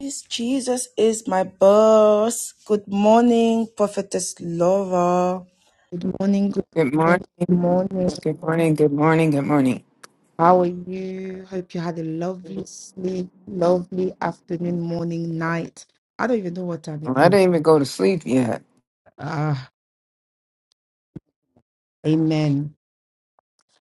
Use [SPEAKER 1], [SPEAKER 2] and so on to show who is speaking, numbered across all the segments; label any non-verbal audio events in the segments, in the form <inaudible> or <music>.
[SPEAKER 1] Yes, Jesus is my boss. Good morning, Prophetess Laura. Good morning, good
[SPEAKER 2] Good morning.
[SPEAKER 1] morning, good morning.
[SPEAKER 2] Good morning. Good morning. Good morning.
[SPEAKER 1] How are you? Hope you had a lovely sleep, lovely afternoon, morning, night. I don't even know what time it
[SPEAKER 2] Well, I
[SPEAKER 1] is.
[SPEAKER 2] didn't even go to sleep yet.
[SPEAKER 1] Ah, amen.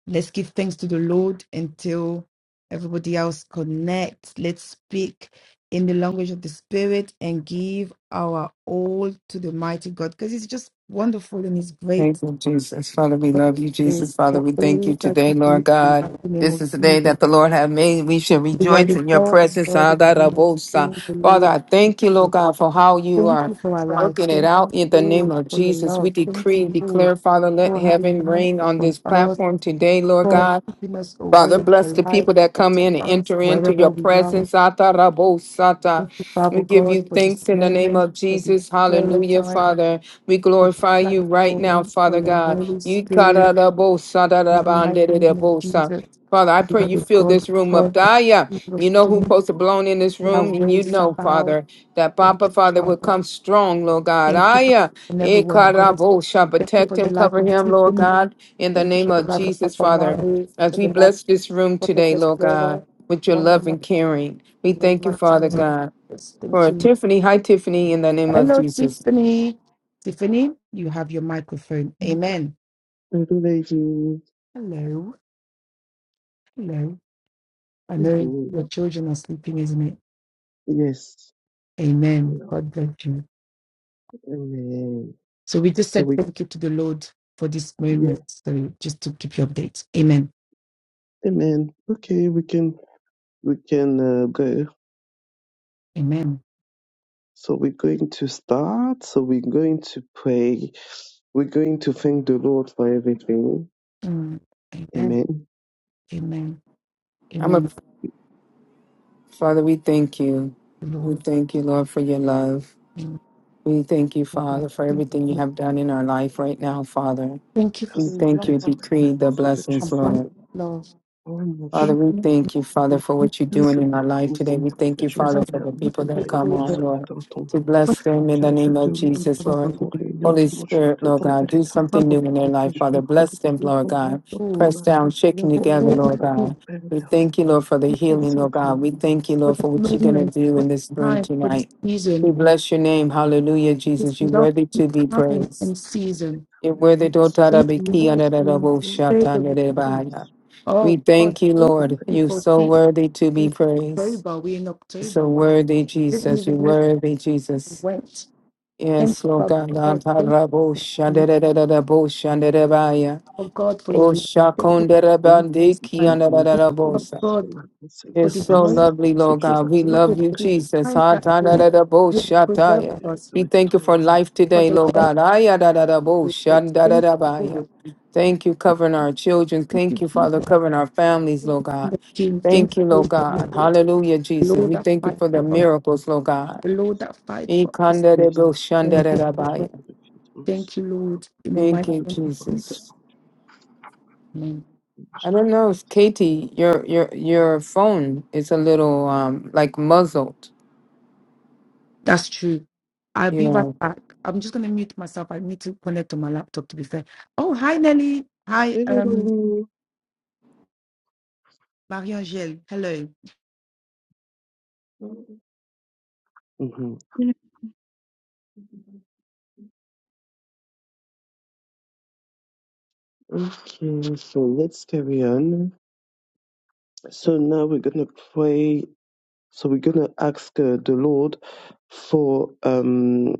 [SPEAKER 1] Let's give thanks to the Lord until everybody else connects. Let's speak in the language of the Spirit and give our all to the mighty God because it's just wonderful and it's great.
[SPEAKER 2] Thank you, Jesus. Father, we love you,
[SPEAKER 1] you
[SPEAKER 2] Jesus. Father,
[SPEAKER 1] for
[SPEAKER 2] we thank you
[SPEAKER 1] all that
[SPEAKER 2] today,
[SPEAKER 1] you
[SPEAKER 2] Lord
[SPEAKER 1] do in the
[SPEAKER 2] God.
[SPEAKER 1] mighty name
[SPEAKER 2] This
[SPEAKER 1] of
[SPEAKER 2] is the day
[SPEAKER 1] Jesus.
[SPEAKER 2] that the Lord has made. We shall
[SPEAKER 1] You are
[SPEAKER 2] rejoice
[SPEAKER 1] the
[SPEAKER 2] in your
[SPEAKER 1] God of
[SPEAKER 2] presence.
[SPEAKER 1] God, the King of
[SPEAKER 2] Adarabosa.
[SPEAKER 1] Kings, the
[SPEAKER 2] Father,
[SPEAKER 1] Lord.
[SPEAKER 2] I thank you,
[SPEAKER 1] of
[SPEAKER 2] Lord
[SPEAKER 1] Lords.
[SPEAKER 2] God, for how you
[SPEAKER 1] Thank
[SPEAKER 2] are
[SPEAKER 1] you for our life.
[SPEAKER 2] working it
[SPEAKER 1] Thank
[SPEAKER 2] out in the
[SPEAKER 1] you,
[SPEAKER 2] name
[SPEAKER 1] Lord,
[SPEAKER 2] of
[SPEAKER 1] for your
[SPEAKER 2] Jesus. We
[SPEAKER 1] love. Thank
[SPEAKER 2] decree and
[SPEAKER 1] you, Lord,
[SPEAKER 2] declare, Father, let
[SPEAKER 1] for having
[SPEAKER 2] heaven
[SPEAKER 1] your hand
[SPEAKER 2] rain on
[SPEAKER 1] upon
[SPEAKER 2] this
[SPEAKER 1] us,
[SPEAKER 2] platform today, Lord
[SPEAKER 1] for
[SPEAKER 2] God.
[SPEAKER 1] keeping us
[SPEAKER 2] Father,
[SPEAKER 1] awake,
[SPEAKER 2] bless the
[SPEAKER 1] alive,
[SPEAKER 2] people that come
[SPEAKER 1] protecting
[SPEAKER 2] in and
[SPEAKER 1] us
[SPEAKER 2] enter into
[SPEAKER 1] wherever
[SPEAKER 2] your
[SPEAKER 1] we are.
[SPEAKER 2] presence. Atarabosata.
[SPEAKER 1] Thank you, Father
[SPEAKER 2] We give you
[SPEAKER 1] God, for this
[SPEAKER 2] thanks in the name
[SPEAKER 1] moment,
[SPEAKER 2] of
[SPEAKER 1] for this
[SPEAKER 2] Jesus.
[SPEAKER 1] prayer
[SPEAKER 2] Hallelujah,
[SPEAKER 1] time,
[SPEAKER 2] Father. We
[SPEAKER 1] for this
[SPEAKER 2] glorify you right now,
[SPEAKER 1] platform, for
[SPEAKER 2] Father
[SPEAKER 1] your
[SPEAKER 2] God.
[SPEAKER 1] Holy
[SPEAKER 2] You
[SPEAKER 1] Spirit. In the mighty name of Jesus,
[SPEAKER 2] katarabosatarabanderebosa. Father, I
[SPEAKER 1] you
[SPEAKER 2] pray
[SPEAKER 1] are
[SPEAKER 2] you
[SPEAKER 1] the
[SPEAKER 2] fill
[SPEAKER 1] God
[SPEAKER 2] this
[SPEAKER 1] of
[SPEAKER 2] room up.
[SPEAKER 1] God,
[SPEAKER 2] Daya,
[SPEAKER 1] King of
[SPEAKER 2] you know who
[SPEAKER 1] Kings,
[SPEAKER 2] supposed to blown in this room?
[SPEAKER 1] Yahweh,
[SPEAKER 2] You know,
[SPEAKER 1] Sabaoth.
[SPEAKER 2] Father, that
[SPEAKER 1] Thank
[SPEAKER 2] Papa,
[SPEAKER 1] you,
[SPEAKER 2] Father, will
[SPEAKER 1] Father.
[SPEAKER 2] come strong, Lord God.
[SPEAKER 1] Thank you for
[SPEAKER 2] Aya,
[SPEAKER 1] and every one of us.
[SPEAKER 2] Ekarabosha,
[SPEAKER 1] Thank you
[SPEAKER 2] protect
[SPEAKER 1] for the
[SPEAKER 2] him,
[SPEAKER 1] life
[SPEAKER 2] cover
[SPEAKER 1] of
[SPEAKER 2] him, Lord
[SPEAKER 1] Tiffany.
[SPEAKER 2] God, in the
[SPEAKER 1] Thank you
[SPEAKER 2] name
[SPEAKER 1] for the
[SPEAKER 2] of
[SPEAKER 1] life of
[SPEAKER 2] Jesus,
[SPEAKER 1] Papa
[SPEAKER 2] Father.
[SPEAKER 1] Mary,
[SPEAKER 2] As
[SPEAKER 1] for
[SPEAKER 2] we
[SPEAKER 1] the life of
[SPEAKER 2] bless this room today,
[SPEAKER 1] Prophetess
[SPEAKER 2] Lord God,
[SPEAKER 1] Laura,
[SPEAKER 2] with your
[SPEAKER 1] Mama,
[SPEAKER 2] love
[SPEAKER 1] Ma-
[SPEAKER 2] and caring, we
[SPEAKER 1] in the
[SPEAKER 2] thank you,
[SPEAKER 1] mighty
[SPEAKER 2] Father
[SPEAKER 1] name of
[SPEAKER 2] God,
[SPEAKER 1] Jesus. Thank
[SPEAKER 2] for
[SPEAKER 1] you.
[SPEAKER 2] Tiffany. Hi, Tiffany, in the name of
[SPEAKER 1] Hello,
[SPEAKER 2] Jesus.
[SPEAKER 1] Tiffany. Tiffany, you have your microphone. Amen.
[SPEAKER 3] And do they do,
[SPEAKER 1] Hello. Hello. I
[SPEAKER 3] they
[SPEAKER 1] know your
[SPEAKER 3] do,
[SPEAKER 1] children are sleeping, isn't it?
[SPEAKER 3] yes.
[SPEAKER 1] Amen.
[SPEAKER 3] Yeah.
[SPEAKER 1] God bless you.
[SPEAKER 3] Amen.
[SPEAKER 1] So we just
[SPEAKER 3] So
[SPEAKER 1] said
[SPEAKER 3] we,
[SPEAKER 1] thank you to the Lord for this
[SPEAKER 3] yeah,
[SPEAKER 1] moment. So just to keep you updated. Amen.
[SPEAKER 3] amen. Okay, we can, we can uh, go.
[SPEAKER 1] Amen.
[SPEAKER 3] So we're going to start. So we're going to pray. We're going to thank the Lord for everything.
[SPEAKER 1] Mm. Amen.
[SPEAKER 3] Amen.
[SPEAKER 1] Amen.
[SPEAKER 2] I'm a
[SPEAKER 1] Amen.
[SPEAKER 2] Father. We thank you. We
[SPEAKER 1] Lord.
[SPEAKER 2] thank you, Lord, for your love.
[SPEAKER 1] Amen.
[SPEAKER 2] We thank you,
[SPEAKER 1] God bless
[SPEAKER 2] Father, for
[SPEAKER 1] you.
[SPEAKER 2] everything you
[SPEAKER 1] Lord,
[SPEAKER 2] have done in our life right now, Father.
[SPEAKER 1] Thank you for
[SPEAKER 2] We
[SPEAKER 3] Merci,
[SPEAKER 1] the
[SPEAKER 3] Père
[SPEAKER 2] thank
[SPEAKER 1] love
[SPEAKER 2] you.
[SPEAKER 1] of
[SPEAKER 3] éternel, pour
[SPEAKER 2] Decree the
[SPEAKER 3] ce que tu
[SPEAKER 2] blessings,
[SPEAKER 3] fais.
[SPEAKER 1] abundant
[SPEAKER 2] Lord.
[SPEAKER 1] love.
[SPEAKER 3] Oh mon
[SPEAKER 2] Father,
[SPEAKER 1] Thank
[SPEAKER 3] Dieu,
[SPEAKER 2] we
[SPEAKER 1] you.
[SPEAKER 2] thank you, Father, for
[SPEAKER 1] Thank
[SPEAKER 2] what you're
[SPEAKER 1] you,
[SPEAKER 2] doing
[SPEAKER 3] merci
[SPEAKER 2] in
[SPEAKER 3] beaucoup,
[SPEAKER 2] our life
[SPEAKER 3] oh,
[SPEAKER 2] today. We
[SPEAKER 3] Seigneur, parce que
[SPEAKER 2] thank you,
[SPEAKER 3] tu nous as
[SPEAKER 2] Father,
[SPEAKER 1] Lord.
[SPEAKER 2] for the
[SPEAKER 3] permis
[SPEAKER 1] Thank
[SPEAKER 3] de
[SPEAKER 2] people
[SPEAKER 3] nous
[SPEAKER 1] you
[SPEAKER 2] that come
[SPEAKER 1] for the
[SPEAKER 3] réunir
[SPEAKER 2] on,
[SPEAKER 3] ce
[SPEAKER 1] presence
[SPEAKER 2] Lord,
[SPEAKER 3] matin en ton
[SPEAKER 2] to
[SPEAKER 3] nom.
[SPEAKER 2] bless them in
[SPEAKER 3] Tu
[SPEAKER 2] the
[SPEAKER 3] as dit
[SPEAKER 2] name
[SPEAKER 3] deux
[SPEAKER 2] of
[SPEAKER 3] ou
[SPEAKER 2] Jesus,
[SPEAKER 1] of
[SPEAKER 3] trois
[SPEAKER 2] Lord.
[SPEAKER 1] God,
[SPEAKER 3] sont réunis en
[SPEAKER 2] Holy
[SPEAKER 3] ton nom, tu es
[SPEAKER 2] Spirit, Lord
[SPEAKER 3] présent,
[SPEAKER 2] God,
[SPEAKER 3] Père
[SPEAKER 2] do
[SPEAKER 3] éternel.
[SPEAKER 1] Father
[SPEAKER 2] something new
[SPEAKER 1] God,
[SPEAKER 2] in their life,
[SPEAKER 3] which we
[SPEAKER 2] Father.
[SPEAKER 3] could
[SPEAKER 2] Bless them,
[SPEAKER 3] do
[SPEAKER 2] Lord
[SPEAKER 3] for love
[SPEAKER 2] God.
[SPEAKER 3] of
[SPEAKER 1] for
[SPEAKER 3] the
[SPEAKER 1] all
[SPEAKER 2] Press down,
[SPEAKER 3] your
[SPEAKER 2] shaking
[SPEAKER 3] throne
[SPEAKER 2] together,
[SPEAKER 1] you
[SPEAKER 2] Lord
[SPEAKER 3] program
[SPEAKER 1] give,
[SPEAKER 3] of
[SPEAKER 2] God.
[SPEAKER 3] very
[SPEAKER 2] We
[SPEAKER 3] time.
[SPEAKER 2] thank you, Lord, for the
[SPEAKER 3] And
[SPEAKER 2] healing,
[SPEAKER 3] so
[SPEAKER 2] Lord
[SPEAKER 3] the
[SPEAKER 2] God. We
[SPEAKER 3] most
[SPEAKER 2] thank you,
[SPEAKER 1] for
[SPEAKER 2] Lord,
[SPEAKER 1] this
[SPEAKER 2] for what you're going to
[SPEAKER 1] moment,
[SPEAKER 2] do
[SPEAKER 1] for this
[SPEAKER 2] in this room
[SPEAKER 1] time, for this
[SPEAKER 2] tonight. We
[SPEAKER 1] season,
[SPEAKER 2] bless your name. Hallelujah,
[SPEAKER 1] this
[SPEAKER 2] Jesus. You're
[SPEAKER 1] love,
[SPEAKER 2] worthy to be
[SPEAKER 1] time
[SPEAKER 2] praised.
[SPEAKER 1] and season.
[SPEAKER 2] You're worthy.
[SPEAKER 3] evidence,
[SPEAKER 2] Dotara
[SPEAKER 1] Thank you,
[SPEAKER 2] biki
[SPEAKER 1] Lord.
[SPEAKER 3] most
[SPEAKER 2] anadadabo
[SPEAKER 3] letter
[SPEAKER 1] Praise the Lord.
[SPEAKER 2] shatanadebaya.
[SPEAKER 3] is
[SPEAKER 2] We
[SPEAKER 1] Oh God,
[SPEAKER 2] thank you,
[SPEAKER 3] all the
[SPEAKER 2] Lord.
[SPEAKER 3] penalty.
[SPEAKER 2] You're
[SPEAKER 1] people
[SPEAKER 2] so
[SPEAKER 1] see
[SPEAKER 2] worthy to be
[SPEAKER 1] see
[SPEAKER 2] praised.
[SPEAKER 1] October. We're in October.
[SPEAKER 2] So
[SPEAKER 1] Wow.
[SPEAKER 2] worthy,
[SPEAKER 1] Didn't
[SPEAKER 2] Jesus. You're
[SPEAKER 1] even know
[SPEAKER 2] worthy,
[SPEAKER 1] we
[SPEAKER 2] Jesus.
[SPEAKER 1] went. Thank
[SPEAKER 2] Yes,
[SPEAKER 1] you,
[SPEAKER 2] Lord
[SPEAKER 1] Father
[SPEAKER 2] God. La
[SPEAKER 1] God.
[SPEAKER 2] ta
[SPEAKER 1] Thank
[SPEAKER 2] ra bo sha da
[SPEAKER 1] you,
[SPEAKER 2] da da da da bo sha da da ba ya.
[SPEAKER 1] oh God, for your
[SPEAKER 2] O
[SPEAKER 1] love.
[SPEAKER 2] sha
[SPEAKER 1] Thank you
[SPEAKER 2] kon
[SPEAKER 1] for
[SPEAKER 2] da da ba de
[SPEAKER 1] this
[SPEAKER 3] It
[SPEAKER 2] ki
[SPEAKER 1] time.
[SPEAKER 2] an da da da
[SPEAKER 3] remains
[SPEAKER 1] Thank
[SPEAKER 2] da
[SPEAKER 3] the
[SPEAKER 1] you,
[SPEAKER 2] bo
[SPEAKER 1] Father
[SPEAKER 2] sa.
[SPEAKER 3] most
[SPEAKER 1] God,
[SPEAKER 3] letters in
[SPEAKER 1] for
[SPEAKER 2] It's
[SPEAKER 3] our
[SPEAKER 1] this
[SPEAKER 2] so
[SPEAKER 3] mercy
[SPEAKER 1] moment,
[SPEAKER 3] of
[SPEAKER 2] lovely,
[SPEAKER 3] the
[SPEAKER 2] Lord
[SPEAKER 3] situations
[SPEAKER 2] God.
[SPEAKER 3] that
[SPEAKER 2] We
[SPEAKER 3] they made
[SPEAKER 2] love
[SPEAKER 3] in
[SPEAKER 1] Lord,
[SPEAKER 2] you,
[SPEAKER 1] for
[SPEAKER 3] the
[SPEAKER 1] this
[SPEAKER 2] Jesus.
[SPEAKER 1] time
[SPEAKER 2] Ah,
[SPEAKER 1] that
[SPEAKER 2] da, da,
[SPEAKER 1] you
[SPEAKER 2] da, da, bo,
[SPEAKER 1] you
[SPEAKER 2] sha,
[SPEAKER 3] case.
[SPEAKER 2] da, ya.
[SPEAKER 1] preserved
[SPEAKER 3] It is
[SPEAKER 1] us
[SPEAKER 3] a
[SPEAKER 2] We thank you
[SPEAKER 3] rectal
[SPEAKER 2] for
[SPEAKER 3] also.
[SPEAKER 2] life
[SPEAKER 1] for
[SPEAKER 2] today,
[SPEAKER 1] the
[SPEAKER 3] But
[SPEAKER 2] Lord
[SPEAKER 1] Lord.
[SPEAKER 2] God. Ah, ya, da, da, da, bo,
[SPEAKER 1] Thank
[SPEAKER 2] sha, da, da,
[SPEAKER 1] you,
[SPEAKER 2] da, ba, ya.
[SPEAKER 1] Lord.
[SPEAKER 2] Thank you, covering our children.
[SPEAKER 1] Thank you,
[SPEAKER 2] Thank you, Father,
[SPEAKER 1] Jesus,
[SPEAKER 2] covering our families,
[SPEAKER 3] not
[SPEAKER 2] Lord
[SPEAKER 1] and
[SPEAKER 2] God.
[SPEAKER 1] the King. Thank
[SPEAKER 2] Thank
[SPEAKER 1] you,
[SPEAKER 2] you, Lord
[SPEAKER 1] Lord, for
[SPEAKER 2] God.
[SPEAKER 1] the Lord.
[SPEAKER 2] Hallelujah,
[SPEAKER 1] The
[SPEAKER 2] Jesus.
[SPEAKER 1] Lord
[SPEAKER 2] We
[SPEAKER 1] that
[SPEAKER 2] thank you
[SPEAKER 1] fight
[SPEAKER 2] for the
[SPEAKER 1] for us.
[SPEAKER 2] miracles, Lord God.
[SPEAKER 1] The Lord that fight
[SPEAKER 2] E,
[SPEAKER 1] for
[SPEAKER 2] kan,
[SPEAKER 1] us.
[SPEAKER 2] da,
[SPEAKER 3] in
[SPEAKER 2] da,
[SPEAKER 3] this
[SPEAKER 2] bo, sha, da,
[SPEAKER 1] Thank
[SPEAKER 2] da,
[SPEAKER 1] you,
[SPEAKER 2] da, ba,
[SPEAKER 3] special
[SPEAKER 1] Father.
[SPEAKER 2] ya.
[SPEAKER 3] for
[SPEAKER 1] Thank you, Lord, in the
[SPEAKER 2] Thank
[SPEAKER 1] mighty
[SPEAKER 2] you,
[SPEAKER 1] name of Jesus.
[SPEAKER 2] Jesus.
[SPEAKER 1] Mm,
[SPEAKER 2] I don't know if Katie, your your your phone is a little um like muzzled.
[SPEAKER 1] That's true. I'll be
[SPEAKER 2] Yeah.
[SPEAKER 1] right back. I'm just gonna mute myself. I need to connect to my laptop to be fair. Oh, hi Nelly. Hi, um Marie-Angèle. Hello.
[SPEAKER 3] Mhm.
[SPEAKER 4] Amen.
[SPEAKER 3] Okay, so let's carry on. So now we're going to pray. So we're going to ask uh, the Lord for um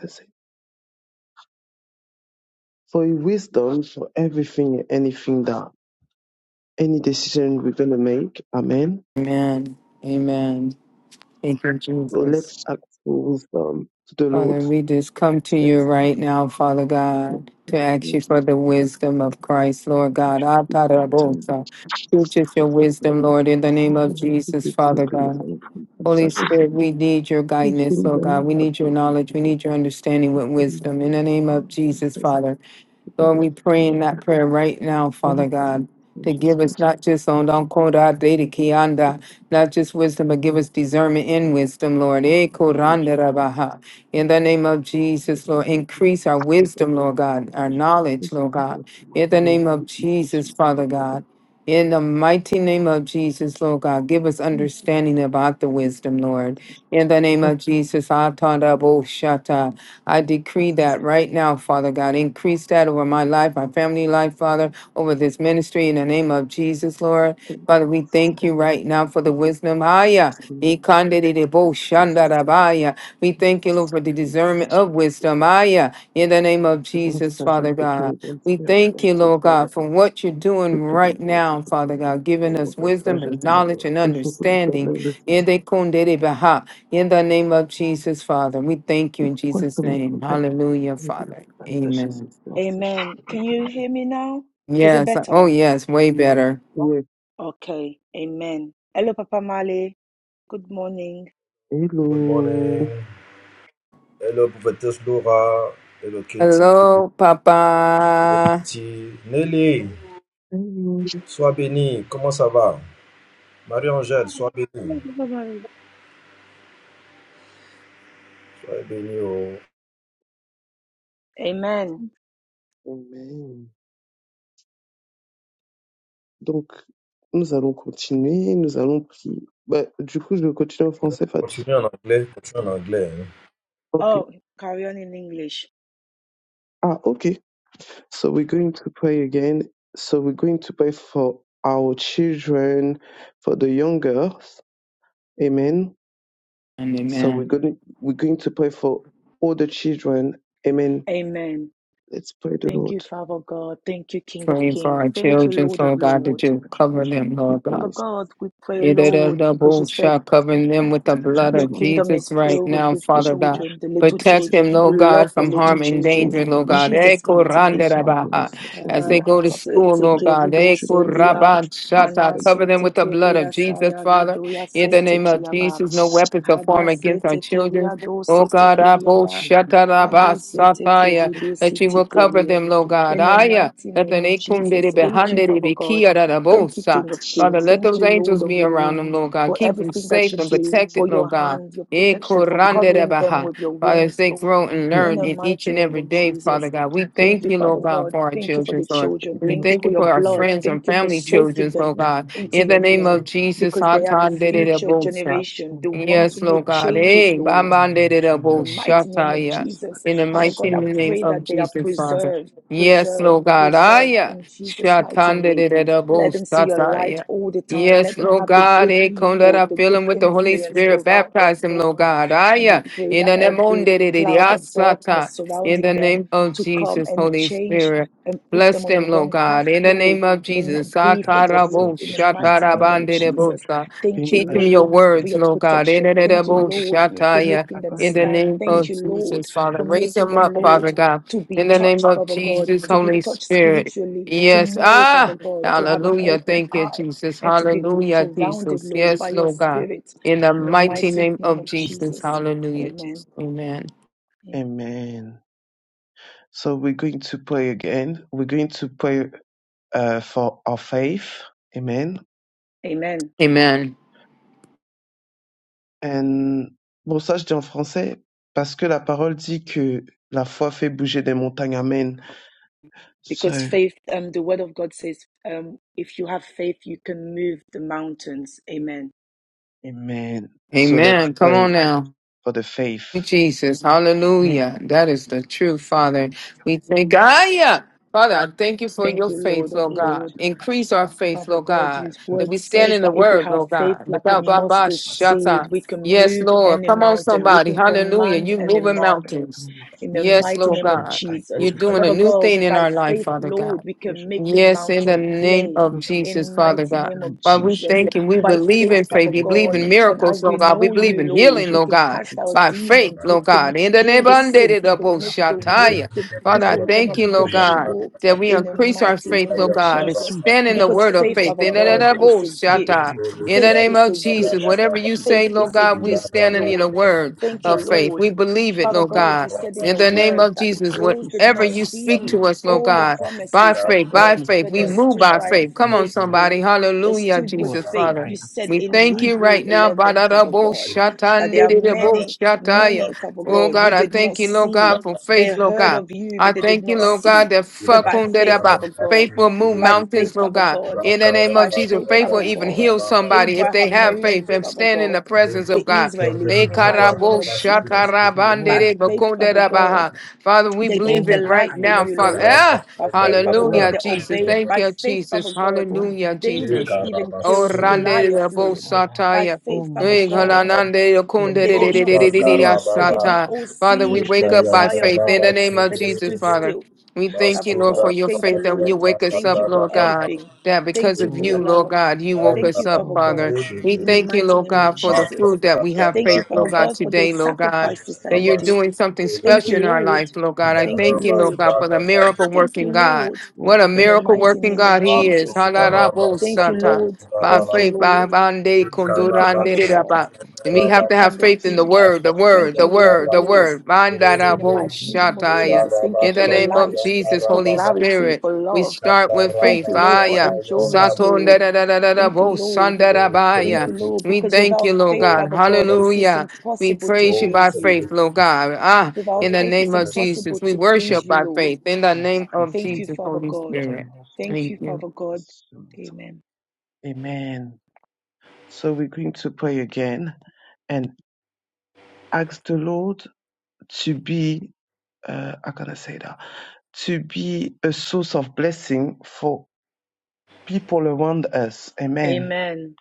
[SPEAKER 3] let's see, for his wisdom for everything and anything that any decision we're going to make. Amen.
[SPEAKER 2] Amen. Amen. Thank you,
[SPEAKER 3] So
[SPEAKER 2] Jesus.
[SPEAKER 3] let's ask for wisdom to the
[SPEAKER 2] Father,
[SPEAKER 3] Lord.
[SPEAKER 2] we just come to you
[SPEAKER 3] Let's <laughs>
[SPEAKER 2] right now, Father God, to ask you for the wisdom of Christ, Lord God.
[SPEAKER 3] spend time
[SPEAKER 2] Atarabosa. Teach us your wisdom, Lord, in the name of Jesus, Father God. Holy Spirit, we need your guidance, Lord God. We need your knowledge. We need your understanding with wisdom. In the name of Jesus,
[SPEAKER 3] just
[SPEAKER 2] Father.
[SPEAKER 3] C'est pas
[SPEAKER 2] Lord, we pray in that prayer right now, Father God. To give us not just on Don Koda de Kianda, not just wisdom, but give us discernment in wisdom, Lord. Eh, Koranda Rabaha. In the name of Jesus, Lord, increase our wisdom, Lord God, our knowledge, Lord God. In the name of Jesus, Father God. In the mighty name of Jesus, Lord God, give us understanding about the wisdom, Lord. In the name of Jesus, Atanda Bo Shata. I decree that right now, Father God. Increase that over my life, my family life, Father, over this ministry in the name of Jesus, Lord. Father, we thank you right now for the wisdom. Haya, ikandedebo shandarabaya. We thank you, Lord, for the discernment of wisdom. Haya, in the name of Jesus,
[SPEAKER 3] ça, je
[SPEAKER 2] Father
[SPEAKER 3] ce que tu
[SPEAKER 2] God.
[SPEAKER 3] me donnes,
[SPEAKER 2] We
[SPEAKER 3] Seigneur,
[SPEAKER 2] thank you,
[SPEAKER 3] tu
[SPEAKER 2] Lord God, for
[SPEAKER 3] as
[SPEAKER 2] what you're
[SPEAKER 3] Je
[SPEAKER 2] doing
[SPEAKER 3] je
[SPEAKER 2] right
[SPEAKER 3] je je
[SPEAKER 2] now,
[SPEAKER 3] te te te
[SPEAKER 2] Father
[SPEAKER 3] demande,
[SPEAKER 2] God, giving
[SPEAKER 3] demande,
[SPEAKER 2] us
[SPEAKER 3] sagesse
[SPEAKER 2] wisdom
[SPEAKER 3] sagesse,
[SPEAKER 2] and
[SPEAKER 3] de mon
[SPEAKER 2] knowledge
[SPEAKER 3] âme.
[SPEAKER 2] and
[SPEAKER 3] et je vous la la la
[SPEAKER 2] understanding.
[SPEAKER 3] donne. le Seigneur.
[SPEAKER 2] Edekundedebaha. In the name of Jesus, Father, we thank you
[SPEAKER 3] Et
[SPEAKER 2] in
[SPEAKER 3] pourquoi est-ce
[SPEAKER 2] Jesus' name. Hallelujah, Father. Amen.
[SPEAKER 1] Amen. Can you
[SPEAKER 3] que
[SPEAKER 1] hear me now? Is it
[SPEAKER 2] Yes. Oh,
[SPEAKER 1] better?
[SPEAKER 2] yes. Way better.
[SPEAKER 3] Yes,
[SPEAKER 1] Okay. Amen. Hello, Papa Mali. Good morning.
[SPEAKER 5] Good
[SPEAKER 3] hello.
[SPEAKER 5] morning. Hello, prophétesse Laura. Hello, Katie.
[SPEAKER 2] Hello,
[SPEAKER 5] Hello,
[SPEAKER 2] Papa.
[SPEAKER 5] Titi. Nelly,
[SPEAKER 3] Hello.
[SPEAKER 5] sois bénie. Comment ça va? Marie-Angèle, sois bénie. Sois bénie. Oh.
[SPEAKER 1] Amen.
[SPEAKER 3] Amen. Donc, nous allons continuer, nous allons prier. Bah, du coup, je vais continuer en français, Fatih.
[SPEAKER 5] Continue en anglais. Continue en anglais.
[SPEAKER 3] Okay.
[SPEAKER 1] Oh, carry on in English.
[SPEAKER 3] Ah, okay. So we're going to pray again. So we're going to pray for our children, for the young girls. Amen.
[SPEAKER 2] And
[SPEAKER 3] So we're
[SPEAKER 2] amen.
[SPEAKER 3] going we're going to pray for all the children. Amen.
[SPEAKER 1] Amen.
[SPEAKER 3] Let's pray the
[SPEAKER 1] Thank
[SPEAKER 3] Lord.
[SPEAKER 1] you, Father God. Thank you, King of
[SPEAKER 2] Praying for
[SPEAKER 1] Kings.
[SPEAKER 2] our
[SPEAKER 1] Thank
[SPEAKER 3] Okay,
[SPEAKER 1] you,
[SPEAKER 2] children,
[SPEAKER 1] Lord of
[SPEAKER 2] Lord God, that
[SPEAKER 1] Lords.
[SPEAKER 2] you cover them, Lord God.
[SPEAKER 1] Father God, we pray, Lord, because you said
[SPEAKER 2] Shall covering them with the blood
[SPEAKER 1] Your
[SPEAKER 2] of
[SPEAKER 1] kingdom is
[SPEAKER 2] Jesus right
[SPEAKER 1] filled with
[SPEAKER 2] now,
[SPEAKER 1] the
[SPEAKER 2] Father God.
[SPEAKER 1] children, the little
[SPEAKER 2] Protect them,
[SPEAKER 1] children. You
[SPEAKER 2] Lord God,
[SPEAKER 1] love the
[SPEAKER 2] from
[SPEAKER 1] little
[SPEAKER 2] harm and
[SPEAKER 1] children
[SPEAKER 2] danger,
[SPEAKER 1] in
[SPEAKER 2] Lord God.
[SPEAKER 1] Jesus'
[SPEAKER 2] Eko
[SPEAKER 1] mighty name.
[SPEAKER 3] so I've
[SPEAKER 2] randarabaha.
[SPEAKER 3] myself that
[SPEAKER 2] As
[SPEAKER 3] you know
[SPEAKER 2] they
[SPEAKER 3] I've
[SPEAKER 2] go to
[SPEAKER 3] got very
[SPEAKER 2] school,
[SPEAKER 1] Ranasete
[SPEAKER 2] Lord
[SPEAKER 3] talent.
[SPEAKER 2] God.
[SPEAKER 1] kerido
[SPEAKER 3] Should
[SPEAKER 2] Eko
[SPEAKER 3] please me, I
[SPEAKER 1] sebia,
[SPEAKER 3] could choose
[SPEAKER 2] rabanshata.
[SPEAKER 3] them.
[SPEAKER 2] Cover them
[SPEAKER 1] ranasote
[SPEAKER 2] with the blood of
[SPEAKER 1] kerira
[SPEAKER 2] Jesus,
[SPEAKER 1] saya
[SPEAKER 2] Father.
[SPEAKER 1] hidoya
[SPEAKER 2] In the
[SPEAKER 1] sete
[SPEAKER 2] name of
[SPEAKER 1] kiaba,
[SPEAKER 2] Jesus, no weapons are
[SPEAKER 1] hada
[SPEAKER 2] formed against our
[SPEAKER 1] sete keria
[SPEAKER 2] children.
[SPEAKER 1] do
[SPEAKER 2] Oh
[SPEAKER 1] sete
[SPEAKER 2] God,
[SPEAKER 1] keriaba,
[SPEAKER 2] aboshata
[SPEAKER 1] hado sete keride
[SPEAKER 2] that you
[SPEAKER 1] sete
[SPEAKER 2] will cover
[SPEAKER 1] kerie.
[SPEAKER 2] them, Lord God.
[SPEAKER 1] In the
[SPEAKER 2] Aya.
[SPEAKER 1] mighty
[SPEAKER 2] That the
[SPEAKER 1] name of
[SPEAKER 2] nekum dere
[SPEAKER 1] Jesus, thank
[SPEAKER 2] behande
[SPEAKER 1] you,
[SPEAKER 2] dere
[SPEAKER 1] Father God.
[SPEAKER 2] bikia da da
[SPEAKER 1] Thank you,
[SPEAKER 2] bosa.
[SPEAKER 1] King of Kings.
[SPEAKER 2] Father, let
[SPEAKER 1] Thank
[SPEAKER 2] those
[SPEAKER 1] you, Lord
[SPEAKER 2] angels
[SPEAKER 1] of
[SPEAKER 2] be around
[SPEAKER 1] Lords,
[SPEAKER 2] them, Lord God.
[SPEAKER 1] for
[SPEAKER 2] Keep them
[SPEAKER 1] everything that
[SPEAKER 2] safe
[SPEAKER 1] you
[SPEAKER 2] and
[SPEAKER 1] do, for
[SPEAKER 2] protected,
[SPEAKER 1] your
[SPEAKER 2] Lord God.
[SPEAKER 1] hand, your
[SPEAKER 2] Eh,
[SPEAKER 1] protection, for
[SPEAKER 2] korande de
[SPEAKER 1] covering them
[SPEAKER 2] baha.
[SPEAKER 1] with your
[SPEAKER 2] Father, as
[SPEAKER 1] wings,
[SPEAKER 2] they
[SPEAKER 1] Lord.
[SPEAKER 2] grow and
[SPEAKER 1] In
[SPEAKER 2] learn
[SPEAKER 1] the
[SPEAKER 2] in each
[SPEAKER 1] mighty
[SPEAKER 2] and
[SPEAKER 1] name
[SPEAKER 2] every
[SPEAKER 1] of
[SPEAKER 2] day,
[SPEAKER 1] Jesus.
[SPEAKER 2] Father God, we
[SPEAKER 1] Thank
[SPEAKER 2] thank
[SPEAKER 1] you,
[SPEAKER 2] you, Lord
[SPEAKER 1] Father
[SPEAKER 2] God,
[SPEAKER 1] God.
[SPEAKER 2] for our
[SPEAKER 1] Thank you for
[SPEAKER 2] children,
[SPEAKER 1] the
[SPEAKER 2] Lord.
[SPEAKER 1] children.
[SPEAKER 2] We
[SPEAKER 1] Thank you
[SPEAKER 2] thank
[SPEAKER 1] for
[SPEAKER 2] you
[SPEAKER 1] your
[SPEAKER 2] for our
[SPEAKER 1] blood.
[SPEAKER 2] friends and
[SPEAKER 1] Thank you for
[SPEAKER 2] family
[SPEAKER 3] La
[SPEAKER 1] soaking
[SPEAKER 2] children,
[SPEAKER 1] them
[SPEAKER 2] Lord
[SPEAKER 3] constante
[SPEAKER 2] God.
[SPEAKER 3] de la
[SPEAKER 1] into
[SPEAKER 2] In the
[SPEAKER 1] your
[SPEAKER 2] name
[SPEAKER 1] blood
[SPEAKER 2] of
[SPEAKER 3] sensation
[SPEAKER 2] Jesus,
[SPEAKER 1] because
[SPEAKER 3] que
[SPEAKER 1] they are the
[SPEAKER 2] hakande de de
[SPEAKER 3] présentement
[SPEAKER 1] future
[SPEAKER 3] que le
[SPEAKER 2] bosa.
[SPEAKER 1] generation,
[SPEAKER 3] puissant
[SPEAKER 1] the one
[SPEAKER 3] liquide
[SPEAKER 2] yes,
[SPEAKER 1] to make
[SPEAKER 2] Lord God.
[SPEAKER 1] changes,
[SPEAKER 2] Eh,
[SPEAKER 1] Lord.
[SPEAKER 3] Oh,
[SPEAKER 2] bamande de
[SPEAKER 3] je
[SPEAKER 2] de
[SPEAKER 1] In the
[SPEAKER 3] m'en
[SPEAKER 1] mighty name
[SPEAKER 2] boshata
[SPEAKER 1] of
[SPEAKER 3] rappelle,
[SPEAKER 2] ya.
[SPEAKER 3] soit
[SPEAKER 1] Jesus,
[SPEAKER 2] In the
[SPEAKER 3] je
[SPEAKER 1] Father
[SPEAKER 3] ce
[SPEAKER 2] mighty
[SPEAKER 1] God, I
[SPEAKER 3] matin,
[SPEAKER 2] name
[SPEAKER 1] pray
[SPEAKER 2] of
[SPEAKER 1] that they are
[SPEAKER 2] Jesus,
[SPEAKER 3] béni soit
[SPEAKER 2] Father.
[SPEAKER 3] je
[SPEAKER 1] preserved,
[SPEAKER 2] Yes,
[SPEAKER 1] preserved,
[SPEAKER 2] Lord God.
[SPEAKER 1] preserved
[SPEAKER 2] Aya.
[SPEAKER 1] in Jesus' mighty
[SPEAKER 2] Shatande
[SPEAKER 1] name.
[SPEAKER 2] de de de
[SPEAKER 1] Let them see your
[SPEAKER 2] bosata
[SPEAKER 1] light
[SPEAKER 2] ya.
[SPEAKER 1] all the time.
[SPEAKER 2] Yes,
[SPEAKER 1] Let them
[SPEAKER 2] Lord
[SPEAKER 1] have the
[SPEAKER 2] God,
[SPEAKER 1] good
[SPEAKER 2] eh, come let I
[SPEAKER 1] people, the
[SPEAKER 2] fill
[SPEAKER 1] good
[SPEAKER 2] him with the Holy
[SPEAKER 1] influence
[SPEAKER 2] Spirit.
[SPEAKER 1] around them,
[SPEAKER 2] Baptize him, Lord
[SPEAKER 1] Lord.
[SPEAKER 2] God.
[SPEAKER 1] And we
[SPEAKER 2] Aya,
[SPEAKER 1] pray
[SPEAKER 2] in
[SPEAKER 1] that
[SPEAKER 2] the name of
[SPEAKER 1] every
[SPEAKER 2] the- the- the- the
[SPEAKER 1] cloud of
[SPEAKER 2] Asata.
[SPEAKER 1] darkness
[SPEAKER 2] in
[SPEAKER 1] surrounding
[SPEAKER 2] the
[SPEAKER 1] them
[SPEAKER 2] name of
[SPEAKER 1] to come
[SPEAKER 2] Jesus,
[SPEAKER 1] and
[SPEAKER 2] Holy
[SPEAKER 1] change
[SPEAKER 2] Spirit.
[SPEAKER 1] and put
[SPEAKER 2] Bless
[SPEAKER 1] them on the
[SPEAKER 2] them, Lord
[SPEAKER 1] wrong
[SPEAKER 2] God.
[SPEAKER 1] path,
[SPEAKER 2] In the
[SPEAKER 1] Lord,
[SPEAKER 2] name of
[SPEAKER 1] may
[SPEAKER 3] dans
[SPEAKER 1] not
[SPEAKER 2] Jesus.
[SPEAKER 1] be for
[SPEAKER 3] merci
[SPEAKER 1] them,
[SPEAKER 3] Seigneur,
[SPEAKER 1] Lord,
[SPEAKER 2] Satarabo,
[SPEAKER 1] in
[SPEAKER 3] que
[SPEAKER 1] the
[SPEAKER 3] tu puisses
[SPEAKER 1] mighty
[SPEAKER 3] bénir
[SPEAKER 1] name of
[SPEAKER 3] nos enfants, que
[SPEAKER 1] Jesus.
[SPEAKER 3] tu
[SPEAKER 2] shatarabandedebosa.
[SPEAKER 3] puisses
[SPEAKER 1] Thank you,
[SPEAKER 3] bénir
[SPEAKER 2] Teach
[SPEAKER 3] la
[SPEAKER 2] him your
[SPEAKER 1] Lord,
[SPEAKER 3] jeunesse
[SPEAKER 1] for
[SPEAKER 2] words,
[SPEAKER 1] your
[SPEAKER 2] Lord God. In the
[SPEAKER 1] protection.
[SPEAKER 2] name
[SPEAKER 1] Thank you,
[SPEAKER 3] afin
[SPEAKER 2] of
[SPEAKER 3] que
[SPEAKER 1] Lord
[SPEAKER 3] Seigneur,
[SPEAKER 1] for
[SPEAKER 2] Shataya.
[SPEAKER 1] making them
[SPEAKER 3] afin
[SPEAKER 2] In the
[SPEAKER 3] que
[SPEAKER 1] stand.
[SPEAKER 2] name
[SPEAKER 3] nos
[SPEAKER 1] Thank
[SPEAKER 2] of
[SPEAKER 1] you,
[SPEAKER 3] enfants,
[SPEAKER 1] Lord,
[SPEAKER 2] Jesus, Father.
[SPEAKER 1] for
[SPEAKER 3] Père,
[SPEAKER 2] Raise
[SPEAKER 1] making
[SPEAKER 2] him
[SPEAKER 1] them,
[SPEAKER 2] up,
[SPEAKER 3] et
[SPEAKER 1] Lord,
[SPEAKER 2] Father God.
[SPEAKER 1] to be
[SPEAKER 2] In the name
[SPEAKER 1] touched,
[SPEAKER 2] of
[SPEAKER 1] Father God,
[SPEAKER 2] Jesus,
[SPEAKER 1] to be
[SPEAKER 2] Holy
[SPEAKER 1] touched
[SPEAKER 2] Spirit.
[SPEAKER 1] spiritually, to
[SPEAKER 2] Yes.
[SPEAKER 1] know,
[SPEAKER 2] Ah.
[SPEAKER 1] Father God, to have an
[SPEAKER 2] Hallelujah.
[SPEAKER 1] open
[SPEAKER 2] Thank you,
[SPEAKER 1] eye
[SPEAKER 2] Jesus.
[SPEAKER 1] and to be
[SPEAKER 2] Hallelujah,
[SPEAKER 1] surrounded,
[SPEAKER 2] Jesus.
[SPEAKER 1] Lord, by
[SPEAKER 2] Yes,
[SPEAKER 1] your
[SPEAKER 2] Lord God.
[SPEAKER 1] Spirit.
[SPEAKER 2] In the
[SPEAKER 3] Seigneur,
[SPEAKER 1] In the
[SPEAKER 2] mighty
[SPEAKER 3] merci.
[SPEAKER 1] mighty
[SPEAKER 2] name
[SPEAKER 1] name
[SPEAKER 2] of
[SPEAKER 1] of
[SPEAKER 2] Jesus.
[SPEAKER 1] Jesus.
[SPEAKER 2] Hallelujah, Jesus.
[SPEAKER 1] Amen.
[SPEAKER 2] Amen.
[SPEAKER 3] Amen. So we're going to pray again. We're going to pray uh, for our faith. Amen.
[SPEAKER 1] Amen.
[SPEAKER 2] Amen.
[SPEAKER 3] Euh, bon, ça, je dis en français parce que la parole dit que la foi fait bouger des montagnes. Amen. So,
[SPEAKER 1] Because faith, um, the word of God says, um, if you have faith, you can move the mountains. Amen.
[SPEAKER 3] amen. So let's
[SPEAKER 2] Amen. Come
[SPEAKER 3] pray
[SPEAKER 2] on now.
[SPEAKER 3] for the
[SPEAKER 2] you,
[SPEAKER 3] faith.
[SPEAKER 2] Jesus.
[SPEAKER 3] Amen.
[SPEAKER 2] Hallelujah. That is the truth, Father. We thank God. Yeah. Father, I thank you for
[SPEAKER 1] Thank
[SPEAKER 2] your
[SPEAKER 1] you,
[SPEAKER 3] Nous avons
[SPEAKER 1] Lord
[SPEAKER 2] faith,
[SPEAKER 1] of
[SPEAKER 2] Lord
[SPEAKER 3] besoin
[SPEAKER 2] God.
[SPEAKER 1] Lord.
[SPEAKER 3] la
[SPEAKER 2] Increase our
[SPEAKER 3] foi.
[SPEAKER 2] faith,
[SPEAKER 1] Father
[SPEAKER 2] Lord
[SPEAKER 1] God,
[SPEAKER 2] God,
[SPEAKER 1] your
[SPEAKER 3] De faire
[SPEAKER 2] that
[SPEAKER 1] word
[SPEAKER 2] we stand
[SPEAKER 1] says
[SPEAKER 2] in
[SPEAKER 3] bouger
[SPEAKER 2] the
[SPEAKER 1] that
[SPEAKER 3] des
[SPEAKER 1] if we
[SPEAKER 2] word,
[SPEAKER 3] montagnes,
[SPEAKER 1] have
[SPEAKER 2] Lord
[SPEAKER 1] faith
[SPEAKER 2] God.
[SPEAKER 1] like a
[SPEAKER 3] Et
[SPEAKER 2] Without
[SPEAKER 3] je prie
[SPEAKER 2] Baba
[SPEAKER 1] mustard
[SPEAKER 3] ce matin pour ma
[SPEAKER 1] seed,
[SPEAKER 2] Shata.
[SPEAKER 1] we
[SPEAKER 3] ma
[SPEAKER 1] can
[SPEAKER 3] Père
[SPEAKER 2] Yes,
[SPEAKER 1] move
[SPEAKER 2] Lord.
[SPEAKER 3] éternel,
[SPEAKER 1] any
[SPEAKER 2] Come
[SPEAKER 3] femme
[SPEAKER 2] on,
[SPEAKER 3] que les
[SPEAKER 1] mountain,
[SPEAKER 3] apôtres
[SPEAKER 1] we
[SPEAKER 2] somebody.
[SPEAKER 1] can
[SPEAKER 2] Hallelujah.
[SPEAKER 1] command
[SPEAKER 2] You
[SPEAKER 1] any
[SPEAKER 2] moving
[SPEAKER 3] Parce que Père
[SPEAKER 1] mountain
[SPEAKER 2] mountains.
[SPEAKER 3] éternel, la
[SPEAKER 1] in
[SPEAKER 3] foi
[SPEAKER 1] the
[SPEAKER 3] fait
[SPEAKER 2] Yes,
[SPEAKER 1] mighty
[SPEAKER 2] Lord
[SPEAKER 1] name
[SPEAKER 3] bouger des
[SPEAKER 1] of
[SPEAKER 2] God.
[SPEAKER 3] montagnes. Et
[SPEAKER 2] You're
[SPEAKER 1] Jesus.
[SPEAKER 3] je
[SPEAKER 2] doing
[SPEAKER 3] crois
[SPEAKER 2] a
[SPEAKER 1] Father
[SPEAKER 3] en
[SPEAKER 2] new
[SPEAKER 3] ça,
[SPEAKER 1] God,
[SPEAKER 2] thing in
[SPEAKER 1] by
[SPEAKER 3] Seigneur,
[SPEAKER 2] our
[SPEAKER 3] ce
[SPEAKER 2] life,
[SPEAKER 1] faith,
[SPEAKER 3] matin.
[SPEAKER 2] Father God.
[SPEAKER 1] Lord, we
[SPEAKER 3] Et
[SPEAKER 1] can
[SPEAKER 3] je
[SPEAKER 1] make
[SPEAKER 3] crois
[SPEAKER 1] the
[SPEAKER 3] très
[SPEAKER 2] Yes, in the
[SPEAKER 3] bien
[SPEAKER 1] mountain
[SPEAKER 3] que
[SPEAKER 2] name
[SPEAKER 1] plain
[SPEAKER 2] of
[SPEAKER 3] nous
[SPEAKER 2] Jesus,
[SPEAKER 1] in
[SPEAKER 3] pouvons
[SPEAKER 2] Father
[SPEAKER 1] mighty
[SPEAKER 2] God.
[SPEAKER 1] name
[SPEAKER 3] faire
[SPEAKER 1] of
[SPEAKER 2] Father, we
[SPEAKER 3] boucher
[SPEAKER 1] Jesus.
[SPEAKER 2] thank you.
[SPEAKER 3] un
[SPEAKER 2] We
[SPEAKER 3] rêve
[SPEAKER 1] By
[SPEAKER 2] believe
[SPEAKER 3] parfois
[SPEAKER 1] faith,
[SPEAKER 2] in faith.
[SPEAKER 1] Father
[SPEAKER 2] We
[SPEAKER 3] perdu. C'est
[SPEAKER 2] believe
[SPEAKER 1] God,
[SPEAKER 2] in
[SPEAKER 3] toi-même qui
[SPEAKER 1] and
[SPEAKER 3] nous
[SPEAKER 2] miracles,
[SPEAKER 1] as we
[SPEAKER 2] Lord
[SPEAKER 3] dit,
[SPEAKER 2] God. We
[SPEAKER 1] know
[SPEAKER 3] Internet.
[SPEAKER 2] believe
[SPEAKER 1] you,
[SPEAKER 2] in
[SPEAKER 3] Et
[SPEAKER 1] Lord,
[SPEAKER 2] healing,
[SPEAKER 3] je
[SPEAKER 1] we
[SPEAKER 2] Lord
[SPEAKER 1] can
[SPEAKER 3] prie,
[SPEAKER 2] God,
[SPEAKER 1] cast
[SPEAKER 3] Seigneur,
[SPEAKER 1] out
[SPEAKER 2] by
[SPEAKER 3] tu nous
[SPEAKER 2] faith,
[SPEAKER 1] demons, we
[SPEAKER 2] Lord
[SPEAKER 1] can
[SPEAKER 3] que
[SPEAKER 2] God.
[SPEAKER 3] tu
[SPEAKER 2] In the
[SPEAKER 1] heal
[SPEAKER 2] name
[SPEAKER 1] the
[SPEAKER 2] of
[SPEAKER 1] sick,
[SPEAKER 3] puisses,
[SPEAKER 1] we
[SPEAKER 2] the
[SPEAKER 3] avec
[SPEAKER 1] can
[SPEAKER 2] Lord,
[SPEAKER 3] la
[SPEAKER 1] make the
[SPEAKER 3] foi,
[SPEAKER 1] walk,
[SPEAKER 3] nous
[SPEAKER 2] Shataya.
[SPEAKER 1] the
[SPEAKER 2] Father, I
[SPEAKER 1] people who
[SPEAKER 3] sans
[SPEAKER 2] thank
[SPEAKER 3] faire
[SPEAKER 1] cannot
[SPEAKER 2] you, Lord
[SPEAKER 1] walk to
[SPEAKER 3] boucher
[SPEAKER 2] God,
[SPEAKER 3] les
[SPEAKER 1] walk
[SPEAKER 2] that
[SPEAKER 3] montagnes
[SPEAKER 2] we
[SPEAKER 3] ce
[SPEAKER 1] in the
[SPEAKER 3] matin,
[SPEAKER 2] increase our
[SPEAKER 1] mighty
[SPEAKER 2] faith,
[SPEAKER 3] que
[SPEAKER 1] name
[SPEAKER 2] Lord
[SPEAKER 1] of
[SPEAKER 3] nous
[SPEAKER 2] God, and
[SPEAKER 1] Jesus.
[SPEAKER 3] puissions
[SPEAKER 2] stand in the
[SPEAKER 1] Because
[SPEAKER 2] word
[SPEAKER 3] dépasser
[SPEAKER 2] of
[SPEAKER 1] faith,
[SPEAKER 3] les
[SPEAKER 2] faith.
[SPEAKER 1] our
[SPEAKER 2] In
[SPEAKER 3] montagnes
[SPEAKER 2] the
[SPEAKER 3] dans
[SPEAKER 2] name
[SPEAKER 1] God,
[SPEAKER 2] of
[SPEAKER 5] hein.
[SPEAKER 2] the
[SPEAKER 3] notre
[SPEAKER 1] is a
[SPEAKER 3] foi, Père
[SPEAKER 1] gift.
[SPEAKER 2] Shatai.
[SPEAKER 3] éternel.
[SPEAKER 2] In the
[SPEAKER 1] Faith
[SPEAKER 2] name
[SPEAKER 1] is
[SPEAKER 2] of
[SPEAKER 3] Père
[SPEAKER 1] a
[SPEAKER 2] Jesus,
[SPEAKER 3] je
[SPEAKER 1] gift.
[SPEAKER 2] whatever you
[SPEAKER 3] prie
[SPEAKER 2] say,
[SPEAKER 3] ce
[SPEAKER 1] Faith
[SPEAKER 2] Lord
[SPEAKER 1] is
[SPEAKER 3] matin,
[SPEAKER 1] a
[SPEAKER 2] God, we
[SPEAKER 1] gift,
[SPEAKER 2] stand in
[SPEAKER 1] Lord.
[SPEAKER 2] the
[SPEAKER 3] je
[SPEAKER 2] word
[SPEAKER 3] prie ce
[SPEAKER 1] Thank you,
[SPEAKER 2] of
[SPEAKER 3] matin,
[SPEAKER 2] faith.
[SPEAKER 1] Lord.
[SPEAKER 3] Père,
[SPEAKER 2] We believe
[SPEAKER 3] je
[SPEAKER 2] it,
[SPEAKER 1] Father
[SPEAKER 2] Lord
[SPEAKER 3] prie
[SPEAKER 1] God,
[SPEAKER 3] ce
[SPEAKER 1] you
[SPEAKER 2] God.
[SPEAKER 1] said in
[SPEAKER 3] matin,
[SPEAKER 2] In
[SPEAKER 1] your
[SPEAKER 2] the
[SPEAKER 3] Père,
[SPEAKER 2] name
[SPEAKER 1] word
[SPEAKER 2] of
[SPEAKER 1] that
[SPEAKER 3] je
[SPEAKER 2] Jesus,
[SPEAKER 1] those
[SPEAKER 3] prie ce
[SPEAKER 1] did
[SPEAKER 2] whatever
[SPEAKER 5] <laughs>
[SPEAKER 1] not
[SPEAKER 2] you
[SPEAKER 3] matin, Père,
[SPEAKER 2] speak
[SPEAKER 3] que
[SPEAKER 1] see
[SPEAKER 2] to
[SPEAKER 5] Okay.
[SPEAKER 3] la
[SPEAKER 2] us, Lord
[SPEAKER 3] foi
[SPEAKER 1] all
[SPEAKER 3] que
[SPEAKER 1] your
[SPEAKER 3] nous
[SPEAKER 2] God.
[SPEAKER 5] Rakara
[SPEAKER 2] By
[SPEAKER 1] promises, Father
[SPEAKER 2] faith,
[SPEAKER 3] puisse
[SPEAKER 2] by
[SPEAKER 1] God,
[SPEAKER 3] nous
[SPEAKER 2] faith.
[SPEAKER 1] but
[SPEAKER 2] We
[SPEAKER 1] they
[SPEAKER 3] faire
[SPEAKER 2] move
[SPEAKER 1] stood
[SPEAKER 3] bouger
[SPEAKER 2] by
[SPEAKER 1] by
[SPEAKER 2] faith.
[SPEAKER 3] les
[SPEAKER 2] Come on,
[SPEAKER 1] faith,
[SPEAKER 3] montagnes
[SPEAKER 2] somebody.
[SPEAKER 1] Lord. They
[SPEAKER 2] Hallelujah,
[SPEAKER 1] stood with
[SPEAKER 2] Jesus,
[SPEAKER 3] Ora
[SPEAKER 1] faith.
[SPEAKER 2] Father.
[SPEAKER 1] You
[SPEAKER 3] akaya
[SPEAKER 1] said
[SPEAKER 2] We
[SPEAKER 1] in
[SPEAKER 2] thank you
[SPEAKER 3] akaya
[SPEAKER 1] Hebrew
[SPEAKER 2] right now.
[SPEAKER 1] 11, Father
[SPEAKER 2] Ba-da-da-bo,
[SPEAKER 1] God, that there are
[SPEAKER 2] shatan-di-di-di-bo,
[SPEAKER 1] many,
[SPEAKER 2] shataya.
[SPEAKER 1] many, Father
[SPEAKER 2] Oh,
[SPEAKER 1] God,
[SPEAKER 2] God,
[SPEAKER 1] who
[SPEAKER 2] I
[SPEAKER 1] did not
[SPEAKER 2] thank you, Lord
[SPEAKER 1] see.
[SPEAKER 2] God, for
[SPEAKER 1] They
[SPEAKER 2] faith, Lord
[SPEAKER 1] heard
[SPEAKER 2] God.
[SPEAKER 1] of you,
[SPEAKER 2] I
[SPEAKER 1] but they did
[SPEAKER 2] thank you,
[SPEAKER 1] not
[SPEAKER 2] Lord God,
[SPEAKER 1] see.
[SPEAKER 2] that
[SPEAKER 1] But
[SPEAKER 2] fuck
[SPEAKER 1] by
[SPEAKER 2] on that
[SPEAKER 1] faith,
[SPEAKER 2] about
[SPEAKER 1] Father God.
[SPEAKER 2] faith will move
[SPEAKER 1] By
[SPEAKER 2] mountains,
[SPEAKER 1] faith,
[SPEAKER 2] Lord
[SPEAKER 1] Father
[SPEAKER 2] God.
[SPEAKER 1] God.
[SPEAKER 2] In the name of
[SPEAKER 1] By
[SPEAKER 2] Jesus,
[SPEAKER 1] faith,
[SPEAKER 2] faith
[SPEAKER 1] Father
[SPEAKER 2] will even
[SPEAKER 1] God.
[SPEAKER 2] heal somebody if they
[SPEAKER 1] Abraham
[SPEAKER 2] have faith
[SPEAKER 1] moved,
[SPEAKER 2] and
[SPEAKER 1] Father
[SPEAKER 2] stand in
[SPEAKER 1] God.
[SPEAKER 2] the presence
[SPEAKER 1] The
[SPEAKER 2] of God.
[SPEAKER 1] Israelites in the mighty name
[SPEAKER 2] Ekarabo
[SPEAKER 1] of Jesus. By
[SPEAKER 3] ora
[SPEAKER 2] shakarabandere
[SPEAKER 3] akaya
[SPEAKER 1] faith, Father God.
[SPEAKER 2] bakonderabaha. Father, we
[SPEAKER 1] They gave
[SPEAKER 2] believe it
[SPEAKER 1] their
[SPEAKER 3] ora
[SPEAKER 1] life
[SPEAKER 2] right
[SPEAKER 1] for
[SPEAKER 3] akaya
[SPEAKER 2] now,
[SPEAKER 1] you,
[SPEAKER 2] Father.
[SPEAKER 1] Lord.
[SPEAKER 3] akaya
[SPEAKER 2] Ah!
[SPEAKER 1] By faith, Father
[SPEAKER 3] ora
[SPEAKER 1] God,
[SPEAKER 2] Hallelujah,
[SPEAKER 1] they
[SPEAKER 3] akaya
[SPEAKER 2] Jesus.
[SPEAKER 1] obeyed.
[SPEAKER 2] Thank
[SPEAKER 1] By
[SPEAKER 2] you,
[SPEAKER 1] faith, Father
[SPEAKER 2] Jesus.
[SPEAKER 1] God,
[SPEAKER 3] o
[SPEAKER 2] Hallelujah,
[SPEAKER 1] David
[SPEAKER 2] Jesus.
[SPEAKER 3] chemo
[SPEAKER 1] even
[SPEAKER 2] Oh,
[SPEAKER 1] killed
[SPEAKER 2] rande
[SPEAKER 3] o
[SPEAKER 1] Goliath,
[SPEAKER 2] de bo
[SPEAKER 1] Lord.
[SPEAKER 3] chemo
[SPEAKER 1] By
[SPEAKER 2] sataya.
[SPEAKER 1] faith,
[SPEAKER 3] o
[SPEAKER 1] Father
[SPEAKER 2] Eh,
[SPEAKER 1] God,
[SPEAKER 3] chemo
[SPEAKER 2] galanande de
[SPEAKER 3] beni
[SPEAKER 2] kunde
[SPEAKER 1] they
[SPEAKER 2] de de
[SPEAKER 1] did
[SPEAKER 2] de
[SPEAKER 1] not
[SPEAKER 2] de de de
[SPEAKER 3] swatin
[SPEAKER 2] de ya
[SPEAKER 1] see, they did
[SPEAKER 5] Baba,
[SPEAKER 1] not
[SPEAKER 2] sata.
[SPEAKER 3] stemata
[SPEAKER 1] all
[SPEAKER 2] Father, we
[SPEAKER 1] see the
[SPEAKER 2] wake
[SPEAKER 5] Leka
[SPEAKER 3] switchit
[SPEAKER 2] up by
[SPEAKER 5] yanda
[SPEAKER 1] Messiah
[SPEAKER 2] faith in
[SPEAKER 1] come,
[SPEAKER 2] the
[SPEAKER 5] raba
[SPEAKER 2] name of
[SPEAKER 5] sidi
[SPEAKER 1] but they
[SPEAKER 2] Jesus,
[SPEAKER 1] stood
[SPEAKER 5] ridi
[SPEAKER 2] Father.
[SPEAKER 1] still
[SPEAKER 2] We thank
[SPEAKER 1] Father
[SPEAKER 2] you, Lord,
[SPEAKER 5] Masuda
[SPEAKER 2] for
[SPEAKER 1] God,
[SPEAKER 2] your
[SPEAKER 1] thank you,
[SPEAKER 2] faith that when you
[SPEAKER 1] Lord.
[SPEAKER 5] Abashaka
[SPEAKER 2] wake us
[SPEAKER 1] Thank
[SPEAKER 2] up,
[SPEAKER 1] you
[SPEAKER 3] o
[SPEAKER 1] for
[SPEAKER 2] Lord
[SPEAKER 5] Yadarababa
[SPEAKER 3] penet
[SPEAKER 2] God,
[SPEAKER 1] everything.
[SPEAKER 2] that because
[SPEAKER 1] Thank you
[SPEAKER 2] of
[SPEAKER 1] for
[SPEAKER 3] o
[SPEAKER 2] you,
[SPEAKER 1] your
[SPEAKER 5] Ekaba
[SPEAKER 2] Lord
[SPEAKER 1] love.
[SPEAKER 3] chemo
[SPEAKER 2] God, you woke
[SPEAKER 1] Thank
[SPEAKER 2] us
[SPEAKER 1] you,
[SPEAKER 5] Sandara
[SPEAKER 2] up,
[SPEAKER 1] Father
[SPEAKER 3] o
[SPEAKER 1] God,
[SPEAKER 2] Father. We
[SPEAKER 1] in
[SPEAKER 3] chemo
[SPEAKER 1] the
[SPEAKER 2] thank
[SPEAKER 5] Sedele
[SPEAKER 2] you,
[SPEAKER 1] mighty
[SPEAKER 2] Lord
[SPEAKER 1] name of
[SPEAKER 2] God,
[SPEAKER 3] beni
[SPEAKER 2] for the
[SPEAKER 3] swatin
[SPEAKER 1] Jesus.
[SPEAKER 2] food that
[SPEAKER 5] Masaka
[SPEAKER 2] we have
[SPEAKER 3] sin
[SPEAKER 1] Thank you,
[SPEAKER 2] faith,
[SPEAKER 1] Father
[SPEAKER 2] Lord God,
[SPEAKER 1] God,
[SPEAKER 5] Yandarababa
[SPEAKER 1] for the
[SPEAKER 2] today, Lord God
[SPEAKER 3] swatin
[SPEAKER 1] sacrifices
[SPEAKER 2] that
[SPEAKER 1] that you
[SPEAKER 2] you're
[SPEAKER 3] sin
[SPEAKER 1] did.
[SPEAKER 2] doing something
[SPEAKER 1] Thank
[SPEAKER 2] special
[SPEAKER 1] you,
[SPEAKER 5] Yudarabashidele
[SPEAKER 2] in our
[SPEAKER 1] Lord.
[SPEAKER 2] life,
[SPEAKER 3] swatin
[SPEAKER 2] Lord God.
[SPEAKER 3] it's
[SPEAKER 2] I
[SPEAKER 3] on
[SPEAKER 1] Thank
[SPEAKER 3] and
[SPEAKER 1] you,
[SPEAKER 2] thank you,
[SPEAKER 3] that's
[SPEAKER 2] Lord
[SPEAKER 1] Lord.
[SPEAKER 2] God, for
[SPEAKER 3] something
[SPEAKER 2] the
[SPEAKER 5] Yudarabashadaba
[SPEAKER 3] that's
[SPEAKER 2] miracle
[SPEAKER 1] Thank you,
[SPEAKER 2] working
[SPEAKER 3] good
[SPEAKER 2] God.
[SPEAKER 1] Lord,
[SPEAKER 3] oh
[SPEAKER 2] What a
[SPEAKER 1] in the
[SPEAKER 2] miracle
[SPEAKER 1] mighty
[SPEAKER 2] working
[SPEAKER 1] name
[SPEAKER 3] yes
[SPEAKER 2] God
[SPEAKER 1] of
[SPEAKER 2] He is.
[SPEAKER 1] Jesus.
[SPEAKER 3] oh
[SPEAKER 1] Thank you,
[SPEAKER 3] yes
[SPEAKER 5] Masudarabashada
[SPEAKER 2] Halarabosata.
[SPEAKER 1] Lord.
[SPEAKER 2] By
[SPEAKER 1] Thank you,
[SPEAKER 2] faith,
[SPEAKER 5] Yandaralabo
[SPEAKER 2] by
[SPEAKER 1] Lord.
[SPEAKER 2] bande
[SPEAKER 3] Amen.
[SPEAKER 1] Thank you, Father
[SPEAKER 5] Ekarabashada
[SPEAKER 1] God.
[SPEAKER 2] kondorandereba. And we
[SPEAKER 1] Thank
[SPEAKER 2] have
[SPEAKER 1] you,
[SPEAKER 2] to
[SPEAKER 5] Yandarababa
[SPEAKER 2] have
[SPEAKER 1] King of
[SPEAKER 2] faith in the
[SPEAKER 1] Kings.
[SPEAKER 2] word, the
[SPEAKER 5] Masaka
[SPEAKER 2] word,
[SPEAKER 1] Thank you,
[SPEAKER 2] the
[SPEAKER 1] Lord
[SPEAKER 2] word,
[SPEAKER 1] of
[SPEAKER 2] the
[SPEAKER 1] Lords.
[SPEAKER 2] word.
[SPEAKER 1] In the
[SPEAKER 5] Yandarabashidele
[SPEAKER 1] mighty name of
[SPEAKER 2] Bandaraboshataya.
[SPEAKER 1] Jesus, thank you
[SPEAKER 2] In
[SPEAKER 1] for
[SPEAKER 2] the
[SPEAKER 1] your
[SPEAKER 2] name
[SPEAKER 5] Yudarabashada
[SPEAKER 2] of
[SPEAKER 1] light,
[SPEAKER 2] Jesus,
[SPEAKER 1] for
[SPEAKER 2] Holy
[SPEAKER 5] Yandarababa
[SPEAKER 1] clarity,
[SPEAKER 2] Spirit,
[SPEAKER 1] for
[SPEAKER 2] we
[SPEAKER 1] love.
[SPEAKER 2] start with
[SPEAKER 1] Thank
[SPEAKER 2] faith.
[SPEAKER 1] you, Lord, for
[SPEAKER 2] Aya.
[SPEAKER 1] endurance, Lord. Thank you, Lord. Thank
[SPEAKER 2] Satondadadadadabosandadabaya.
[SPEAKER 1] you, Lord,
[SPEAKER 2] We
[SPEAKER 1] because
[SPEAKER 2] thank
[SPEAKER 1] without
[SPEAKER 2] you, Lord
[SPEAKER 1] faith,
[SPEAKER 2] God.
[SPEAKER 1] Father God, it's, it's
[SPEAKER 2] Hallelujah. We
[SPEAKER 1] impossible to
[SPEAKER 2] praise you by
[SPEAKER 1] please you.
[SPEAKER 2] faith, Lord God. Ah,
[SPEAKER 1] Without
[SPEAKER 2] in the
[SPEAKER 1] faith, it's
[SPEAKER 2] name of Jesus,
[SPEAKER 1] impossible
[SPEAKER 2] we
[SPEAKER 1] to please
[SPEAKER 2] worship
[SPEAKER 1] you,
[SPEAKER 2] by
[SPEAKER 1] Lord.
[SPEAKER 2] faith. In the name of
[SPEAKER 1] Thank you,
[SPEAKER 2] Jesus,
[SPEAKER 1] Father
[SPEAKER 2] Holy
[SPEAKER 1] God.
[SPEAKER 2] Spirit.
[SPEAKER 1] Thank
[SPEAKER 2] Thank
[SPEAKER 1] you,
[SPEAKER 2] you.
[SPEAKER 1] Father God. Amen.
[SPEAKER 3] So we're going to pray again and ask the Lord to be, uh, how can I say that? To be a source of blessing for people around us. Amen.
[SPEAKER 1] Amen.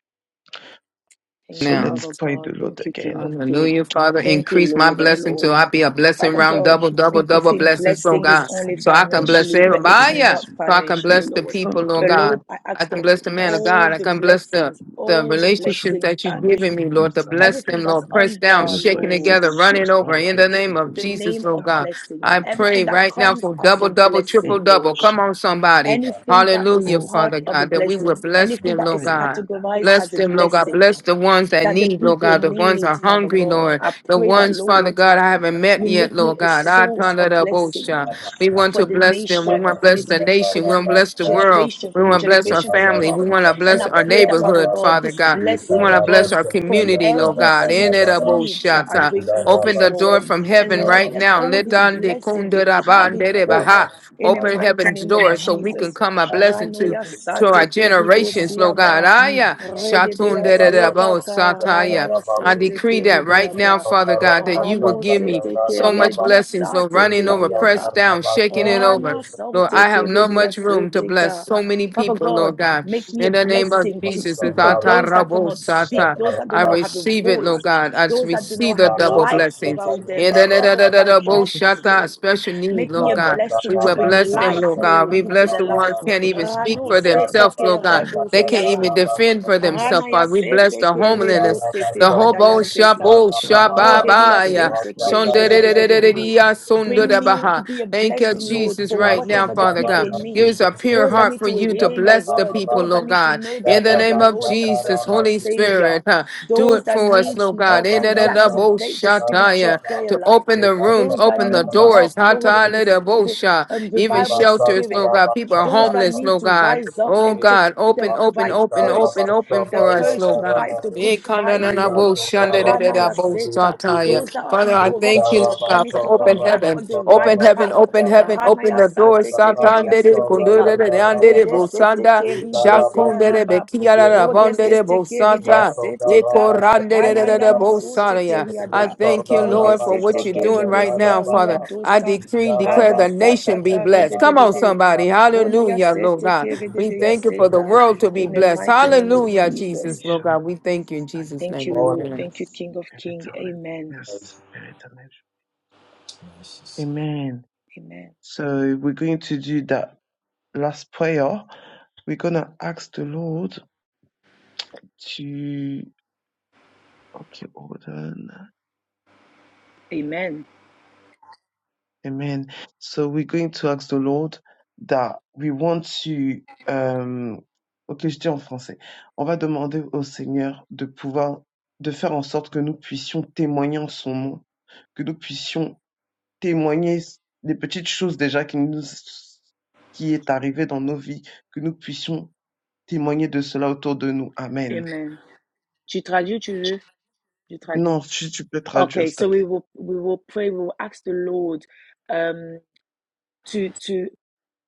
[SPEAKER 1] Thank
[SPEAKER 3] So
[SPEAKER 1] you,
[SPEAKER 2] Now,
[SPEAKER 3] let's
[SPEAKER 1] Father
[SPEAKER 3] pray the
[SPEAKER 1] God.
[SPEAKER 3] Lord
[SPEAKER 1] Thank you, King
[SPEAKER 3] again.
[SPEAKER 1] of Kings.
[SPEAKER 2] hallelujah, Father,
[SPEAKER 1] Thank you,
[SPEAKER 2] increase my
[SPEAKER 1] Lord of
[SPEAKER 2] blessing
[SPEAKER 1] Lords.
[SPEAKER 2] till I be a blessing
[SPEAKER 1] Father
[SPEAKER 2] round,
[SPEAKER 1] God,
[SPEAKER 2] double,
[SPEAKER 3] Je
[SPEAKER 2] double,
[SPEAKER 3] porte
[SPEAKER 1] people
[SPEAKER 3] avec
[SPEAKER 2] double
[SPEAKER 3] toi
[SPEAKER 1] think
[SPEAKER 3] la
[SPEAKER 2] blessing,
[SPEAKER 3] foi que
[SPEAKER 2] so
[SPEAKER 1] blessing
[SPEAKER 3] nous
[SPEAKER 1] is
[SPEAKER 2] God,
[SPEAKER 1] only
[SPEAKER 3] soyons,
[SPEAKER 2] so I can
[SPEAKER 3] Seigneur, une
[SPEAKER 2] bless
[SPEAKER 1] financially,
[SPEAKER 3] source
[SPEAKER 1] but
[SPEAKER 3] de
[SPEAKER 1] it's
[SPEAKER 2] everybody, so
[SPEAKER 1] not
[SPEAKER 3] bénédiction.
[SPEAKER 2] I can
[SPEAKER 3] pour
[SPEAKER 1] financially,
[SPEAKER 3] Toutes
[SPEAKER 2] bless
[SPEAKER 3] les
[SPEAKER 2] the
[SPEAKER 1] Lord.
[SPEAKER 3] personnes
[SPEAKER 2] people, Lord
[SPEAKER 3] autour
[SPEAKER 1] But
[SPEAKER 3] de
[SPEAKER 1] Lord,
[SPEAKER 3] nous,
[SPEAKER 2] God.
[SPEAKER 1] I
[SPEAKER 2] I
[SPEAKER 1] ask
[SPEAKER 2] can
[SPEAKER 1] for
[SPEAKER 3] toutes
[SPEAKER 2] bless
[SPEAKER 3] les
[SPEAKER 2] the man of
[SPEAKER 3] personnes,
[SPEAKER 1] all
[SPEAKER 2] God. I
[SPEAKER 1] the
[SPEAKER 2] can
[SPEAKER 3] Seigneur,
[SPEAKER 2] bless the
[SPEAKER 1] blessings,
[SPEAKER 3] qui nous
[SPEAKER 2] the
[SPEAKER 1] all the
[SPEAKER 3] s'approchent de
[SPEAKER 2] relationships
[SPEAKER 3] nous,
[SPEAKER 1] blessings
[SPEAKER 2] that you've
[SPEAKER 3] sont
[SPEAKER 1] that
[SPEAKER 3] nos
[SPEAKER 1] is
[SPEAKER 2] given me,
[SPEAKER 3] familles,
[SPEAKER 2] Lord, to
[SPEAKER 3] nos amis,
[SPEAKER 2] bless
[SPEAKER 3] Père
[SPEAKER 2] them,
[SPEAKER 1] everything that's
[SPEAKER 2] Lord.
[SPEAKER 3] éternel,
[SPEAKER 2] Press
[SPEAKER 3] que
[SPEAKER 2] down,
[SPEAKER 1] under,
[SPEAKER 3] nous soyons
[SPEAKER 2] shaking
[SPEAKER 1] Lord,
[SPEAKER 3] cette
[SPEAKER 2] together, running
[SPEAKER 3] source par
[SPEAKER 2] over in
[SPEAKER 3] laquelle
[SPEAKER 2] the
[SPEAKER 3] nous
[SPEAKER 2] name
[SPEAKER 3] sommes
[SPEAKER 2] of
[SPEAKER 1] the
[SPEAKER 3] bénis,
[SPEAKER 2] Jesus,
[SPEAKER 1] name
[SPEAKER 3] Père
[SPEAKER 2] Lord
[SPEAKER 1] of
[SPEAKER 3] éternel,
[SPEAKER 2] God.
[SPEAKER 1] blessings,
[SPEAKER 3] la
[SPEAKER 2] I
[SPEAKER 3] carrière,
[SPEAKER 1] everything
[SPEAKER 2] pray
[SPEAKER 1] that
[SPEAKER 3] la
[SPEAKER 2] right now
[SPEAKER 1] comes
[SPEAKER 2] for
[SPEAKER 1] as a
[SPEAKER 2] double, double, triple,
[SPEAKER 1] blessing,
[SPEAKER 3] que la
[SPEAKER 2] double.
[SPEAKER 1] Lord.
[SPEAKER 2] Come on,
[SPEAKER 3] chambre, la salle.
[SPEAKER 2] somebody.
[SPEAKER 1] Anything that is
[SPEAKER 2] Hallelujah,
[SPEAKER 3] Oh,
[SPEAKER 1] part
[SPEAKER 3] Père
[SPEAKER 2] Father
[SPEAKER 1] of a
[SPEAKER 2] God,
[SPEAKER 3] éternel,
[SPEAKER 2] that we
[SPEAKER 3] je
[SPEAKER 2] will
[SPEAKER 3] te
[SPEAKER 1] blessing,
[SPEAKER 3] dis, ça
[SPEAKER 2] bless
[SPEAKER 1] anything
[SPEAKER 3] va
[SPEAKER 2] them,
[SPEAKER 1] that
[SPEAKER 2] Lord
[SPEAKER 1] is
[SPEAKER 3] prier
[SPEAKER 2] God.
[SPEAKER 3] à la
[SPEAKER 1] categorized
[SPEAKER 2] Bless
[SPEAKER 1] as a
[SPEAKER 2] them,
[SPEAKER 3] salle,
[SPEAKER 2] Lord God.
[SPEAKER 1] blessing
[SPEAKER 2] Bless the ones that
[SPEAKER 1] that the
[SPEAKER 2] need, Lord
[SPEAKER 1] people
[SPEAKER 2] God. The ones
[SPEAKER 1] need,
[SPEAKER 2] are
[SPEAKER 1] Father
[SPEAKER 2] hungry,
[SPEAKER 1] God.
[SPEAKER 2] Lord.
[SPEAKER 1] I
[SPEAKER 2] The
[SPEAKER 1] pray that,
[SPEAKER 2] ones, Father
[SPEAKER 1] Lord,
[SPEAKER 2] God, I haven't met
[SPEAKER 1] you
[SPEAKER 2] yet,
[SPEAKER 1] make
[SPEAKER 2] Lord
[SPEAKER 1] me a
[SPEAKER 2] God. I
[SPEAKER 1] source
[SPEAKER 2] turn it
[SPEAKER 1] of
[SPEAKER 2] up, oh,
[SPEAKER 1] blessing.
[SPEAKER 2] Shah.
[SPEAKER 3] cette
[SPEAKER 2] We want
[SPEAKER 3] source
[SPEAKER 1] for
[SPEAKER 3] de
[SPEAKER 2] to
[SPEAKER 1] the
[SPEAKER 2] bless them. We
[SPEAKER 3] bénédiction,
[SPEAKER 1] nation,
[SPEAKER 2] want to
[SPEAKER 1] for
[SPEAKER 3] ce
[SPEAKER 2] bless
[SPEAKER 1] this,
[SPEAKER 2] the
[SPEAKER 3] matin.
[SPEAKER 1] for
[SPEAKER 2] nation. We
[SPEAKER 1] this
[SPEAKER 2] want to bless the
[SPEAKER 3] Хорошо.
[SPEAKER 2] world.
[SPEAKER 1] generation,
[SPEAKER 2] We
[SPEAKER 1] for
[SPEAKER 2] want
[SPEAKER 1] the
[SPEAKER 2] to bless our
[SPEAKER 3] Там
[SPEAKER 1] generation to
[SPEAKER 3] еще
[SPEAKER 2] family. We
[SPEAKER 1] come.
[SPEAKER 2] want to
[SPEAKER 3] всякие
[SPEAKER 1] And
[SPEAKER 2] bless
[SPEAKER 1] I
[SPEAKER 2] our
[SPEAKER 1] pray that,
[SPEAKER 3] христианские,
[SPEAKER 1] Father
[SPEAKER 2] neighborhood,
[SPEAKER 1] God,
[SPEAKER 3] всякие
[SPEAKER 2] Father
[SPEAKER 1] this
[SPEAKER 2] God. We want to
[SPEAKER 1] blessing
[SPEAKER 2] bless
[SPEAKER 1] run
[SPEAKER 2] our
[SPEAKER 3] христианские,
[SPEAKER 1] from
[SPEAKER 2] community,
[SPEAKER 3] там я
[SPEAKER 2] Lord
[SPEAKER 1] every
[SPEAKER 2] God. In
[SPEAKER 1] single
[SPEAKER 3] помню,
[SPEAKER 2] it up, oh,
[SPEAKER 1] seeds
[SPEAKER 3] я
[SPEAKER 1] that I
[SPEAKER 2] Shatta.
[SPEAKER 3] могу
[SPEAKER 1] bring into
[SPEAKER 2] Open
[SPEAKER 1] this
[SPEAKER 3] получить
[SPEAKER 2] the door
[SPEAKER 1] world.
[SPEAKER 2] from
[SPEAKER 3] из
[SPEAKER 2] heaven
[SPEAKER 1] And let
[SPEAKER 2] right now.
[SPEAKER 3] математики,
[SPEAKER 1] all
[SPEAKER 2] Let
[SPEAKER 1] this
[SPEAKER 2] on de
[SPEAKER 1] blessing
[SPEAKER 2] kunda
[SPEAKER 1] be
[SPEAKER 2] da ba
[SPEAKER 1] carried
[SPEAKER 2] de de ba
[SPEAKER 1] forth
[SPEAKER 2] ha.
[SPEAKER 1] in the
[SPEAKER 3] я
[SPEAKER 2] Open
[SPEAKER 1] mighty
[SPEAKER 2] heaven's
[SPEAKER 1] name of
[SPEAKER 2] door
[SPEAKER 3] помню,
[SPEAKER 2] so we can
[SPEAKER 1] Jesus.
[SPEAKER 2] come a
[SPEAKER 3] обхожу, но
[SPEAKER 2] blessing
[SPEAKER 3] тут
[SPEAKER 2] to to
[SPEAKER 3] персонаж,
[SPEAKER 2] our
[SPEAKER 3] я
[SPEAKER 2] generations,
[SPEAKER 3] понимаю,
[SPEAKER 2] Lord
[SPEAKER 5] Thank you.
[SPEAKER 2] God.
[SPEAKER 3] но
[SPEAKER 2] Aya,
[SPEAKER 3] если я
[SPEAKER 5] Thank
[SPEAKER 3] тебе
[SPEAKER 2] shatun
[SPEAKER 1] Rededeya
[SPEAKER 3] тут
[SPEAKER 2] de de
[SPEAKER 3] не
[SPEAKER 2] da
[SPEAKER 1] seta
[SPEAKER 2] bo sataya.
[SPEAKER 1] karana ya
[SPEAKER 2] I
[SPEAKER 1] sote
[SPEAKER 3] помню,
[SPEAKER 2] decree that
[SPEAKER 3] она
[SPEAKER 1] kerida
[SPEAKER 2] right
[SPEAKER 1] ya
[SPEAKER 2] now,
[SPEAKER 1] ba.
[SPEAKER 2] Father God, that you will
[SPEAKER 1] Rano
[SPEAKER 2] give me
[SPEAKER 1] sete
[SPEAKER 2] so much
[SPEAKER 1] keredia
[SPEAKER 2] blessings, Lord,
[SPEAKER 1] sate
[SPEAKER 2] running over,
[SPEAKER 1] keria
[SPEAKER 2] pressed
[SPEAKER 1] ba.
[SPEAKER 2] down, shaking it over.
[SPEAKER 1] Rana
[SPEAKER 2] Lord,
[SPEAKER 1] sote
[SPEAKER 2] I have no
[SPEAKER 1] keredia
[SPEAKER 2] much room to
[SPEAKER 1] sete
[SPEAKER 2] bless
[SPEAKER 1] ka.
[SPEAKER 2] so many
[SPEAKER 1] Father
[SPEAKER 2] people,
[SPEAKER 1] God,
[SPEAKER 2] Lord God.
[SPEAKER 3] Réponds
[SPEAKER 1] make
[SPEAKER 3] ce
[SPEAKER 1] me a
[SPEAKER 2] In the name
[SPEAKER 3] matin.
[SPEAKER 2] of
[SPEAKER 1] blessing
[SPEAKER 3] Je
[SPEAKER 1] to
[SPEAKER 2] Jesus,
[SPEAKER 1] speak
[SPEAKER 2] it's
[SPEAKER 3] pourrais
[SPEAKER 1] for
[SPEAKER 2] ata
[SPEAKER 1] those that
[SPEAKER 2] rabo
[SPEAKER 1] cannot
[SPEAKER 3] ce
[SPEAKER 1] speak,
[SPEAKER 2] sata.
[SPEAKER 1] those that
[SPEAKER 3] matin.
[SPEAKER 1] do
[SPEAKER 2] I
[SPEAKER 1] not have a
[SPEAKER 3] Béni
[SPEAKER 2] receive it, Lord
[SPEAKER 1] voice,
[SPEAKER 3] sois-tu
[SPEAKER 2] God. I
[SPEAKER 3] pour les
[SPEAKER 1] those that do
[SPEAKER 2] receive
[SPEAKER 1] not
[SPEAKER 2] the
[SPEAKER 1] have
[SPEAKER 3] Je
[SPEAKER 2] double
[SPEAKER 1] light
[SPEAKER 3] reçois
[SPEAKER 2] blessings.
[SPEAKER 3] ce
[SPEAKER 1] around them
[SPEAKER 2] In the
[SPEAKER 1] and
[SPEAKER 3] matin.
[SPEAKER 2] da- da- da-
[SPEAKER 1] covered
[SPEAKER 2] da-
[SPEAKER 1] by
[SPEAKER 3] Je
[SPEAKER 1] darkness,
[SPEAKER 3] reçois.
[SPEAKER 2] shata,
[SPEAKER 1] Lord.
[SPEAKER 3] Père.
[SPEAKER 2] special need,
[SPEAKER 1] Make me
[SPEAKER 2] Lord
[SPEAKER 1] a
[SPEAKER 3] Oh
[SPEAKER 2] God.
[SPEAKER 3] Seigneur,
[SPEAKER 2] We
[SPEAKER 1] blessing to
[SPEAKER 2] will
[SPEAKER 1] bring
[SPEAKER 3] j'accepte d'être
[SPEAKER 2] bless
[SPEAKER 3] une
[SPEAKER 2] them,
[SPEAKER 1] light,
[SPEAKER 2] Lord
[SPEAKER 3] source de
[SPEAKER 2] God.
[SPEAKER 1] Lord,
[SPEAKER 2] We
[SPEAKER 1] into
[SPEAKER 3] bénédiction
[SPEAKER 2] bless
[SPEAKER 1] their
[SPEAKER 2] the
[SPEAKER 3] pour les
[SPEAKER 1] life.
[SPEAKER 2] ones
[SPEAKER 3] autres
[SPEAKER 2] can't
[SPEAKER 3] autour
[SPEAKER 2] even
[SPEAKER 3] de moi,
[SPEAKER 2] speak
[SPEAKER 1] Rano
[SPEAKER 2] for
[SPEAKER 3] Père éternel.
[SPEAKER 1] sete
[SPEAKER 2] themselves,
[SPEAKER 1] ke
[SPEAKER 2] Lord God.
[SPEAKER 3] Oh
[SPEAKER 1] rado
[SPEAKER 3] mon
[SPEAKER 2] They can't
[SPEAKER 3] Dieu,
[SPEAKER 2] even
[SPEAKER 1] siaba.
[SPEAKER 3] mon roi.
[SPEAKER 2] defend for
[SPEAKER 3] Béni
[SPEAKER 2] themselves,
[SPEAKER 1] Ranaya
[SPEAKER 5] you.
[SPEAKER 2] Father. We
[SPEAKER 3] sois-tu
[SPEAKER 2] bless
[SPEAKER 1] sete
[SPEAKER 2] the
[SPEAKER 3] ce matin.
[SPEAKER 1] keredo
[SPEAKER 2] homeless,
[SPEAKER 1] sete
[SPEAKER 2] the
[SPEAKER 3] Béni
[SPEAKER 1] radaya
[SPEAKER 2] hobo
[SPEAKER 3] sois-tu
[SPEAKER 1] seta.
[SPEAKER 2] shabu
[SPEAKER 3] ce matin.
[SPEAKER 1] Rodedeya
[SPEAKER 3] Béni
[SPEAKER 2] shababaya.
[SPEAKER 1] sete
[SPEAKER 3] sois-tu ce
[SPEAKER 1] keredededededede.
[SPEAKER 2] shondedededededea,
[SPEAKER 3] matin.
[SPEAKER 1] Bring
[SPEAKER 3] Béni
[SPEAKER 1] me
[SPEAKER 2] sondedebaha.
[SPEAKER 1] to be a
[SPEAKER 3] sois-tu
[SPEAKER 2] Thank
[SPEAKER 3] ce
[SPEAKER 2] you,
[SPEAKER 1] blessing, Lord,
[SPEAKER 3] matin.
[SPEAKER 2] Jesus,
[SPEAKER 1] for
[SPEAKER 2] right
[SPEAKER 3] Oh
[SPEAKER 2] now,
[SPEAKER 1] whatever the
[SPEAKER 3] mon
[SPEAKER 2] Father God.
[SPEAKER 1] people
[SPEAKER 3] Dieu, mon
[SPEAKER 2] Give
[SPEAKER 1] need.
[SPEAKER 2] us a pure
[SPEAKER 1] Those that
[SPEAKER 2] heart
[SPEAKER 1] need
[SPEAKER 2] for
[SPEAKER 1] to
[SPEAKER 2] you to
[SPEAKER 1] hear your
[SPEAKER 2] bless the
[SPEAKER 1] word,
[SPEAKER 2] people,
[SPEAKER 1] those that
[SPEAKER 2] Lord
[SPEAKER 1] need to
[SPEAKER 2] God.
[SPEAKER 1] know that
[SPEAKER 2] In the
[SPEAKER 1] you are
[SPEAKER 2] name
[SPEAKER 1] the
[SPEAKER 2] of
[SPEAKER 1] Lord and
[SPEAKER 2] Jesus,
[SPEAKER 1] personal
[SPEAKER 2] Holy
[SPEAKER 1] Savior,
[SPEAKER 2] Spirit, huh? Do
[SPEAKER 1] those
[SPEAKER 2] it
[SPEAKER 1] that
[SPEAKER 2] for us,
[SPEAKER 1] need
[SPEAKER 2] Lord God.
[SPEAKER 1] help to reactivate the spiritual
[SPEAKER 2] Idadadaboshataya.
[SPEAKER 1] prayer
[SPEAKER 2] To
[SPEAKER 1] life,
[SPEAKER 2] open the rooms,
[SPEAKER 1] those that
[SPEAKER 2] open the
[SPEAKER 1] need help,
[SPEAKER 2] doors.
[SPEAKER 5] Thank
[SPEAKER 1] Lord,
[SPEAKER 5] you.
[SPEAKER 1] for this for the
[SPEAKER 2] Hatadadabosha.
[SPEAKER 1] um,
[SPEAKER 2] Even
[SPEAKER 1] revival
[SPEAKER 5] Rabba
[SPEAKER 2] shelters,
[SPEAKER 1] spirit
[SPEAKER 2] Lord God. People are
[SPEAKER 1] those that
[SPEAKER 2] homeless,
[SPEAKER 1] need
[SPEAKER 2] Lord
[SPEAKER 1] to
[SPEAKER 2] God.
[SPEAKER 1] rise up
[SPEAKER 2] Oh
[SPEAKER 1] and take
[SPEAKER 2] God,
[SPEAKER 1] the
[SPEAKER 2] open, open,
[SPEAKER 1] right
[SPEAKER 2] open, open,
[SPEAKER 1] post,
[SPEAKER 2] open
[SPEAKER 1] the
[SPEAKER 2] for us,
[SPEAKER 1] post
[SPEAKER 2] Lord
[SPEAKER 1] to
[SPEAKER 2] God.
[SPEAKER 1] fight the good fight, Lord. Rana Yaseta, those that
[SPEAKER 2] Ikananaboshandadadaboshataya.
[SPEAKER 1] are
[SPEAKER 2] Father,
[SPEAKER 1] in
[SPEAKER 2] I thank you,
[SPEAKER 1] corruption,
[SPEAKER 2] Lord
[SPEAKER 1] that
[SPEAKER 2] God,
[SPEAKER 1] needs
[SPEAKER 2] for
[SPEAKER 1] to
[SPEAKER 2] open
[SPEAKER 1] come back
[SPEAKER 2] heaven.
[SPEAKER 1] on the right
[SPEAKER 2] Open heaven,
[SPEAKER 1] path.
[SPEAKER 2] open heaven,
[SPEAKER 1] Rana
[SPEAKER 2] open the
[SPEAKER 1] Yasate
[SPEAKER 2] doors
[SPEAKER 1] Kereduya
[SPEAKER 2] Sakandere
[SPEAKER 1] Soteka.
[SPEAKER 2] kundere de andere
[SPEAKER 1] Rede sete
[SPEAKER 2] bosanda
[SPEAKER 1] keride seya
[SPEAKER 2] shakundere
[SPEAKER 1] raba.
[SPEAKER 2] bekiara
[SPEAKER 1] Rode
[SPEAKER 2] rabandere
[SPEAKER 1] sete keride
[SPEAKER 2] bosanta
[SPEAKER 1] aseteka.
[SPEAKER 2] ekorandere de
[SPEAKER 1] Rana yana sote
[SPEAKER 2] I
[SPEAKER 1] keriada.
[SPEAKER 2] thank you,
[SPEAKER 1] Rode
[SPEAKER 2] Lord, for what
[SPEAKER 1] sete
[SPEAKER 2] you're doing
[SPEAKER 1] keride
[SPEAKER 2] right now,
[SPEAKER 1] siya
[SPEAKER 2] Father.
[SPEAKER 5] Rabba
[SPEAKER 2] I
[SPEAKER 1] dosa.
[SPEAKER 5] Jesus,
[SPEAKER 2] decree
[SPEAKER 5] thank
[SPEAKER 2] and declare
[SPEAKER 1] Rada
[SPEAKER 2] the nation be
[SPEAKER 1] sataka
[SPEAKER 2] blessed. Come on,
[SPEAKER 1] rede
[SPEAKER 2] somebody.
[SPEAKER 1] Rona ya
[SPEAKER 2] Hallelujah, Lord
[SPEAKER 1] sete,
[SPEAKER 2] God.
[SPEAKER 1] kere de
[SPEAKER 2] We
[SPEAKER 1] de ya
[SPEAKER 2] thank you for the
[SPEAKER 1] seta.
[SPEAKER 5] you,
[SPEAKER 2] world to be
[SPEAKER 3] Père.
[SPEAKER 1] In the
[SPEAKER 2] blessed.
[SPEAKER 1] mighty
[SPEAKER 5] thank
[SPEAKER 1] name of
[SPEAKER 5] you.
[SPEAKER 2] Hallelujah,
[SPEAKER 1] Jesus.
[SPEAKER 2] Jesus, Lord
[SPEAKER 5] This
[SPEAKER 2] God. We
[SPEAKER 3] Inch'Allah.
[SPEAKER 2] thank you in
[SPEAKER 3] Allah.
[SPEAKER 2] Jesus'
[SPEAKER 1] Thank
[SPEAKER 2] name.
[SPEAKER 1] you, Lord.
[SPEAKER 5] morning,
[SPEAKER 2] Amen.
[SPEAKER 1] Thank you, King
[SPEAKER 3] Merci,
[SPEAKER 1] of
[SPEAKER 3] Père
[SPEAKER 1] Kings.
[SPEAKER 3] éternel.
[SPEAKER 1] Amen.
[SPEAKER 5] thank you.
[SPEAKER 3] Merci, Père éternel.
[SPEAKER 5] Jesus.
[SPEAKER 3] Amen.
[SPEAKER 1] Amen.
[SPEAKER 3] So we're going to do that last prayer. We're going to ask the Lord to, okay, hold on.
[SPEAKER 1] Amen.
[SPEAKER 3] Amen. So we're going to ask the Lord that we want to, um, ok, je dis en français. On va demander au Seigneur de pouvoir, de faire en sorte que nous puissions témoigner en son nom. que nous puissions témoigner des petites choses déjà qui nous qui est arrivé dans nos vies, que nous puissions témoigner de cela autour de nous. Amen.
[SPEAKER 1] Amen. Tu traduis, tu veux? Je traduis.
[SPEAKER 3] Non, si tu peux traduire,
[SPEAKER 1] Okay,
[SPEAKER 3] s'il te
[SPEAKER 1] so we
[SPEAKER 3] plaît.
[SPEAKER 1] will we will pray. We will ask the Lord. Um. to to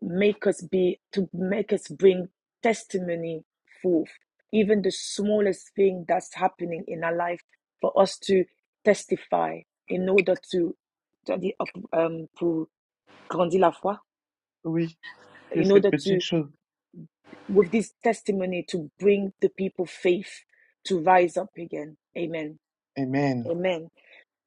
[SPEAKER 1] make us be to make us bring testimony forth even the smallest thing that's happening in our life for us to testify in order to um pour grandir la foi
[SPEAKER 3] Oui, que
[SPEAKER 1] in
[SPEAKER 3] ces
[SPEAKER 1] order
[SPEAKER 3] petites
[SPEAKER 1] to
[SPEAKER 3] choses.
[SPEAKER 1] with this testimony to bring the people faith to rise up again amen
[SPEAKER 3] Amen.
[SPEAKER 1] amen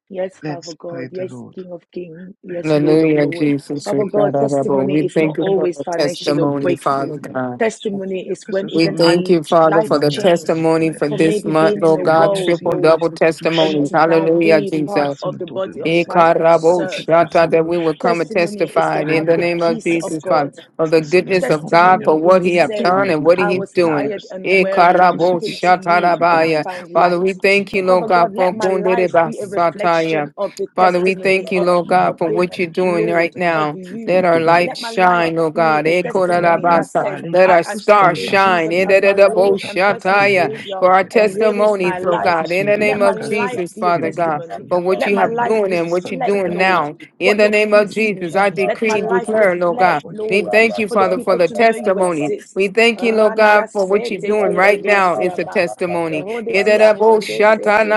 [SPEAKER 1] Yes, Father
[SPEAKER 3] Let's
[SPEAKER 1] God.
[SPEAKER 3] pray the
[SPEAKER 1] Yes,
[SPEAKER 3] Lord.
[SPEAKER 1] King of King.
[SPEAKER 3] Pray the
[SPEAKER 1] Yes,
[SPEAKER 3] Lord
[SPEAKER 1] Lord of
[SPEAKER 2] Hallelujah,
[SPEAKER 1] Lord.
[SPEAKER 3] for
[SPEAKER 2] Jesus.
[SPEAKER 3] ce
[SPEAKER 2] We
[SPEAKER 1] Father God,
[SPEAKER 3] que nous
[SPEAKER 1] testimony is not
[SPEAKER 2] thank you
[SPEAKER 3] puissions
[SPEAKER 2] for
[SPEAKER 1] always
[SPEAKER 2] the
[SPEAKER 1] financial or
[SPEAKER 3] témoigner
[SPEAKER 2] testimony,
[SPEAKER 3] en nous,
[SPEAKER 1] breakthrough.
[SPEAKER 2] Father
[SPEAKER 3] que nous
[SPEAKER 2] God.
[SPEAKER 3] puissions,
[SPEAKER 1] Testimony
[SPEAKER 3] Seigneur,
[SPEAKER 1] is
[SPEAKER 3] que ce
[SPEAKER 1] when
[SPEAKER 2] We
[SPEAKER 3] soit
[SPEAKER 1] even
[SPEAKER 3] même
[SPEAKER 1] our
[SPEAKER 3] un
[SPEAKER 2] thank you,
[SPEAKER 3] petit
[SPEAKER 2] Father, for
[SPEAKER 1] life
[SPEAKER 2] the
[SPEAKER 3] témoignage, Père
[SPEAKER 1] changed
[SPEAKER 2] testimony
[SPEAKER 3] éternel,
[SPEAKER 2] for
[SPEAKER 1] from
[SPEAKER 2] this
[SPEAKER 3] mais
[SPEAKER 1] maybe
[SPEAKER 3] que
[SPEAKER 2] month,
[SPEAKER 1] being
[SPEAKER 3] ces
[SPEAKER 1] in the
[SPEAKER 2] Lord God,
[SPEAKER 3] témoignages,
[SPEAKER 1] world,
[SPEAKER 2] triple
[SPEAKER 3] Seigneur,
[SPEAKER 1] Lord,
[SPEAKER 2] double
[SPEAKER 3] puissent
[SPEAKER 1] and
[SPEAKER 2] testimonies.
[SPEAKER 3] toucher
[SPEAKER 1] to now
[SPEAKER 2] Hallelujah,
[SPEAKER 1] be
[SPEAKER 3] une
[SPEAKER 1] part
[SPEAKER 2] Jesus.
[SPEAKER 3] personne
[SPEAKER 1] of the
[SPEAKER 3] autour de
[SPEAKER 1] body
[SPEAKER 3] nous,
[SPEAKER 1] of Christ
[SPEAKER 3] Seigneur,
[SPEAKER 1] and to
[SPEAKER 3] afin
[SPEAKER 2] Ikarabo
[SPEAKER 3] que cette
[SPEAKER 1] serve.
[SPEAKER 2] shata,
[SPEAKER 3] personne
[SPEAKER 2] That we will come
[SPEAKER 3] puisse
[SPEAKER 2] and
[SPEAKER 1] Testimony is
[SPEAKER 2] testify
[SPEAKER 1] to
[SPEAKER 2] in
[SPEAKER 1] have
[SPEAKER 2] the
[SPEAKER 3] Seigneur,
[SPEAKER 1] the
[SPEAKER 3] à
[SPEAKER 2] name
[SPEAKER 3] toi,
[SPEAKER 2] of
[SPEAKER 1] peace
[SPEAKER 3] Père
[SPEAKER 2] Jesus,
[SPEAKER 1] of
[SPEAKER 3] éternel.
[SPEAKER 1] God.
[SPEAKER 2] Father, of
[SPEAKER 3] Parce
[SPEAKER 2] the
[SPEAKER 3] que, Seigneur,
[SPEAKER 2] goodness of
[SPEAKER 3] devant toi, il
[SPEAKER 2] God
[SPEAKER 3] n'y a
[SPEAKER 2] for
[SPEAKER 1] Testimony
[SPEAKER 3] pas
[SPEAKER 1] is
[SPEAKER 2] what
[SPEAKER 3] de
[SPEAKER 1] to
[SPEAKER 2] He have
[SPEAKER 3] petit ou
[SPEAKER 1] say,
[SPEAKER 3] il n'y
[SPEAKER 2] done
[SPEAKER 3] a
[SPEAKER 2] and
[SPEAKER 3] pas
[SPEAKER 2] what
[SPEAKER 3] de
[SPEAKER 1] I
[SPEAKER 3] grand
[SPEAKER 2] He's
[SPEAKER 1] was
[SPEAKER 2] doing.
[SPEAKER 3] témoignage.
[SPEAKER 1] tired
[SPEAKER 3] C'est
[SPEAKER 1] and weary,
[SPEAKER 3] Tout
[SPEAKER 1] and I
[SPEAKER 3] ce
[SPEAKER 2] Ikarabo
[SPEAKER 3] que
[SPEAKER 1] came
[SPEAKER 3] tu,
[SPEAKER 1] to
[SPEAKER 2] shata
[SPEAKER 3] tout
[SPEAKER 1] you
[SPEAKER 3] ce que
[SPEAKER 1] and
[SPEAKER 3] nous
[SPEAKER 1] I
[SPEAKER 2] rabaya.
[SPEAKER 3] faisons,
[SPEAKER 1] found
[SPEAKER 3] Seigneur,
[SPEAKER 2] Father, we
[SPEAKER 1] light.
[SPEAKER 3] pour ton
[SPEAKER 2] thank you,
[SPEAKER 3] gloire,
[SPEAKER 2] Lord
[SPEAKER 1] Father
[SPEAKER 3] Père
[SPEAKER 2] God,
[SPEAKER 1] God, let
[SPEAKER 2] for
[SPEAKER 3] éternel.
[SPEAKER 1] my
[SPEAKER 2] kundere
[SPEAKER 1] life
[SPEAKER 3] Gloire,
[SPEAKER 1] be a
[SPEAKER 3] gloire, ça,
[SPEAKER 1] reflection
[SPEAKER 2] basataya.
[SPEAKER 1] of the
[SPEAKER 2] Father, we
[SPEAKER 1] testimony
[SPEAKER 2] thank
[SPEAKER 3] merci
[SPEAKER 2] you,
[SPEAKER 1] of,
[SPEAKER 2] Lord God,
[SPEAKER 3] infiniment,
[SPEAKER 1] of
[SPEAKER 2] for
[SPEAKER 3] Père
[SPEAKER 1] the
[SPEAKER 2] what you're
[SPEAKER 3] éternel. Je
[SPEAKER 2] doing
[SPEAKER 3] prie,
[SPEAKER 1] Lord,
[SPEAKER 2] right
[SPEAKER 3] Seigneur, que tu
[SPEAKER 1] of
[SPEAKER 2] now.
[SPEAKER 3] puisses
[SPEAKER 1] you.
[SPEAKER 2] Let
[SPEAKER 3] nous
[SPEAKER 2] our
[SPEAKER 3] donner
[SPEAKER 2] light
[SPEAKER 1] Let my life
[SPEAKER 3] l'opportunité.
[SPEAKER 2] shine, Lord
[SPEAKER 3] Parce
[SPEAKER 1] be
[SPEAKER 2] God.
[SPEAKER 3] que,
[SPEAKER 1] a
[SPEAKER 3] Père éternel,
[SPEAKER 1] testimony
[SPEAKER 3] même
[SPEAKER 1] that
[SPEAKER 2] Ekorarabasa.
[SPEAKER 1] said,
[SPEAKER 3] parler
[SPEAKER 2] Let
[SPEAKER 3] de
[SPEAKER 1] I
[SPEAKER 2] our
[SPEAKER 3] tout ce qui
[SPEAKER 2] star
[SPEAKER 3] nous
[SPEAKER 1] accepted
[SPEAKER 3] arrive,
[SPEAKER 2] shine.
[SPEAKER 1] Jesus
[SPEAKER 3] Seigneur,
[SPEAKER 1] as my
[SPEAKER 3] c'est
[SPEAKER 2] Ederebo
[SPEAKER 1] Lord
[SPEAKER 3] déjà
[SPEAKER 1] and
[SPEAKER 3] un
[SPEAKER 1] personal
[SPEAKER 2] shataya.
[SPEAKER 3] témoignage,
[SPEAKER 1] Savior,
[SPEAKER 2] For
[SPEAKER 3] Père
[SPEAKER 2] our
[SPEAKER 1] and
[SPEAKER 3] éternel.
[SPEAKER 1] here is
[SPEAKER 3] Père,
[SPEAKER 1] my
[SPEAKER 2] testimonies,
[SPEAKER 3] que
[SPEAKER 2] Lord
[SPEAKER 3] tu
[SPEAKER 1] life.
[SPEAKER 2] God.
[SPEAKER 3] puisses
[SPEAKER 2] In
[SPEAKER 3] me
[SPEAKER 2] the
[SPEAKER 3] donner
[SPEAKER 1] Let
[SPEAKER 2] name
[SPEAKER 1] my
[SPEAKER 2] of
[SPEAKER 3] l'occasion de
[SPEAKER 1] life
[SPEAKER 2] Jesus,
[SPEAKER 1] be a
[SPEAKER 2] Father God
[SPEAKER 3] témoigner,
[SPEAKER 1] testimony.
[SPEAKER 2] for
[SPEAKER 3] Seigneur,
[SPEAKER 2] what
[SPEAKER 1] Let
[SPEAKER 2] you
[SPEAKER 1] my
[SPEAKER 2] have
[SPEAKER 3] devant des
[SPEAKER 1] life
[SPEAKER 2] doing and what
[SPEAKER 3] personnes,
[SPEAKER 2] you're
[SPEAKER 3] Père
[SPEAKER 1] reflect,
[SPEAKER 2] doing
[SPEAKER 3] éternel
[SPEAKER 1] Lord,
[SPEAKER 2] now. In
[SPEAKER 1] what
[SPEAKER 2] the
[SPEAKER 1] your
[SPEAKER 2] name of
[SPEAKER 3] une
[SPEAKER 1] peace
[SPEAKER 2] Jesus,
[SPEAKER 1] means.
[SPEAKER 2] I
[SPEAKER 3] fission
[SPEAKER 1] Let
[SPEAKER 2] decree
[SPEAKER 1] my
[SPEAKER 2] and
[SPEAKER 1] life
[SPEAKER 3] compostait
[SPEAKER 2] declare, Lord
[SPEAKER 3] trois
[SPEAKER 1] reflect,
[SPEAKER 2] God.
[SPEAKER 3] fois qui
[SPEAKER 2] We
[SPEAKER 1] Lord,
[SPEAKER 2] thank you,
[SPEAKER 1] for the
[SPEAKER 3] discoururent
[SPEAKER 2] Father, for
[SPEAKER 1] people
[SPEAKER 2] the
[SPEAKER 1] to know you
[SPEAKER 2] testimony.
[SPEAKER 1] exist.
[SPEAKER 2] We thank you, Lord God,
[SPEAKER 1] Ranaya
[SPEAKER 2] for what you're
[SPEAKER 1] sete
[SPEAKER 2] doing right
[SPEAKER 1] keredo
[SPEAKER 2] now. It's a
[SPEAKER 1] siaba.
[SPEAKER 2] testimony.
[SPEAKER 1] Rodesia hede sete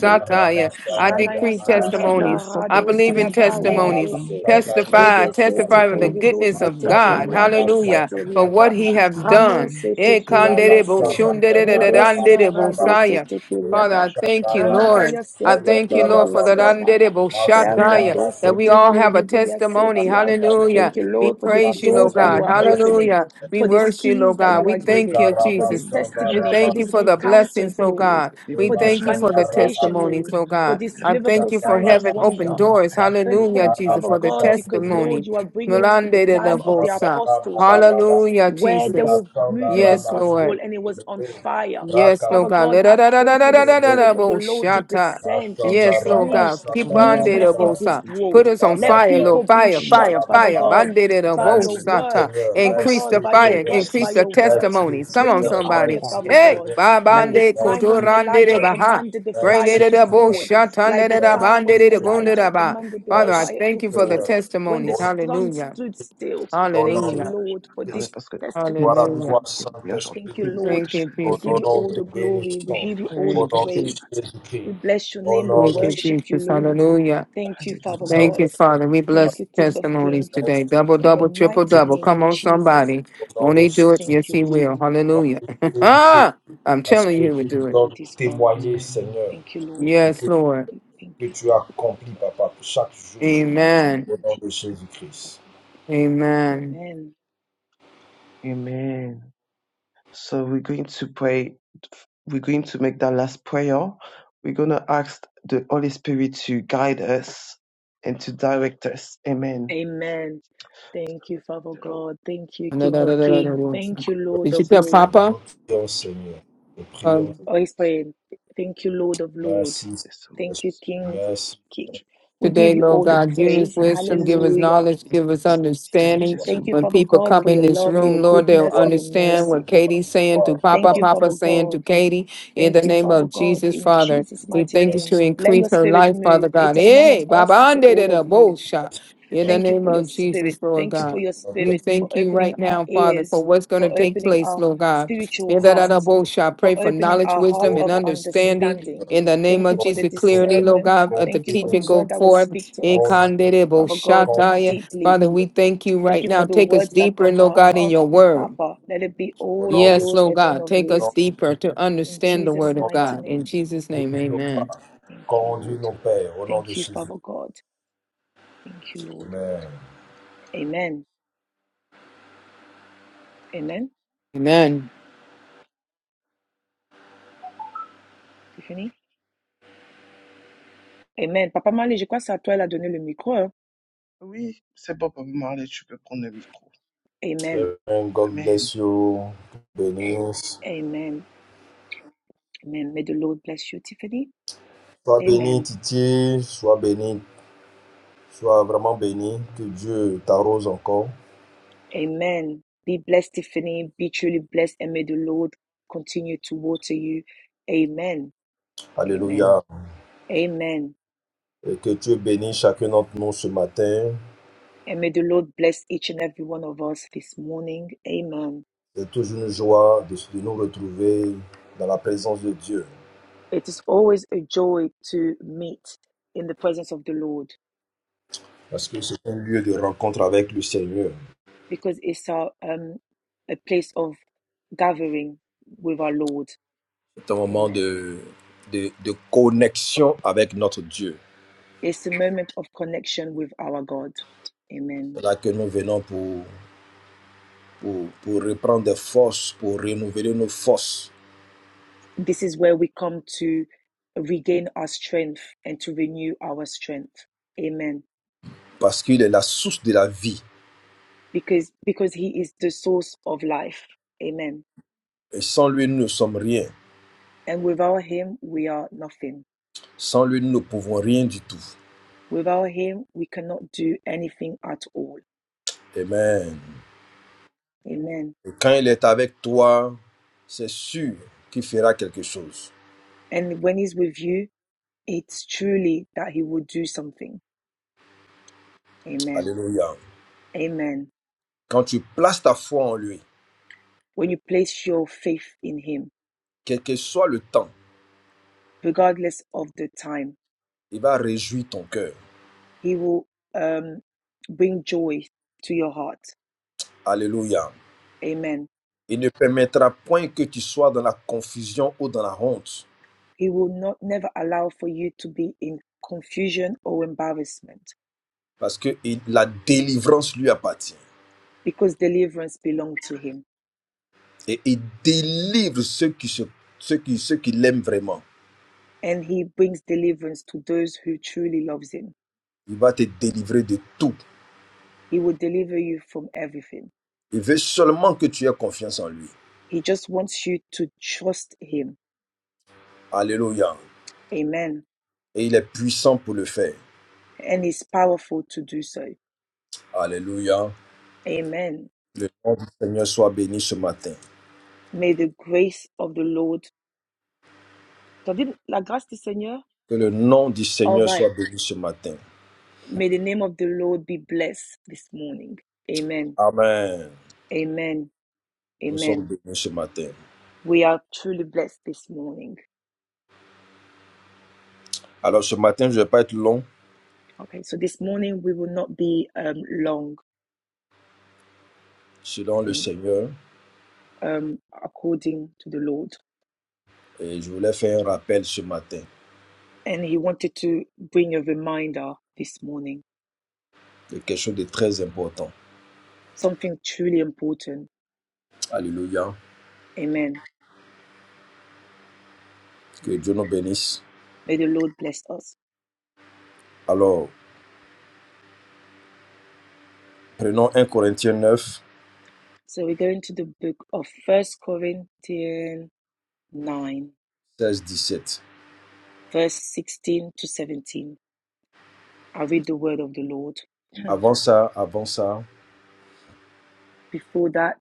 [SPEAKER 3] même toute petite
[SPEAKER 2] I
[SPEAKER 3] chose.
[SPEAKER 1] Ranaya
[SPEAKER 2] decree
[SPEAKER 3] Le
[SPEAKER 1] sata
[SPEAKER 3] Seigneur le
[SPEAKER 2] testimonies.
[SPEAKER 3] Saint
[SPEAKER 2] I
[SPEAKER 1] karado
[SPEAKER 3] fait que
[SPEAKER 2] believe
[SPEAKER 5] Masukara
[SPEAKER 2] in
[SPEAKER 1] sia
[SPEAKER 3] nous soyons là
[SPEAKER 1] baria
[SPEAKER 3] en
[SPEAKER 2] testimonies.
[SPEAKER 3] ton nom,
[SPEAKER 1] dese.
[SPEAKER 3] Père éternel.
[SPEAKER 2] Testify,
[SPEAKER 1] Vede
[SPEAKER 3] C'est
[SPEAKER 1] sete
[SPEAKER 2] testify with
[SPEAKER 3] encore
[SPEAKER 2] the
[SPEAKER 3] un
[SPEAKER 1] kerido
[SPEAKER 2] goodness
[SPEAKER 3] témoignage,
[SPEAKER 2] of
[SPEAKER 1] sete
[SPEAKER 3] un
[SPEAKER 2] God.
[SPEAKER 1] keria
[SPEAKER 3] témoignage, Père
[SPEAKER 1] dosa
[SPEAKER 2] Hallelujah.
[SPEAKER 3] éternel.
[SPEAKER 2] For what
[SPEAKER 1] teriana.
[SPEAKER 3] Et
[SPEAKER 2] he
[SPEAKER 3] je
[SPEAKER 2] has
[SPEAKER 3] bénis ton
[SPEAKER 1] Rano
[SPEAKER 2] done.
[SPEAKER 3] nom
[SPEAKER 1] sete
[SPEAKER 2] Eh,
[SPEAKER 3] ce matin.
[SPEAKER 1] keridia
[SPEAKER 2] kandere bo
[SPEAKER 1] se.
[SPEAKER 3] Père
[SPEAKER 2] shundere
[SPEAKER 3] éternel, béni
[SPEAKER 1] Rodesia
[SPEAKER 3] sois-tu.
[SPEAKER 1] rado sete
[SPEAKER 2] Father, I
[SPEAKER 1] keriada.
[SPEAKER 3] Je
[SPEAKER 2] thank you,
[SPEAKER 3] glorifie ton
[SPEAKER 2] Lord.
[SPEAKER 3] nom.
[SPEAKER 1] Ranadaya
[SPEAKER 2] I
[SPEAKER 1] sete
[SPEAKER 2] thank you, Lord,
[SPEAKER 1] kerido
[SPEAKER 2] for that
[SPEAKER 1] siaba.
[SPEAKER 2] undittable
[SPEAKER 3] Merci
[SPEAKER 1] Sharia
[SPEAKER 2] shataya, that
[SPEAKER 1] dose
[SPEAKER 2] we all
[SPEAKER 1] teke
[SPEAKER 2] have a
[SPEAKER 1] lidia
[SPEAKER 2] testimony.
[SPEAKER 3] pour
[SPEAKER 1] setia.
[SPEAKER 3] les
[SPEAKER 2] Hallelujah.
[SPEAKER 1] Thank you,
[SPEAKER 3] témoignages,
[SPEAKER 2] We
[SPEAKER 1] Lord, for the
[SPEAKER 3] pour
[SPEAKER 2] praise
[SPEAKER 3] les
[SPEAKER 2] you,
[SPEAKER 3] bons
[SPEAKER 2] Lord
[SPEAKER 1] doors that you
[SPEAKER 2] God.
[SPEAKER 1] are
[SPEAKER 3] témoignages.
[SPEAKER 1] opening,
[SPEAKER 2] Hallelujah. We
[SPEAKER 1] for these
[SPEAKER 2] worship you, Lord
[SPEAKER 1] keys that
[SPEAKER 2] God.
[SPEAKER 1] you
[SPEAKER 2] We
[SPEAKER 1] are
[SPEAKER 3] pour
[SPEAKER 2] thank
[SPEAKER 1] giving,
[SPEAKER 2] you,
[SPEAKER 3] les
[SPEAKER 1] for
[SPEAKER 3] témoignages. Parce que
[SPEAKER 1] this
[SPEAKER 2] Jesus.
[SPEAKER 3] témoignages
[SPEAKER 2] We
[SPEAKER 1] testimony, for
[SPEAKER 2] thank
[SPEAKER 3] arrivent,
[SPEAKER 2] you
[SPEAKER 1] these
[SPEAKER 2] for the
[SPEAKER 3] Père.
[SPEAKER 2] blessings,
[SPEAKER 1] encounters,
[SPEAKER 3] Parce
[SPEAKER 2] Lord
[SPEAKER 3] que tes
[SPEAKER 1] Lord,
[SPEAKER 2] God. We
[SPEAKER 1] for this
[SPEAKER 3] témoignages
[SPEAKER 2] thank you for
[SPEAKER 3] arrivent,
[SPEAKER 2] the
[SPEAKER 3] Père.
[SPEAKER 1] manifestation,
[SPEAKER 2] testimonies,
[SPEAKER 1] Lord,
[SPEAKER 3] Good
[SPEAKER 2] Lord
[SPEAKER 1] for
[SPEAKER 2] God.
[SPEAKER 3] evening,
[SPEAKER 1] these
[SPEAKER 3] Yes,
[SPEAKER 2] I
[SPEAKER 3] I think
[SPEAKER 2] thank
[SPEAKER 1] miracle
[SPEAKER 3] we
[SPEAKER 2] you for
[SPEAKER 1] signs and
[SPEAKER 2] heaven
[SPEAKER 3] Merci
[SPEAKER 2] open
[SPEAKER 1] wonder.
[SPEAKER 3] infiniment,
[SPEAKER 2] doors.
[SPEAKER 3] Père éternel,
[SPEAKER 1] Thank,
[SPEAKER 2] Hallelujah,
[SPEAKER 1] thank you,
[SPEAKER 2] Jesus,
[SPEAKER 1] Father
[SPEAKER 2] for the
[SPEAKER 1] God, because
[SPEAKER 2] testimony.
[SPEAKER 1] Lord, you are bringing us to the
[SPEAKER 2] Melande de la
[SPEAKER 1] time of the
[SPEAKER 2] Bosa.
[SPEAKER 1] apostles, Lord
[SPEAKER 2] Hallelujah,
[SPEAKER 1] where they
[SPEAKER 2] Jesus.
[SPEAKER 1] were
[SPEAKER 3] et dans
[SPEAKER 1] moving the
[SPEAKER 3] mon
[SPEAKER 2] Yes,
[SPEAKER 3] nom, nous
[SPEAKER 1] gospel
[SPEAKER 2] Lord.
[SPEAKER 1] and it
[SPEAKER 3] te
[SPEAKER 1] was on
[SPEAKER 3] bénissons.
[SPEAKER 1] fire.
[SPEAKER 2] Yes, Lord
[SPEAKER 1] Father
[SPEAKER 5] Raka
[SPEAKER 2] God.
[SPEAKER 1] God,
[SPEAKER 2] Da- da-
[SPEAKER 1] I
[SPEAKER 2] da- da- da-
[SPEAKER 1] pray
[SPEAKER 2] da-
[SPEAKER 1] for
[SPEAKER 2] da-
[SPEAKER 1] the
[SPEAKER 2] da- da-
[SPEAKER 1] Spirit
[SPEAKER 2] da-
[SPEAKER 1] of the
[SPEAKER 2] bo-
[SPEAKER 1] Lord to
[SPEAKER 3] Merci
[SPEAKER 2] shata.
[SPEAKER 1] descend and
[SPEAKER 5] Rashanda
[SPEAKER 1] to
[SPEAKER 2] Yes, Lord
[SPEAKER 1] bring
[SPEAKER 2] God.
[SPEAKER 3] de ton
[SPEAKER 2] Keep
[SPEAKER 5] Rabashanda
[SPEAKER 2] on de the
[SPEAKER 3] immense
[SPEAKER 1] movement in
[SPEAKER 3] nous
[SPEAKER 5] Rababa.
[SPEAKER 1] this
[SPEAKER 2] bosa. Put
[SPEAKER 1] world.
[SPEAKER 2] us
[SPEAKER 5] Rida
[SPEAKER 3] glorifions.
[SPEAKER 2] on
[SPEAKER 1] Let
[SPEAKER 2] fire, Lord.
[SPEAKER 1] people be
[SPEAKER 2] Fire,
[SPEAKER 3] Béni
[SPEAKER 5] Rashanda
[SPEAKER 2] fire,
[SPEAKER 1] shocked, Father
[SPEAKER 2] fire.
[SPEAKER 3] sois-tu,
[SPEAKER 5] Rababa.
[SPEAKER 2] Bande
[SPEAKER 3] Père,
[SPEAKER 1] God,
[SPEAKER 2] de the
[SPEAKER 1] by
[SPEAKER 5] Merci
[SPEAKER 1] your
[SPEAKER 3] vraiment,
[SPEAKER 1] word.
[SPEAKER 2] bosa.
[SPEAKER 3] merci,
[SPEAKER 5] Seigneur,
[SPEAKER 1] Father
[SPEAKER 3] Seigneur.
[SPEAKER 2] Increase the
[SPEAKER 1] God,
[SPEAKER 5] merci
[SPEAKER 1] by
[SPEAKER 3] C'est
[SPEAKER 1] your
[SPEAKER 3] une
[SPEAKER 2] fire.
[SPEAKER 5] Seigneur,
[SPEAKER 1] work,
[SPEAKER 3] puissance
[SPEAKER 2] Increase
[SPEAKER 1] by
[SPEAKER 3] de
[SPEAKER 2] the
[SPEAKER 1] your
[SPEAKER 3] Dieu pour le
[SPEAKER 1] word.
[SPEAKER 3] salut
[SPEAKER 5] merci
[SPEAKER 3] de
[SPEAKER 2] testimonies. Come on,
[SPEAKER 1] Bring
[SPEAKER 3] quiconque
[SPEAKER 1] your
[SPEAKER 5] Seigneur,
[SPEAKER 3] qui
[SPEAKER 1] army,
[SPEAKER 2] somebody.
[SPEAKER 3] croit,
[SPEAKER 5] merci
[SPEAKER 1] Father
[SPEAKER 3] Père.
[SPEAKER 2] Hey,
[SPEAKER 1] God.
[SPEAKER 5] Seigneur,
[SPEAKER 2] ba
[SPEAKER 1] Like
[SPEAKER 3] Oh,
[SPEAKER 1] the
[SPEAKER 2] bande
[SPEAKER 3] mon Dieu,
[SPEAKER 1] time
[SPEAKER 3] mon
[SPEAKER 5] merci
[SPEAKER 1] when
[SPEAKER 3] Dieu,
[SPEAKER 2] kotorande de
[SPEAKER 3] béni
[SPEAKER 1] Elijah
[SPEAKER 5] Seigneur,
[SPEAKER 2] baha.
[SPEAKER 3] sois-tu,
[SPEAKER 1] commanded the
[SPEAKER 3] Seigneur.
[SPEAKER 2] Bring it
[SPEAKER 1] fire
[SPEAKER 5] merci
[SPEAKER 2] to
[SPEAKER 1] to
[SPEAKER 2] the
[SPEAKER 5] Seigneur,
[SPEAKER 1] fall.
[SPEAKER 2] bullshit,
[SPEAKER 3] Merci,
[SPEAKER 2] under
[SPEAKER 1] Like the
[SPEAKER 3] infiniment.
[SPEAKER 2] the
[SPEAKER 1] time
[SPEAKER 2] bond,
[SPEAKER 5] merci
[SPEAKER 1] when
[SPEAKER 3] merci,
[SPEAKER 2] it to go
[SPEAKER 5] Seigneur,
[SPEAKER 2] to
[SPEAKER 3] Père.
[SPEAKER 2] the
[SPEAKER 1] Elijah
[SPEAKER 2] bar.
[SPEAKER 1] commanded the
[SPEAKER 2] Father, I
[SPEAKER 5] merci
[SPEAKER 1] fire to
[SPEAKER 2] thank you for the
[SPEAKER 1] fall.
[SPEAKER 5] Seigneur.
[SPEAKER 1] When the
[SPEAKER 5] Au
[SPEAKER 2] testimonies.
[SPEAKER 5] nom de
[SPEAKER 1] sun
[SPEAKER 2] Hallelujah.
[SPEAKER 1] stood
[SPEAKER 5] Jésus-Christ,
[SPEAKER 1] still
[SPEAKER 3] Merci pour
[SPEAKER 5] au
[SPEAKER 3] tes
[SPEAKER 1] Thank
[SPEAKER 5] nom
[SPEAKER 1] you,
[SPEAKER 5] de
[SPEAKER 2] Hallelujah.
[SPEAKER 3] témoignages,
[SPEAKER 1] Lord,
[SPEAKER 3] Père
[SPEAKER 1] for
[SPEAKER 3] éternel,
[SPEAKER 1] this
[SPEAKER 5] Jésus-Christ.
[SPEAKER 3] parce que nous
[SPEAKER 5] Gloire à
[SPEAKER 3] serons
[SPEAKER 1] testimonies.
[SPEAKER 3] de
[SPEAKER 2] Hallelujah.
[SPEAKER 5] toi,
[SPEAKER 3] témoignages en
[SPEAKER 5] Saint-Esprit.
[SPEAKER 1] Thank you, Lord.
[SPEAKER 2] Thank
[SPEAKER 3] témoignages.
[SPEAKER 2] you,
[SPEAKER 3] Seigneur.
[SPEAKER 1] We
[SPEAKER 5] Au
[SPEAKER 1] give
[SPEAKER 2] Jesus.
[SPEAKER 1] you
[SPEAKER 5] nom,
[SPEAKER 1] all the
[SPEAKER 5] te
[SPEAKER 1] glory. We
[SPEAKER 3] Béni
[SPEAKER 5] bénissons.
[SPEAKER 1] give you all the
[SPEAKER 3] sois-tu,
[SPEAKER 5] Au
[SPEAKER 2] Thank you,
[SPEAKER 5] nom de
[SPEAKER 3] Seigneur.
[SPEAKER 2] Jesus.
[SPEAKER 1] praise.
[SPEAKER 5] Jésus-Christ.
[SPEAKER 1] We bless your
[SPEAKER 5] Au
[SPEAKER 1] name. We
[SPEAKER 5] nom de
[SPEAKER 2] Thank
[SPEAKER 5] Jésus-Christ.
[SPEAKER 2] you,
[SPEAKER 1] worship you,
[SPEAKER 2] Jesus.
[SPEAKER 1] Lord.
[SPEAKER 2] Hallelujah.
[SPEAKER 1] Thank you, Father
[SPEAKER 3] Alléluia.
[SPEAKER 5] Sound
[SPEAKER 2] Thank
[SPEAKER 1] God.
[SPEAKER 2] you,
[SPEAKER 5] that creep
[SPEAKER 2] Father. We
[SPEAKER 5] up.
[SPEAKER 1] Thank
[SPEAKER 2] bless
[SPEAKER 1] you, King of
[SPEAKER 2] testimonies
[SPEAKER 1] Kings.
[SPEAKER 5] That's
[SPEAKER 2] today. Double,
[SPEAKER 1] In the
[SPEAKER 5] the
[SPEAKER 2] double, triple,
[SPEAKER 1] mighty
[SPEAKER 2] double.
[SPEAKER 1] name
[SPEAKER 5] creature.
[SPEAKER 2] Come
[SPEAKER 1] of
[SPEAKER 2] on,
[SPEAKER 1] Jesus.
[SPEAKER 2] somebody.
[SPEAKER 5] The
[SPEAKER 2] Won't
[SPEAKER 5] Lord est
[SPEAKER 2] he
[SPEAKER 5] chez
[SPEAKER 2] do it?
[SPEAKER 1] Thank
[SPEAKER 2] Yes,
[SPEAKER 1] you,
[SPEAKER 2] he
[SPEAKER 5] vous.
[SPEAKER 1] Lord.
[SPEAKER 2] will.
[SPEAKER 5] Le Lord
[SPEAKER 2] Hallelujah.
[SPEAKER 5] est
[SPEAKER 2] <laughs> Ah, I'm
[SPEAKER 5] Parce
[SPEAKER 2] telling you,
[SPEAKER 5] que
[SPEAKER 2] he will
[SPEAKER 5] tu nous
[SPEAKER 2] do it.
[SPEAKER 1] God
[SPEAKER 5] donnes de
[SPEAKER 1] is God.
[SPEAKER 5] témoigner,
[SPEAKER 3] Amen.
[SPEAKER 5] Seigneur,
[SPEAKER 1] Thank you, Lord.
[SPEAKER 5] de ce que,
[SPEAKER 2] Yes, Lord.
[SPEAKER 1] Thank
[SPEAKER 5] que
[SPEAKER 1] you,
[SPEAKER 5] tu as
[SPEAKER 1] Father God.
[SPEAKER 5] accompli, Papa, chaque jour,
[SPEAKER 1] In the mighty
[SPEAKER 2] Amen.
[SPEAKER 1] name
[SPEAKER 5] au
[SPEAKER 1] of
[SPEAKER 5] nom de
[SPEAKER 1] Jesus.
[SPEAKER 5] Jésus-Christ.
[SPEAKER 2] Amen.
[SPEAKER 1] Amen.
[SPEAKER 3] Amen. So we're going to pray. We're going to make that last prayer. We're going to ask the Holy Spirit to guide us and to direct us. Amen.
[SPEAKER 1] Amen.
[SPEAKER 3] So
[SPEAKER 1] Thank you,
[SPEAKER 3] let's
[SPEAKER 1] Father
[SPEAKER 3] pray the Lord.
[SPEAKER 1] God. Thank you, King of
[SPEAKER 3] Yeah.
[SPEAKER 1] Kings. Thank you, Lord
[SPEAKER 2] Did you
[SPEAKER 1] of
[SPEAKER 3] Yes,
[SPEAKER 2] tell
[SPEAKER 3] Lord.
[SPEAKER 1] Lords.
[SPEAKER 5] Amen.
[SPEAKER 2] Papa?
[SPEAKER 5] Nous te prions, Seigneur, nous te prions.
[SPEAKER 2] um,
[SPEAKER 1] O Spirit, thank you, Lord of Lords.
[SPEAKER 5] Merci,
[SPEAKER 3] Yes, Lord.
[SPEAKER 1] Thank
[SPEAKER 5] Saint-Esprit.
[SPEAKER 1] you,
[SPEAKER 3] Yes,
[SPEAKER 1] King,
[SPEAKER 5] Merci
[SPEAKER 1] King. We give
[SPEAKER 2] Today,
[SPEAKER 1] you
[SPEAKER 2] Lord
[SPEAKER 1] all the
[SPEAKER 2] God, give us
[SPEAKER 1] praise.
[SPEAKER 5] pour
[SPEAKER 2] wisdom, give
[SPEAKER 5] ton nom.
[SPEAKER 2] us
[SPEAKER 5] de
[SPEAKER 1] Hallelujah.
[SPEAKER 2] knowledge, give us
[SPEAKER 3] Lord.
[SPEAKER 2] understanding.
[SPEAKER 5] toi,
[SPEAKER 3] Yes,
[SPEAKER 1] Thank
[SPEAKER 3] Lord.
[SPEAKER 1] you,
[SPEAKER 2] When
[SPEAKER 1] Father
[SPEAKER 2] people
[SPEAKER 1] God,
[SPEAKER 2] come
[SPEAKER 1] for
[SPEAKER 2] in
[SPEAKER 1] your
[SPEAKER 2] this
[SPEAKER 1] love, for your
[SPEAKER 2] room, Lord, they'll
[SPEAKER 1] goodness, for
[SPEAKER 5] gloire,
[SPEAKER 1] your
[SPEAKER 2] understand
[SPEAKER 1] mercy.
[SPEAKER 5] gloire,
[SPEAKER 2] what Katie's
[SPEAKER 5] gloire,
[SPEAKER 2] saying to
[SPEAKER 5] gloire,
[SPEAKER 2] Papa,
[SPEAKER 1] Thank you,
[SPEAKER 5] gloire.
[SPEAKER 2] Papa
[SPEAKER 1] Father
[SPEAKER 2] saying to
[SPEAKER 1] God.
[SPEAKER 2] Katie. In the
[SPEAKER 1] Thank you,
[SPEAKER 2] name
[SPEAKER 1] Father
[SPEAKER 2] of
[SPEAKER 1] God,
[SPEAKER 2] Jesus,
[SPEAKER 1] in
[SPEAKER 2] Father,
[SPEAKER 1] Jesus'
[SPEAKER 2] we
[SPEAKER 1] mighty
[SPEAKER 2] thank you
[SPEAKER 1] name.
[SPEAKER 2] to
[SPEAKER 5] Merci,
[SPEAKER 1] Let
[SPEAKER 2] increase
[SPEAKER 1] your
[SPEAKER 2] her
[SPEAKER 1] spirit
[SPEAKER 2] life, Father
[SPEAKER 1] move.
[SPEAKER 2] God.
[SPEAKER 1] It is
[SPEAKER 5] merci,
[SPEAKER 1] none of
[SPEAKER 2] Hey, Baba,
[SPEAKER 1] us, but
[SPEAKER 2] ande de
[SPEAKER 1] all
[SPEAKER 2] da
[SPEAKER 1] of
[SPEAKER 2] bo
[SPEAKER 1] you.
[SPEAKER 2] sha.
[SPEAKER 5] merci,
[SPEAKER 2] in the
[SPEAKER 1] Thank you
[SPEAKER 5] Saint-Esprit,
[SPEAKER 2] name
[SPEAKER 1] for your
[SPEAKER 2] of Jesus,
[SPEAKER 1] spirit.
[SPEAKER 2] Lord
[SPEAKER 1] Thank you
[SPEAKER 5] merci,
[SPEAKER 1] for
[SPEAKER 2] God.
[SPEAKER 1] your
[SPEAKER 2] We
[SPEAKER 1] spirit
[SPEAKER 5] Saint-Esprit.
[SPEAKER 1] for
[SPEAKER 2] thank you
[SPEAKER 1] opening
[SPEAKER 2] right
[SPEAKER 1] our
[SPEAKER 2] now, Father, for
[SPEAKER 1] ears,
[SPEAKER 2] what's going to
[SPEAKER 1] for
[SPEAKER 5] merci,
[SPEAKER 2] take
[SPEAKER 1] opening
[SPEAKER 2] place,
[SPEAKER 1] our
[SPEAKER 2] Lord God.
[SPEAKER 1] spiritual
[SPEAKER 2] In the name
[SPEAKER 1] heart,
[SPEAKER 2] of Bosha,
[SPEAKER 1] for
[SPEAKER 2] pray for
[SPEAKER 1] opening
[SPEAKER 2] knowledge,
[SPEAKER 1] our heart
[SPEAKER 2] wisdom,
[SPEAKER 5] Oh,
[SPEAKER 2] and
[SPEAKER 1] of
[SPEAKER 5] conduis-nous,
[SPEAKER 2] understanding.
[SPEAKER 1] understanding.
[SPEAKER 5] Seigneur.
[SPEAKER 2] In the name
[SPEAKER 1] Thank
[SPEAKER 2] of
[SPEAKER 1] you for the
[SPEAKER 2] Jesus,
[SPEAKER 5] Conduis-nous,
[SPEAKER 2] clearly,
[SPEAKER 5] Seigneur.
[SPEAKER 2] Lord
[SPEAKER 1] discernment.
[SPEAKER 2] God, let the
[SPEAKER 1] Thank you for
[SPEAKER 5] Conduis-nous,
[SPEAKER 1] the
[SPEAKER 2] teaching go
[SPEAKER 1] word
[SPEAKER 5] Seigneur.
[SPEAKER 1] that will
[SPEAKER 2] forth.
[SPEAKER 1] speak to us,
[SPEAKER 5] Conduis-nous,
[SPEAKER 2] Ikandedebo
[SPEAKER 1] Father God,
[SPEAKER 2] shataya.
[SPEAKER 5] conduis-nous,
[SPEAKER 1] deeply.
[SPEAKER 2] Father, we
[SPEAKER 5] Seigneur.
[SPEAKER 2] thank you
[SPEAKER 1] Thank
[SPEAKER 2] right
[SPEAKER 1] you
[SPEAKER 2] now.
[SPEAKER 1] for the
[SPEAKER 2] Take us
[SPEAKER 1] words that
[SPEAKER 2] deeper,
[SPEAKER 1] come
[SPEAKER 2] Lord
[SPEAKER 1] out
[SPEAKER 2] God, in
[SPEAKER 1] of
[SPEAKER 2] your word.
[SPEAKER 1] Papa. Let it be
[SPEAKER 5] Au
[SPEAKER 1] all of
[SPEAKER 5] nom de
[SPEAKER 2] Yes,
[SPEAKER 5] Jésus,
[SPEAKER 1] yours
[SPEAKER 2] Lord
[SPEAKER 1] and none
[SPEAKER 2] God,
[SPEAKER 1] of
[SPEAKER 2] take
[SPEAKER 5] au
[SPEAKER 2] us
[SPEAKER 5] nom
[SPEAKER 1] his.
[SPEAKER 2] deeper to
[SPEAKER 1] In
[SPEAKER 2] understand the
[SPEAKER 5] de Jésus, au
[SPEAKER 1] Jesus'
[SPEAKER 2] word of
[SPEAKER 5] nom
[SPEAKER 1] mighty
[SPEAKER 2] God.
[SPEAKER 5] de
[SPEAKER 2] In
[SPEAKER 5] Jésus,
[SPEAKER 1] name.
[SPEAKER 2] Jesus' name,
[SPEAKER 5] dirige nos
[SPEAKER 2] amen.
[SPEAKER 5] pas.
[SPEAKER 1] Thank you,
[SPEAKER 5] Conduis
[SPEAKER 1] Lord.
[SPEAKER 5] nos pères, au nom de
[SPEAKER 1] Thank you,
[SPEAKER 5] Jésus.
[SPEAKER 1] Father God. Thank you, Lord.
[SPEAKER 5] Amen.
[SPEAKER 1] Amen. Amen.
[SPEAKER 2] Amen.
[SPEAKER 1] Tiffany? Amen. Papa Mali, je crois que c'est à toi, elle a donné le micro. hein.
[SPEAKER 3] Oui, c'est bon, Papa Marley, tu peux prendre le micro.
[SPEAKER 1] Amen.
[SPEAKER 5] Amen. God
[SPEAKER 3] Amen.
[SPEAKER 5] bless you. Bénisse.
[SPEAKER 1] Amen. Amen. May the Lord bless you, Tiffany.
[SPEAKER 5] Sois béni,
[SPEAKER 1] Amen.
[SPEAKER 5] Titi. Sois béni. Sois vraiment béni. Que Dieu t'arrose encore.
[SPEAKER 1] Amen. Be blessed, Tiffany. Be truly blessed, and may the Lord continue to water you. Amen. Amen.
[SPEAKER 3] Amen.
[SPEAKER 5] Alléluia.
[SPEAKER 1] Amen.
[SPEAKER 5] Et que Dieu bénisse chacun d'entre nous ce matin.
[SPEAKER 1] And may the Lord bless each and every one of us this morning. Amen.
[SPEAKER 5] C'est toujours une joie de, de nous retrouver dans la présence de Dieu,
[SPEAKER 1] It is always a joy to meet in the presence of the Lord
[SPEAKER 5] parce que c'est un lieu de rencontre avec le Seigneur.
[SPEAKER 1] because it's our um, a place of gathering with our Lord.
[SPEAKER 5] C'est un moment
[SPEAKER 1] Amen.
[SPEAKER 5] de, de, de connexion avec notre Dieu.
[SPEAKER 1] It's a moment of connection with our God.
[SPEAKER 5] C'est
[SPEAKER 1] Amen.
[SPEAKER 5] là que nous venons pour, pour, pour reprendre des forces, pour renouveler nos forces,
[SPEAKER 1] This is where we come to regain our strength and to renew our strength. Amen.
[SPEAKER 5] parce qu'il est la source de la vie.
[SPEAKER 1] Because because he is the source of life. Amen.
[SPEAKER 5] Et sans lui, nous ne sommes rien.
[SPEAKER 1] And without him we are nothing.
[SPEAKER 5] Sans lui, nous ne pouvons rien du tout.
[SPEAKER 1] Without him we cannot do anything at all.
[SPEAKER 5] Amen.
[SPEAKER 1] Amen.
[SPEAKER 5] Et quand il est avec toi, c'est sûr qu'il fera quelque chose.
[SPEAKER 1] And when he's with you, it's truly that he will do something. Amen.
[SPEAKER 5] Alléluia.
[SPEAKER 1] Amen.
[SPEAKER 5] Quand tu places ta foi en lui,
[SPEAKER 1] When you place your faith in him,
[SPEAKER 5] quel que soit le temps,
[SPEAKER 1] regardless of the time,
[SPEAKER 5] il va réjouir ton cœur.
[SPEAKER 1] He will um, bring joy to your heart.
[SPEAKER 5] Alléluia.
[SPEAKER 1] Amen.
[SPEAKER 5] Il ne permettra point que tu sois dans la confusion ou dans la honte,
[SPEAKER 1] He will not never allow for you to be in confusion or embarrassment
[SPEAKER 5] parce que il- la délivrance lui appartient.
[SPEAKER 1] because deliverance belongs to him
[SPEAKER 5] Et il délivre ceux qui, se, ceux qui, ceux qui l'aiment vraiment.
[SPEAKER 1] and he brings deliverance to those who truly loves him.
[SPEAKER 5] Il va te délivrer de tout.
[SPEAKER 1] He will deliver you from everything.
[SPEAKER 5] Il veut seulement que tu aies confiance en lui.
[SPEAKER 1] He just wants you to trust him.
[SPEAKER 5] Alléluia.
[SPEAKER 1] Amen.
[SPEAKER 5] Et il est puissant pour le faire.
[SPEAKER 1] And he's powerful to do so.
[SPEAKER 5] Alléluia.
[SPEAKER 1] Amen.
[SPEAKER 5] Le nom du Seigneur soit béni ce matin.
[SPEAKER 1] May the grace of the Lord. Ça dit la grâce du Seigneur?
[SPEAKER 5] Que le nom du
[SPEAKER 1] All
[SPEAKER 5] Seigneur
[SPEAKER 1] right.
[SPEAKER 5] soit béni ce matin.
[SPEAKER 1] May the name of the Lord be blessed this morning. Amen.
[SPEAKER 5] Amen.
[SPEAKER 1] Amen.
[SPEAKER 5] Nous sommes
[SPEAKER 1] Amen.
[SPEAKER 5] bénis ce matin.
[SPEAKER 1] We are truly blessed this morning.
[SPEAKER 5] Alors ce matin, je ne vais pas être long
[SPEAKER 1] Okay, so this morning we will not be um, long
[SPEAKER 5] selon le
[SPEAKER 1] in,
[SPEAKER 5] Seigneur
[SPEAKER 1] um, according to the Lord.
[SPEAKER 5] et je voulais faire un rappel ce matin
[SPEAKER 1] And He wanted to bring a reminder this morning,
[SPEAKER 5] de quelque chose de très important.
[SPEAKER 1] something truly important.
[SPEAKER 5] Alléluia.
[SPEAKER 1] Amen.
[SPEAKER 5] Que
[SPEAKER 1] Amen.
[SPEAKER 5] Dieu nous bénisse.
[SPEAKER 1] May the Lord bless us.
[SPEAKER 5] Alors, prenons 1 Corinthiens 9,
[SPEAKER 1] So we're going to the book of First Corinthians 9,
[SPEAKER 5] 16, 17.
[SPEAKER 1] verse 16 to 17. I read the word of the Lord. <clears throat>
[SPEAKER 5] Avant ça, avant ça,
[SPEAKER 1] Before that,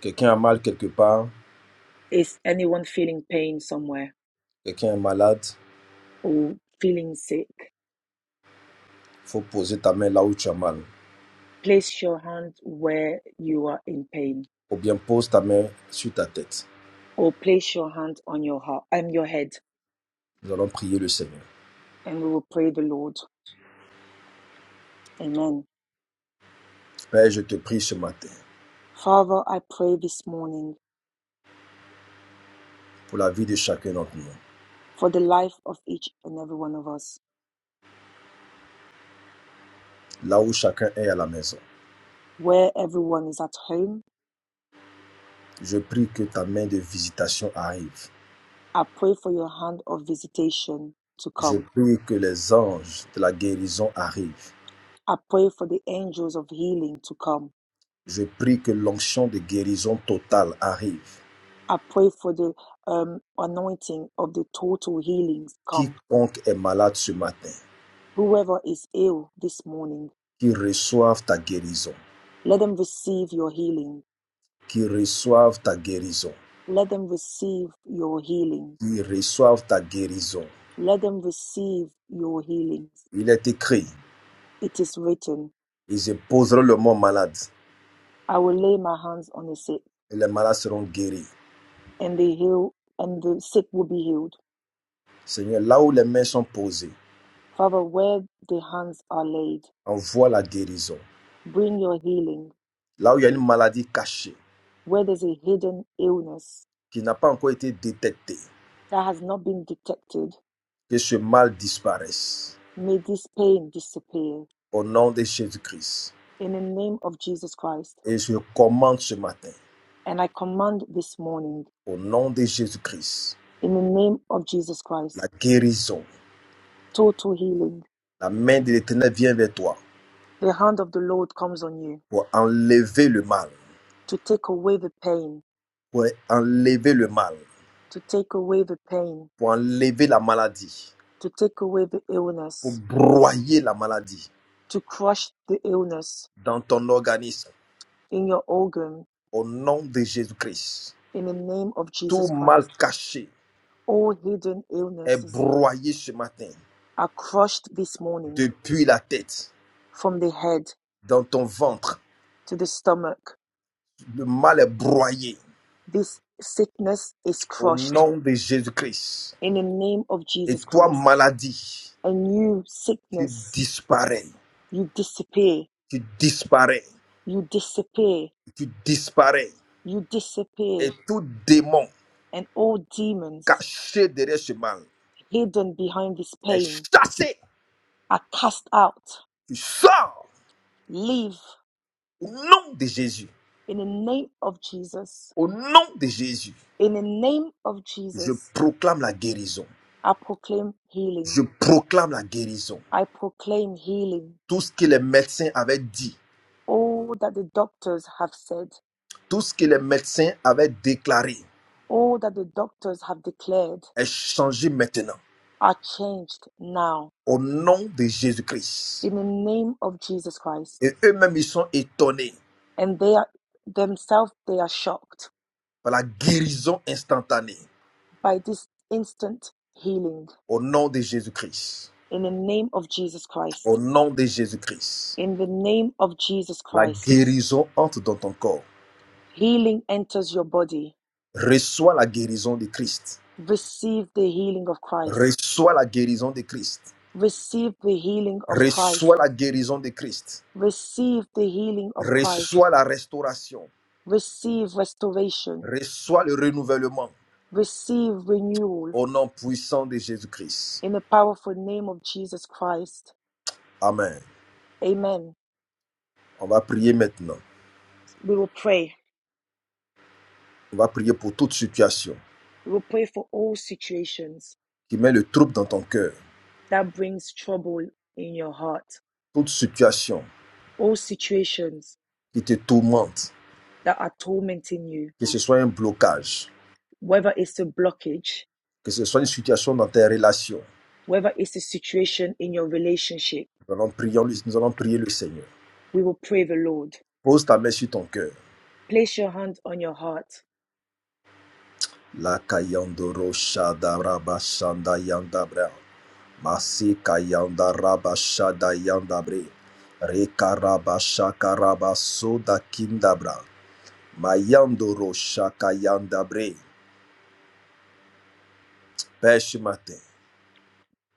[SPEAKER 5] quelqu'un a mal quelque part,
[SPEAKER 1] is anyone feeling pain somewhere
[SPEAKER 5] quelqu'un est malade,
[SPEAKER 1] or feeling sick?
[SPEAKER 5] il faut poser ta main là où tu as mal.
[SPEAKER 1] Place your hand where you are in pain,
[SPEAKER 5] Ou bien pose ta main sur ta tête.
[SPEAKER 1] or place your hand on your heart and your head,
[SPEAKER 5] Nous allons prier le Seigneur.
[SPEAKER 1] and we will pray the Lord. Amen.
[SPEAKER 5] Père, je te prie ce matin
[SPEAKER 1] Father, I pray this morning
[SPEAKER 5] pour la vie de chacun d'entre nous,
[SPEAKER 1] for the life of each and every one of us.
[SPEAKER 5] là où chacun est à la maison.
[SPEAKER 1] Where everyone is at home,
[SPEAKER 5] Je prie que ta main de visitation arrive.
[SPEAKER 1] I pray for your hand of visitation to
[SPEAKER 5] Je
[SPEAKER 1] come.
[SPEAKER 5] prie que les anges de la guérison arrivent.
[SPEAKER 1] I pray for the angels of healing to come.
[SPEAKER 5] Je prie que l'onction de guérison totale arrive.
[SPEAKER 1] I pray for the um, anointing of the total healings come.
[SPEAKER 5] Quiconque est malade ce matin,
[SPEAKER 1] Whoever is ill this morning,
[SPEAKER 5] qu'il reçoive ta guérison,
[SPEAKER 1] let them receive your healing.
[SPEAKER 5] Qu'il reçoive ta guérison,
[SPEAKER 1] Let them receive your healing.
[SPEAKER 5] Qu'il reçoive ta guérison.
[SPEAKER 1] Let them receive your healings.
[SPEAKER 5] Il est écrit,
[SPEAKER 1] It is written,
[SPEAKER 5] ils poseront le mot malade
[SPEAKER 1] I will lay my hands on the sick,
[SPEAKER 5] et les malades seront guéris.
[SPEAKER 1] and they heal and the sick will be healed.
[SPEAKER 5] Seigneur, là où les mains sont posées,
[SPEAKER 1] Father, where the hands are laid,
[SPEAKER 5] envoie la guérison.
[SPEAKER 1] bring your healing.
[SPEAKER 5] Là où il y a une maladie cachée
[SPEAKER 1] Where there's a hidden illness
[SPEAKER 5] qui n'a pas encore été détectée,
[SPEAKER 1] that has not been detected,
[SPEAKER 5] que ce mal disparaisse
[SPEAKER 1] may this pain disappear.
[SPEAKER 5] au nom de Jésus-Christ.
[SPEAKER 1] in the name of Jesus Christ.
[SPEAKER 5] Et je commande ce matin,
[SPEAKER 1] And I command this morning,
[SPEAKER 5] au nom de Jésus-Christ,
[SPEAKER 1] in the name of Jesus
[SPEAKER 5] la
[SPEAKER 1] Christ,
[SPEAKER 5] guérison.
[SPEAKER 1] total healing.
[SPEAKER 5] La main de l'Éternel vient vers toi
[SPEAKER 1] The hand of the Lord comes on you
[SPEAKER 5] pour enlever le mal,
[SPEAKER 1] to take away the pain,
[SPEAKER 5] pour enlever le mal,
[SPEAKER 1] to take away the pain,
[SPEAKER 5] pour enlever la maladie,
[SPEAKER 1] to take away the
[SPEAKER 5] pour
[SPEAKER 1] illness,
[SPEAKER 5] broyer la maladie
[SPEAKER 1] to crush the illness
[SPEAKER 5] dans ton organisme.
[SPEAKER 1] in your organ,
[SPEAKER 5] Au nom de Jésus-Christ,
[SPEAKER 1] in the name of
[SPEAKER 5] tout
[SPEAKER 1] Jesus
[SPEAKER 5] mal
[SPEAKER 1] Christ.
[SPEAKER 5] caché
[SPEAKER 1] All hidden
[SPEAKER 5] est
[SPEAKER 1] illnesses
[SPEAKER 5] broyé ce matin
[SPEAKER 1] are crushed this morning
[SPEAKER 5] depuis la tête,
[SPEAKER 1] from the head
[SPEAKER 5] dans ton ventre.
[SPEAKER 1] to the stomach.
[SPEAKER 5] Le mal est broyé
[SPEAKER 1] This sickness is
[SPEAKER 5] Au
[SPEAKER 1] crushed
[SPEAKER 5] nom de Jésus-Christ.
[SPEAKER 1] in the name of
[SPEAKER 5] Et
[SPEAKER 1] Jesus
[SPEAKER 5] toi,
[SPEAKER 1] Christ.
[SPEAKER 5] maladie,
[SPEAKER 1] and you
[SPEAKER 5] tu
[SPEAKER 1] sickness
[SPEAKER 5] disparais,
[SPEAKER 1] you disappear
[SPEAKER 5] tu disparais,
[SPEAKER 1] you disappear
[SPEAKER 5] tu disparais.
[SPEAKER 1] you disappear
[SPEAKER 5] Et tout démon
[SPEAKER 1] and all demons
[SPEAKER 5] caché derrière ce mal
[SPEAKER 1] hidden behind this
[SPEAKER 5] est
[SPEAKER 1] pain
[SPEAKER 5] chassé.
[SPEAKER 1] are cast out
[SPEAKER 5] Tu sors
[SPEAKER 1] leave
[SPEAKER 5] au nom de Jésus.
[SPEAKER 1] in the name of jesus
[SPEAKER 5] Au nom de Jésus,
[SPEAKER 1] in the name of
[SPEAKER 5] je
[SPEAKER 1] jesus
[SPEAKER 5] proclame la guérison.
[SPEAKER 1] i proclaim healing
[SPEAKER 5] Je proclame la guérison.
[SPEAKER 1] i proclaim healing
[SPEAKER 5] Tout ce que les médecins avaient dit,
[SPEAKER 1] all that the doctors have said
[SPEAKER 5] tout ce que les médecins avaient déclaré
[SPEAKER 1] all that the doctors have declared
[SPEAKER 5] est changé maintenant.
[SPEAKER 1] are changed now
[SPEAKER 5] Au nom de Jésus-Christ.
[SPEAKER 1] in the name of jesus christ
[SPEAKER 5] Et eux-mêmes, ils sont étonnés.
[SPEAKER 1] and they are themselves they are shocked
[SPEAKER 5] par la guérison instantanée
[SPEAKER 1] by this instant healing
[SPEAKER 5] au nom de Jésus-Christ.
[SPEAKER 1] in the name of Jesus
[SPEAKER 5] Au
[SPEAKER 1] Christ
[SPEAKER 5] nom de Jésus-Christ.
[SPEAKER 1] in the name of Jesus
[SPEAKER 5] La
[SPEAKER 1] Christ
[SPEAKER 5] guérison entre dans ton corps.
[SPEAKER 1] healing enters your body
[SPEAKER 5] Reçois la guérison de Christ.
[SPEAKER 1] receive the healing of Christ
[SPEAKER 5] Reçois la guérison de Christ.
[SPEAKER 1] receive the healing of Christ
[SPEAKER 5] Reçois la guérison de Christ.
[SPEAKER 1] receive the healing of Christ
[SPEAKER 5] Reçois la restauration.
[SPEAKER 1] receive restoration
[SPEAKER 5] Reçois le renouvellement
[SPEAKER 1] receive renewal
[SPEAKER 5] au nom puissant de Jésus-Christ.
[SPEAKER 1] in the powerful name of Jesus Christ
[SPEAKER 5] Amen.
[SPEAKER 1] amen
[SPEAKER 5] On va prier maintenant.
[SPEAKER 1] we will pray
[SPEAKER 5] On va prier pour toute situation
[SPEAKER 1] we will pray for all situations
[SPEAKER 5] qui met le trouble dans ton cœur.
[SPEAKER 1] that brings trouble in your heart,
[SPEAKER 5] Toute situation
[SPEAKER 1] all situations
[SPEAKER 5] qui te tourmente.
[SPEAKER 1] that are tormenting you,
[SPEAKER 5] Que ce soit un blocage
[SPEAKER 1] whether it's a blockage,
[SPEAKER 5] que ce soit une situation dans tes relations.
[SPEAKER 1] whether it's a situation in your relationship,
[SPEAKER 5] Nous allons prier, nous allons prier le Seigneur.
[SPEAKER 1] we will pray the Lord.
[SPEAKER 5] Pose ta main sur ton cœur.
[SPEAKER 1] Place your hand on your heart.
[SPEAKER 5] La kayandoro shadaraba shandayandabra. Masi kayandaraba shadayandabre. Rekaraba shakaraba soda kindabra. Mayandoro shakayandabre. Père ce matin,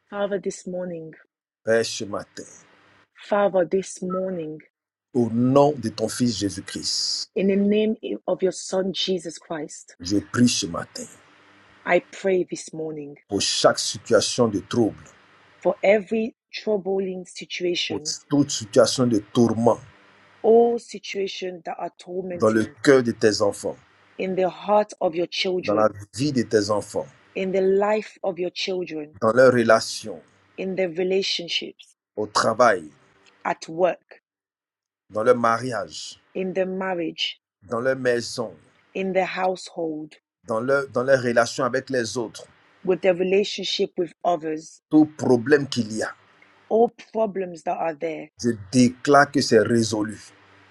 [SPEAKER 1] Father, this morning,
[SPEAKER 5] Père ce matin,
[SPEAKER 1] Father, this morning,
[SPEAKER 5] au nom de ton Fils Jésus-Christ,
[SPEAKER 1] in the name of your Son, Jesus Christ,
[SPEAKER 5] je prie ce matin
[SPEAKER 1] I pray this morning
[SPEAKER 5] pour chaque situation de trouble
[SPEAKER 1] for every troubling
[SPEAKER 5] Oui.
[SPEAKER 1] situations,
[SPEAKER 5] Toute situation de tourment
[SPEAKER 1] all situations that are
[SPEAKER 5] dans le
[SPEAKER 1] tormenting
[SPEAKER 5] cœur de tes enfants,
[SPEAKER 1] in the heart of your
[SPEAKER 5] dans la
[SPEAKER 1] children,
[SPEAKER 5] vie de tes enfants,
[SPEAKER 1] in the life of your children,
[SPEAKER 5] dans leurs relations,
[SPEAKER 1] in their relationships,
[SPEAKER 5] au travail,
[SPEAKER 1] at work,
[SPEAKER 5] dans leur mariage,
[SPEAKER 1] in their marriage,
[SPEAKER 5] dans leur maison,
[SPEAKER 1] in their household,
[SPEAKER 5] dans, leur, dans leurs relations avec les autres,
[SPEAKER 1] with their relationship with others,
[SPEAKER 5] tout problème qu'il y a,
[SPEAKER 1] all problems that are there,
[SPEAKER 5] je déclare que c'est résolu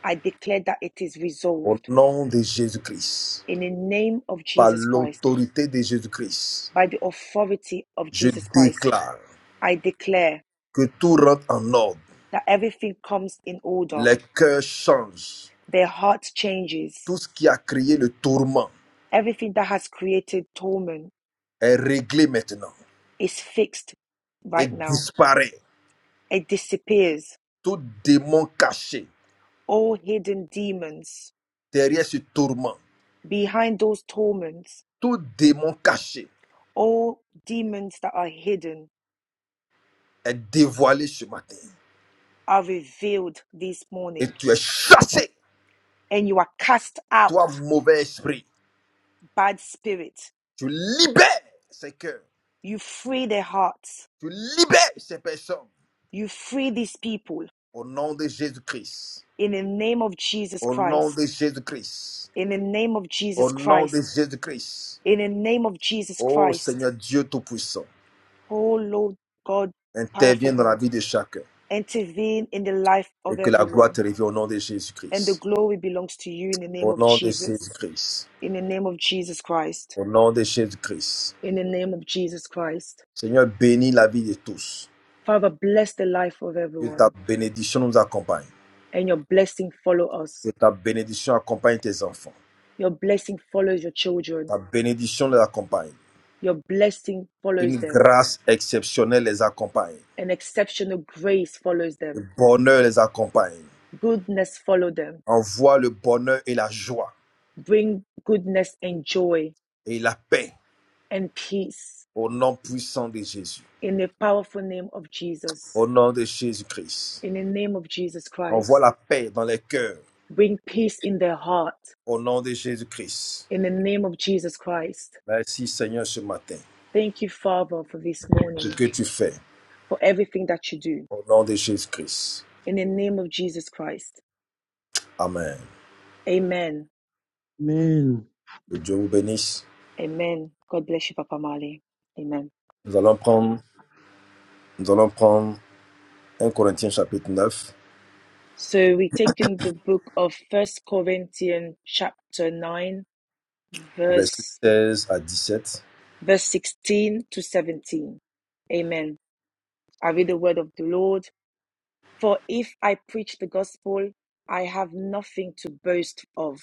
[SPEAKER 1] I declare that it is
[SPEAKER 5] au
[SPEAKER 1] resolved
[SPEAKER 5] nom de Jésus-Christ,
[SPEAKER 1] in the name of
[SPEAKER 5] par
[SPEAKER 1] Jesus Christ,
[SPEAKER 5] l'autorité de Jésus-Christ.
[SPEAKER 1] by the authority of
[SPEAKER 5] Je
[SPEAKER 1] Jesus Christ.
[SPEAKER 5] déclare
[SPEAKER 1] I declare
[SPEAKER 5] que tout rentre en ordre,
[SPEAKER 1] that everything comes in order,
[SPEAKER 5] les cœurs changent,
[SPEAKER 1] their heart changes,
[SPEAKER 5] tout ce qui a créé le tourment
[SPEAKER 1] everything that has created torment
[SPEAKER 5] est réglé maintenant
[SPEAKER 1] is fixed
[SPEAKER 5] et
[SPEAKER 1] right now.
[SPEAKER 5] disparaît.
[SPEAKER 1] It disappears
[SPEAKER 5] Tout démon caché
[SPEAKER 1] O hidden demons
[SPEAKER 5] derrière ce tourment,
[SPEAKER 1] behind those torments,
[SPEAKER 5] tout démon caché
[SPEAKER 1] all demons that are hidden
[SPEAKER 5] est dévoilé ce matin.
[SPEAKER 1] are revealed this
[SPEAKER 5] Et
[SPEAKER 1] morning,
[SPEAKER 5] tu es chassé,
[SPEAKER 1] and you are cast
[SPEAKER 5] toi
[SPEAKER 1] out,
[SPEAKER 5] mauvais esprit.
[SPEAKER 1] bad spirit.
[SPEAKER 5] Tu libères ces cœurs,
[SPEAKER 1] You free their hearts,
[SPEAKER 5] tu libères ces personnes.
[SPEAKER 1] you free these people
[SPEAKER 5] Au nom de Jésus-Christ,
[SPEAKER 1] in the name of Jesus
[SPEAKER 5] au nom de
[SPEAKER 1] Christ,
[SPEAKER 5] Jésus-Christ,
[SPEAKER 1] in the name of
[SPEAKER 5] au
[SPEAKER 1] Jesus
[SPEAKER 5] nom de
[SPEAKER 1] Christ,
[SPEAKER 5] Jésus-Christ.
[SPEAKER 1] in the name of Jesus
[SPEAKER 5] Ô
[SPEAKER 1] Christ.
[SPEAKER 5] Seigneur Dieu Tout-Puissant,
[SPEAKER 1] Oh Lord God, powerful
[SPEAKER 5] interviens dans la
[SPEAKER 1] God,
[SPEAKER 5] vie de chacun
[SPEAKER 1] intervene in the life of
[SPEAKER 5] et que la gloire
[SPEAKER 1] everyone,
[SPEAKER 5] te revienne au nom de
[SPEAKER 1] and the
[SPEAKER 5] Jésus-Christ.
[SPEAKER 1] glory belongs to you in the name
[SPEAKER 5] Au
[SPEAKER 1] of
[SPEAKER 5] nom de
[SPEAKER 1] Jesus.
[SPEAKER 5] Jésus-Christ.
[SPEAKER 1] in the name of Jesus Christ.
[SPEAKER 5] Au nom de Jésus-Christ.
[SPEAKER 1] In the name of Jesus Christ.
[SPEAKER 5] Seigneur, bénis la vie de tous.
[SPEAKER 1] Father, bless the life of
[SPEAKER 5] Que ta
[SPEAKER 1] everyone
[SPEAKER 5] bénédiction nous accompagne.
[SPEAKER 1] and your blessing follow us.
[SPEAKER 5] Que ta bénédiction accompagne tes enfants.
[SPEAKER 1] Your blessing follows your children.
[SPEAKER 5] Ta bénédiction les accompagne.
[SPEAKER 1] Your blessing
[SPEAKER 5] Une
[SPEAKER 1] follows them.
[SPEAKER 5] grâce exceptionnelle les accompagne.
[SPEAKER 1] An exceptional grace follows
[SPEAKER 5] Le
[SPEAKER 1] them.
[SPEAKER 5] bonheur les accompagne.
[SPEAKER 1] Goodness follow them.
[SPEAKER 5] Envoie le bonheur et la joie
[SPEAKER 1] Bring goodness and joy
[SPEAKER 5] et la paix
[SPEAKER 1] and peace
[SPEAKER 5] au nom puissant de Jésus.
[SPEAKER 1] in the powerful name of Jesus.
[SPEAKER 5] Au nom de Jésus-Christ.
[SPEAKER 1] In the name of Jesus
[SPEAKER 5] Envoie
[SPEAKER 1] Christ.
[SPEAKER 5] la paix dans les cœurs
[SPEAKER 1] Bring peace in their heart.
[SPEAKER 5] au nom de Jésus-Christ.
[SPEAKER 1] In the name of Jesus Christ.
[SPEAKER 5] Merci Seigneur ce matin.
[SPEAKER 1] Thank you, Father, for this
[SPEAKER 5] Ce
[SPEAKER 1] morning.
[SPEAKER 5] que tu fais
[SPEAKER 1] for everything that you do.
[SPEAKER 5] au nom de Jésus-Christ.
[SPEAKER 1] In the name of Jesus Christ.
[SPEAKER 5] Amen.
[SPEAKER 1] Amen.
[SPEAKER 3] Amen.
[SPEAKER 5] Que Dieu vous bénisse.
[SPEAKER 1] Amen. God bless you, Papa Mali. Amen.
[SPEAKER 5] Nous allons prendre Nous allons prendre 1 Corinthiens chapitre 9
[SPEAKER 1] So we take in the book of First Corinthians chapter 9,
[SPEAKER 5] versets
[SPEAKER 1] verse
[SPEAKER 5] 16 à 17.
[SPEAKER 1] verse 16 to 17. Amen. I read the word of the Lord. For if I preach the gospel, I have nothing to boast of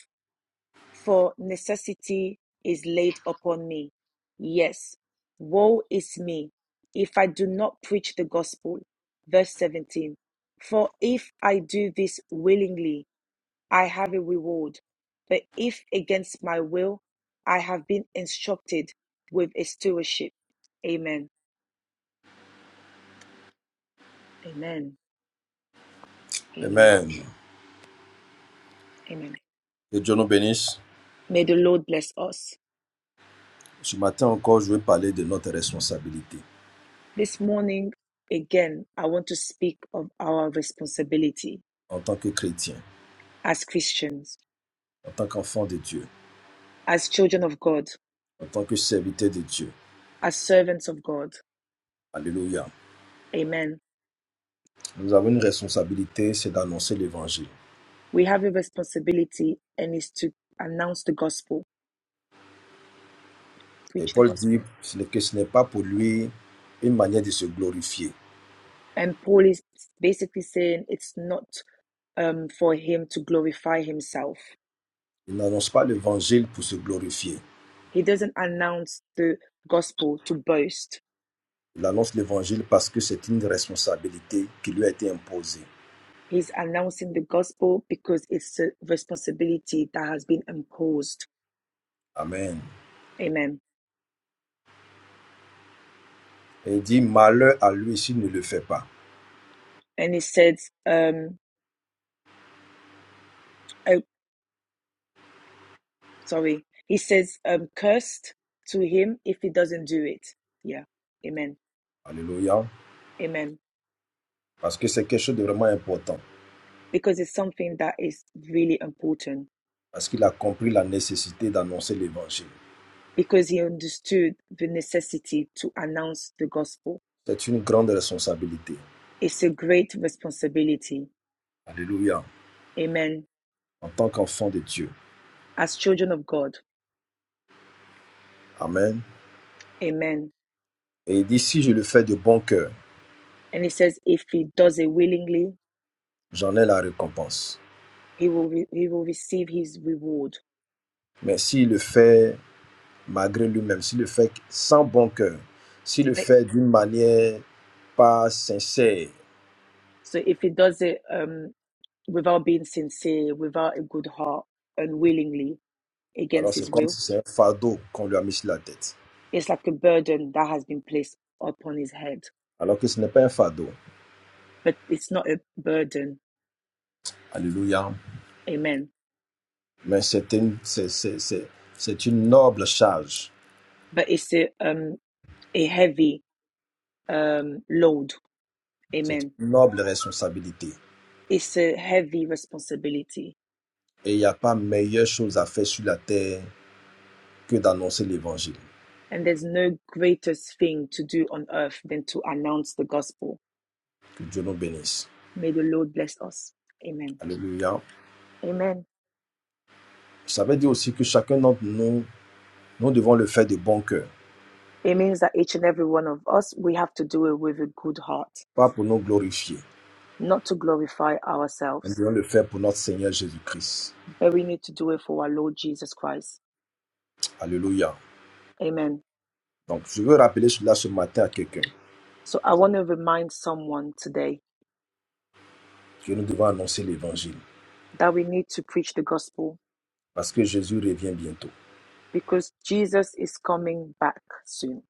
[SPEAKER 1] for necessity is laid upon me. Yes, woe is me if I do not preach the gospel. Verse 17 For if I do this willingly, I have a reward. But if against my will, I have been instructed with a stewardship. Amen. Amen. Hallelujah.
[SPEAKER 5] Amen.
[SPEAKER 1] Amen.
[SPEAKER 5] Que Dieu nous bénisse.
[SPEAKER 1] May the Lord bless us.
[SPEAKER 5] Ce matin encore, je vais parler de notre responsabilité
[SPEAKER 1] This morning, again, I want to speak of our responsibility
[SPEAKER 5] en tant que chrétien,
[SPEAKER 1] as Christians.
[SPEAKER 5] en tant qu'enfant de Dieu,
[SPEAKER 1] as children of God,
[SPEAKER 5] en tant que serviteur de Dieu.
[SPEAKER 1] as servants of God.
[SPEAKER 5] Alléluia.
[SPEAKER 1] Amen.
[SPEAKER 5] Nous avons une responsabilité, c'est d'annoncer l'évangile.
[SPEAKER 1] We have a responsibility and is to announce the gospel,
[SPEAKER 5] Et
[SPEAKER 1] preach the
[SPEAKER 5] Paul dit
[SPEAKER 1] gospel.
[SPEAKER 5] que ce n'est pas pour lui une manière de se glorifier.
[SPEAKER 1] And Paul is basically saying it's not um, for him to glorify himself.
[SPEAKER 5] Il n'annonce pas l'évangile pour se glorifier.
[SPEAKER 1] He doesn't announce the gospel to boast.
[SPEAKER 5] Il annonce l'évangile parce que c'est une responsabilité qui lui a été imposée.
[SPEAKER 1] He's announcing the gospel because it's a responsibility that has been imposed.
[SPEAKER 5] Amen.
[SPEAKER 1] Amen.
[SPEAKER 5] Et il dit, malheur à lui s'il ne le fait pas.
[SPEAKER 1] And he says, um, I sorry, he says, um, cursed to him if he doesn't do it. Yeah, amen,
[SPEAKER 5] Alléluia.
[SPEAKER 1] amen.
[SPEAKER 5] Parce que c'est quelque chose de vraiment important.
[SPEAKER 1] Because it's something that is really important
[SPEAKER 5] Parce qu'il a compris la nécessité d'annoncer l'évangile.
[SPEAKER 1] because he understood the necessity to announce the gospel.
[SPEAKER 5] C'est une grande responsabilité.
[SPEAKER 1] It's a great responsibility,
[SPEAKER 5] Alléluia.
[SPEAKER 1] amen,
[SPEAKER 5] En tant qu'enfant de Dieu.
[SPEAKER 1] as children of God,
[SPEAKER 5] Amen.
[SPEAKER 1] amen.
[SPEAKER 5] Et il dit, si je le fais de bon cœur,
[SPEAKER 1] And he says, if he does it willingly,
[SPEAKER 5] j'en ai la récompense.
[SPEAKER 1] he will re- he will receive his reward.
[SPEAKER 5] Mais s'il le fait malgré lui-même, s'il le fait sans bon cœur, s'il le
[SPEAKER 1] Like,
[SPEAKER 5] fait d'une manière pas sincère,
[SPEAKER 1] So if he does it um, without being sincere, without a good heart, and willingly,
[SPEAKER 5] alors
[SPEAKER 1] against
[SPEAKER 5] c'est
[SPEAKER 1] his
[SPEAKER 5] comme
[SPEAKER 1] will.
[SPEAKER 5] si c'est un fardeau qu'on lui a mis sur la tête.
[SPEAKER 1] It's like a burden that has been placed upon his head,
[SPEAKER 5] Alors que ce n'est pas un fardeau.
[SPEAKER 1] but it's not a burden,
[SPEAKER 5] Alléluia.
[SPEAKER 1] amen.
[SPEAKER 5] Mais c'est une, c'est, c'est, c'est, c'est une noble charge,
[SPEAKER 1] But it's a um a heavy um load,
[SPEAKER 5] c'est
[SPEAKER 1] amen.
[SPEAKER 5] une noble responsabilité.
[SPEAKER 1] It's a heavy responsibility,
[SPEAKER 5] Et il n'y a pas meilleure chose à faire sur la terre que d'annoncer l'évangile.
[SPEAKER 1] and there's no greatest thing to do on earth than to announce the gospel.
[SPEAKER 5] Que Dieu nous bénisse.
[SPEAKER 1] May the Lord bless us, amen,
[SPEAKER 5] Alléluia.
[SPEAKER 1] amen.
[SPEAKER 5] Ça veut dire aussi que chacun d'entre nous, nous devons le faire de bon cœur,
[SPEAKER 1] It means that each and every one of us we have to do it with a good heart,
[SPEAKER 5] pas pour nous glorifier.
[SPEAKER 1] not to glorify
[SPEAKER 5] Nous
[SPEAKER 1] ourselves,
[SPEAKER 5] devons le faire pour notre Seigneur Jésus-Christ.
[SPEAKER 1] but we need to do it for our Lord Jesus Christ
[SPEAKER 5] Alléluia.
[SPEAKER 1] Amen.
[SPEAKER 5] Donc, je veux rappeler cela ce matin à quelqu'un,
[SPEAKER 1] So I want to remind someone today
[SPEAKER 5] que nous devons annoncer l'évangile,
[SPEAKER 1] that we need to preach the gospel
[SPEAKER 5] parce que Jésus revient bientôt.
[SPEAKER 1] because Jesus is coming back soon.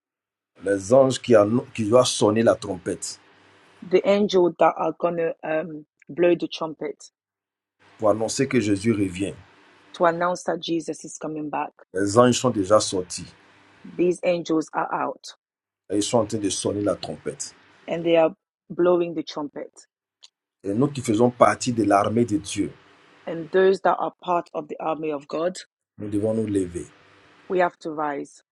[SPEAKER 5] Les anges qui, annon- qui doivent sonner la trompette,
[SPEAKER 1] The angel that are going to um, blow the trumpet
[SPEAKER 5] pour annoncer que Jésus revient.
[SPEAKER 1] to announce that Jesus is coming back,
[SPEAKER 5] Les anges sont déjà sortis
[SPEAKER 1] these angels are out
[SPEAKER 5] et ils sont en train de sonner la trompette.
[SPEAKER 1] and they are blowing the trumpet.
[SPEAKER 5] Et nous qui faisons partie de l'armée de Dieu,
[SPEAKER 1] And those that are part of the army of God,
[SPEAKER 5] nous devons nous lever.
[SPEAKER 1] we have to rise.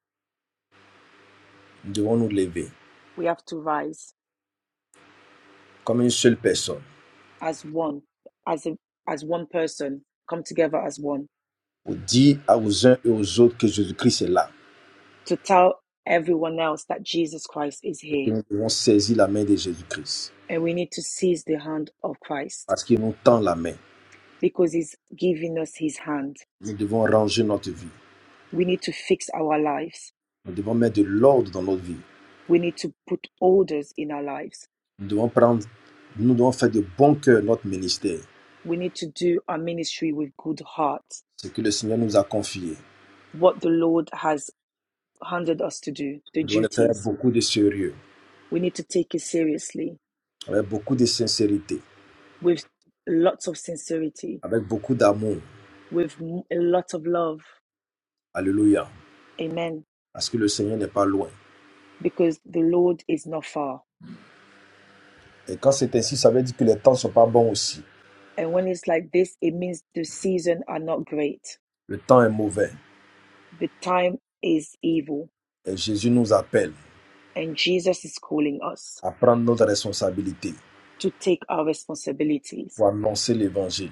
[SPEAKER 5] Nous devons nous lever
[SPEAKER 1] We have to rise
[SPEAKER 5] comme une seule personne
[SPEAKER 1] as one, as a, as one person, come together as one
[SPEAKER 5] pour dire aux uns et aux autres que Jésus-Christ est là
[SPEAKER 1] to tell everyone else that Jesus Christ is
[SPEAKER 5] et que
[SPEAKER 1] here.
[SPEAKER 5] nous devons saisir la main de Jésus-Christ
[SPEAKER 1] And we need to seize the hand of Christ
[SPEAKER 5] parce qu'il nous tend la main.
[SPEAKER 1] because He's giving us His hand.
[SPEAKER 5] Nous devons ranger notre vie.
[SPEAKER 1] We need to fix our lives.
[SPEAKER 5] Nous devons mettre de l'ordre dans notre vie.
[SPEAKER 1] We need to put orders in our lives.
[SPEAKER 5] Nous devons prendre, nous devons faire de bon cœur notre ministère,
[SPEAKER 1] We need to do our ministry with good heart,
[SPEAKER 5] ce que le Seigneur nous a confié.
[SPEAKER 1] what the Lord has handed us to do, the
[SPEAKER 5] Nous devons le faire avec
[SPEAKER 1] duties.
[SPEAKER 5] beaucoup de sérieux,
[SPEAKER 1] We need to take it seriously
[SPEAKER 5] avec beaucoup de sincérité,
[SPEAKER 1] with lots of sincerity,
[SPEAKER 5] avec beaucoup d'amour.
[SPEAKER 1] with a lot of love.
[SPEAKER 5] Alléluia.
[SPEAKER 1] Amen.
[SPEAKER 5] Parce que le Seigneur n'est pas loin.
[SPEAKER 1] Because the Lord is not far.
[SPEAKER 5] Et quand c'est ainsi, ça veut dire que les temps ne sont pas bons aussi.
[SPEAKER 1] And when it's like this, it means the season are not great.
[SPEAKER 5] Le temps est mauvais.
[SPEAKER 1] The time is evil.
[SPEAKER 5] Et Jésus nous appelle
[SPEAKER 1] And Jesus is calling us
[SPEAKER 5] à prendre notre responsabilité
[SPEAKER 1] to take our responsibilities,
[SPEAKER 5] pour annoncer l'évangile,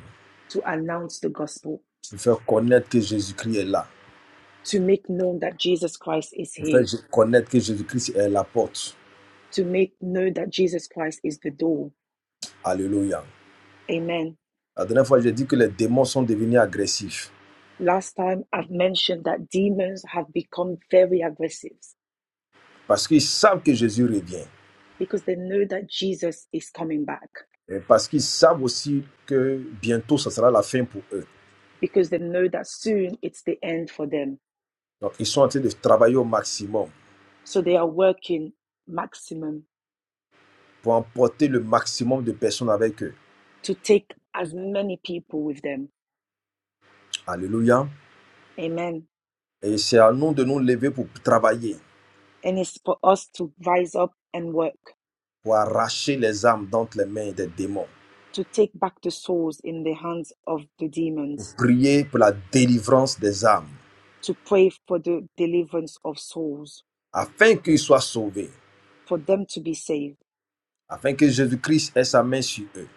[SPEAKER 1] to announce the gospel,
[SPEAKER 5] pour faire connaître que Jésus-Christ est là,
[SPEAKER 1] to make known that Jesus Christ is
[SPEAKER 5] pour faire
[SPEAKER 1] here,
[SPEAKER 5] connaître que Jésus-Christ est la porte.
[SPEAKER 1] to make known that Jesus Christ is the door.
[SPEAKER 5] Alléluia.
[SPEAKER 1] Amen.
[SPEAKER 5] La dernière fois, j'ai dit que les démons sont devenus agressifs
[SPEAKER 1] Last time I've mentioned that demons have become very aggressive
[SPEAKER 5] parce qu'ils savent que Jésus revient
[SPEAKER 1] because they know that Jesus is coming back,
[SPEAKER 5] et parce qu'ils savent aussi que bientôt, ça sera la fin pour eux.
[SPEAKER 1] because they know that soon it's the end for them.
[SPEAKER 5] Donc, ils sont en train de travailler au maximum
[SPEAKER 1] So they are working maximum
[SPEAKER 5] pour emporter le maximum de personnes avec eux.
[SPEAKER 1] to take as many people with them.
[SPEAKER 5] Alléluia.
[SPEAKER 1] Amen.
[SPEAKER 5] Et c'est à nous de nous lever pour travailler,
[SPEAKER 1] And it's for us to rise up and work,
[SPEAKER 5] pour arracher les âmes d'entre les mains des démons.
[SPEAKER 1] to take back the souls in the hands of the demons,
[SPEAKER 5] Prier pour la délivrance des âmes,
[SPEAKER 1] to pray for the deliverance of souls,
[SPEAKER 5] afin qu'ils soient sauvés,
[SPEAKER 1] for them to be saved,
[SPEAKER 5] afin que Jésus-Christ ait sa main sur eux,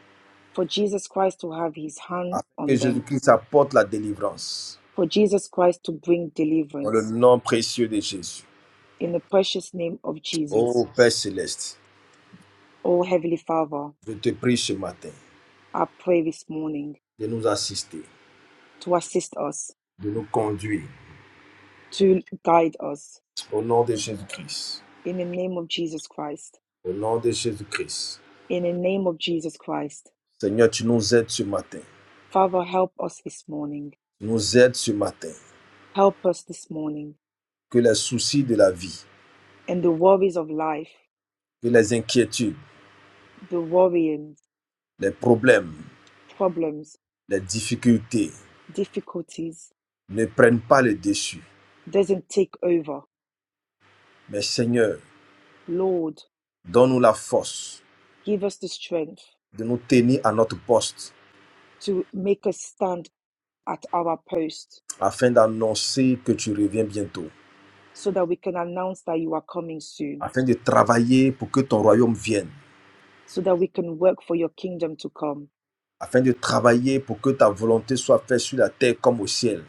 [SPEAKER 1] for Jesus Christ to have his hand
[SPEAKER 5] afin que
[SPEAKER 1] on them,
[SPEAKER 5] Jésus-Christ apporte la délivrance.
[SPEAKER 1] for Jesus Christ to bring
[SPEAKER 5] Dans le
[SPEAKER 1] deliverance.
[SPEAKER 5] nom précieux de Jésus.
[SPEAKER 1] In the precious name of Jesus,
[SPEAKER 5] Ô Père céleste,
[SPEAKER 1] O Heavenly Father,
[SPEAKER 5] je te prie ce matin
[SPEAKER 1] I pray this morning
[SPEAKER 5] de nous assister,
[SPEAKER 1] to assist us,
[SPEAKER 5] de nous conduire.
[SPEAKER 1] to guide us.
[SPEAKER 5] Au nom de Jésus-Christ.
[SPEAKER 1] In the name of Jesus Christ.
[SPEAKER 5] Au nom de Jésus-Christ.
[SPEAKER 1] In the name of Jesus Christ,
[SPEAKER 5] Seigneur, tu nous aides ce matin.
[SPEAKER 1] Father, help us this morning.
[SPEAKER 5] Tu nous aides ce matin.
[SPEAKER 1] Help us this morning.
[SPEAKER 5] Que les soucis de la vie,
[SPEAKER 1] And the worries of life,
[SPEAKER 5] que les inquiétudes,
[SPEAKER 1] the worrying,
[SPEAKER 5] les problèmes,
[SPEAKER 1] problems,
[SPEAKER 5] les difficultés
[SPEAKER 1] difficulties
[SPEAKER 5] ne prennent pas le dessus.
[SPEAKER 1] doesn't take over.
[SPEAKER 5] Mais Seigneur,
[SPEAKER 1] Lord,
[SPEAKER 5] donne-nous la force
[SPEAKER 1] give us the strength
[SPEAKER 5] de nous tenir à notre poste
[SPEAKER 1] to make us stand at our post
[SPEAKER 5] afin d'annoncer que tu reviens bientôt,
[SPEAKER 1] so that we can announce that you are coming soon,
[SPEAKER 5] afin de travailler pour que ton royaume vienne,
[SPEAKER 1] so that we can work for your kingdom to come,
[SPEAKER 5] afin de travailler pour que ta volonté soit faite sur la terre comme au ciel.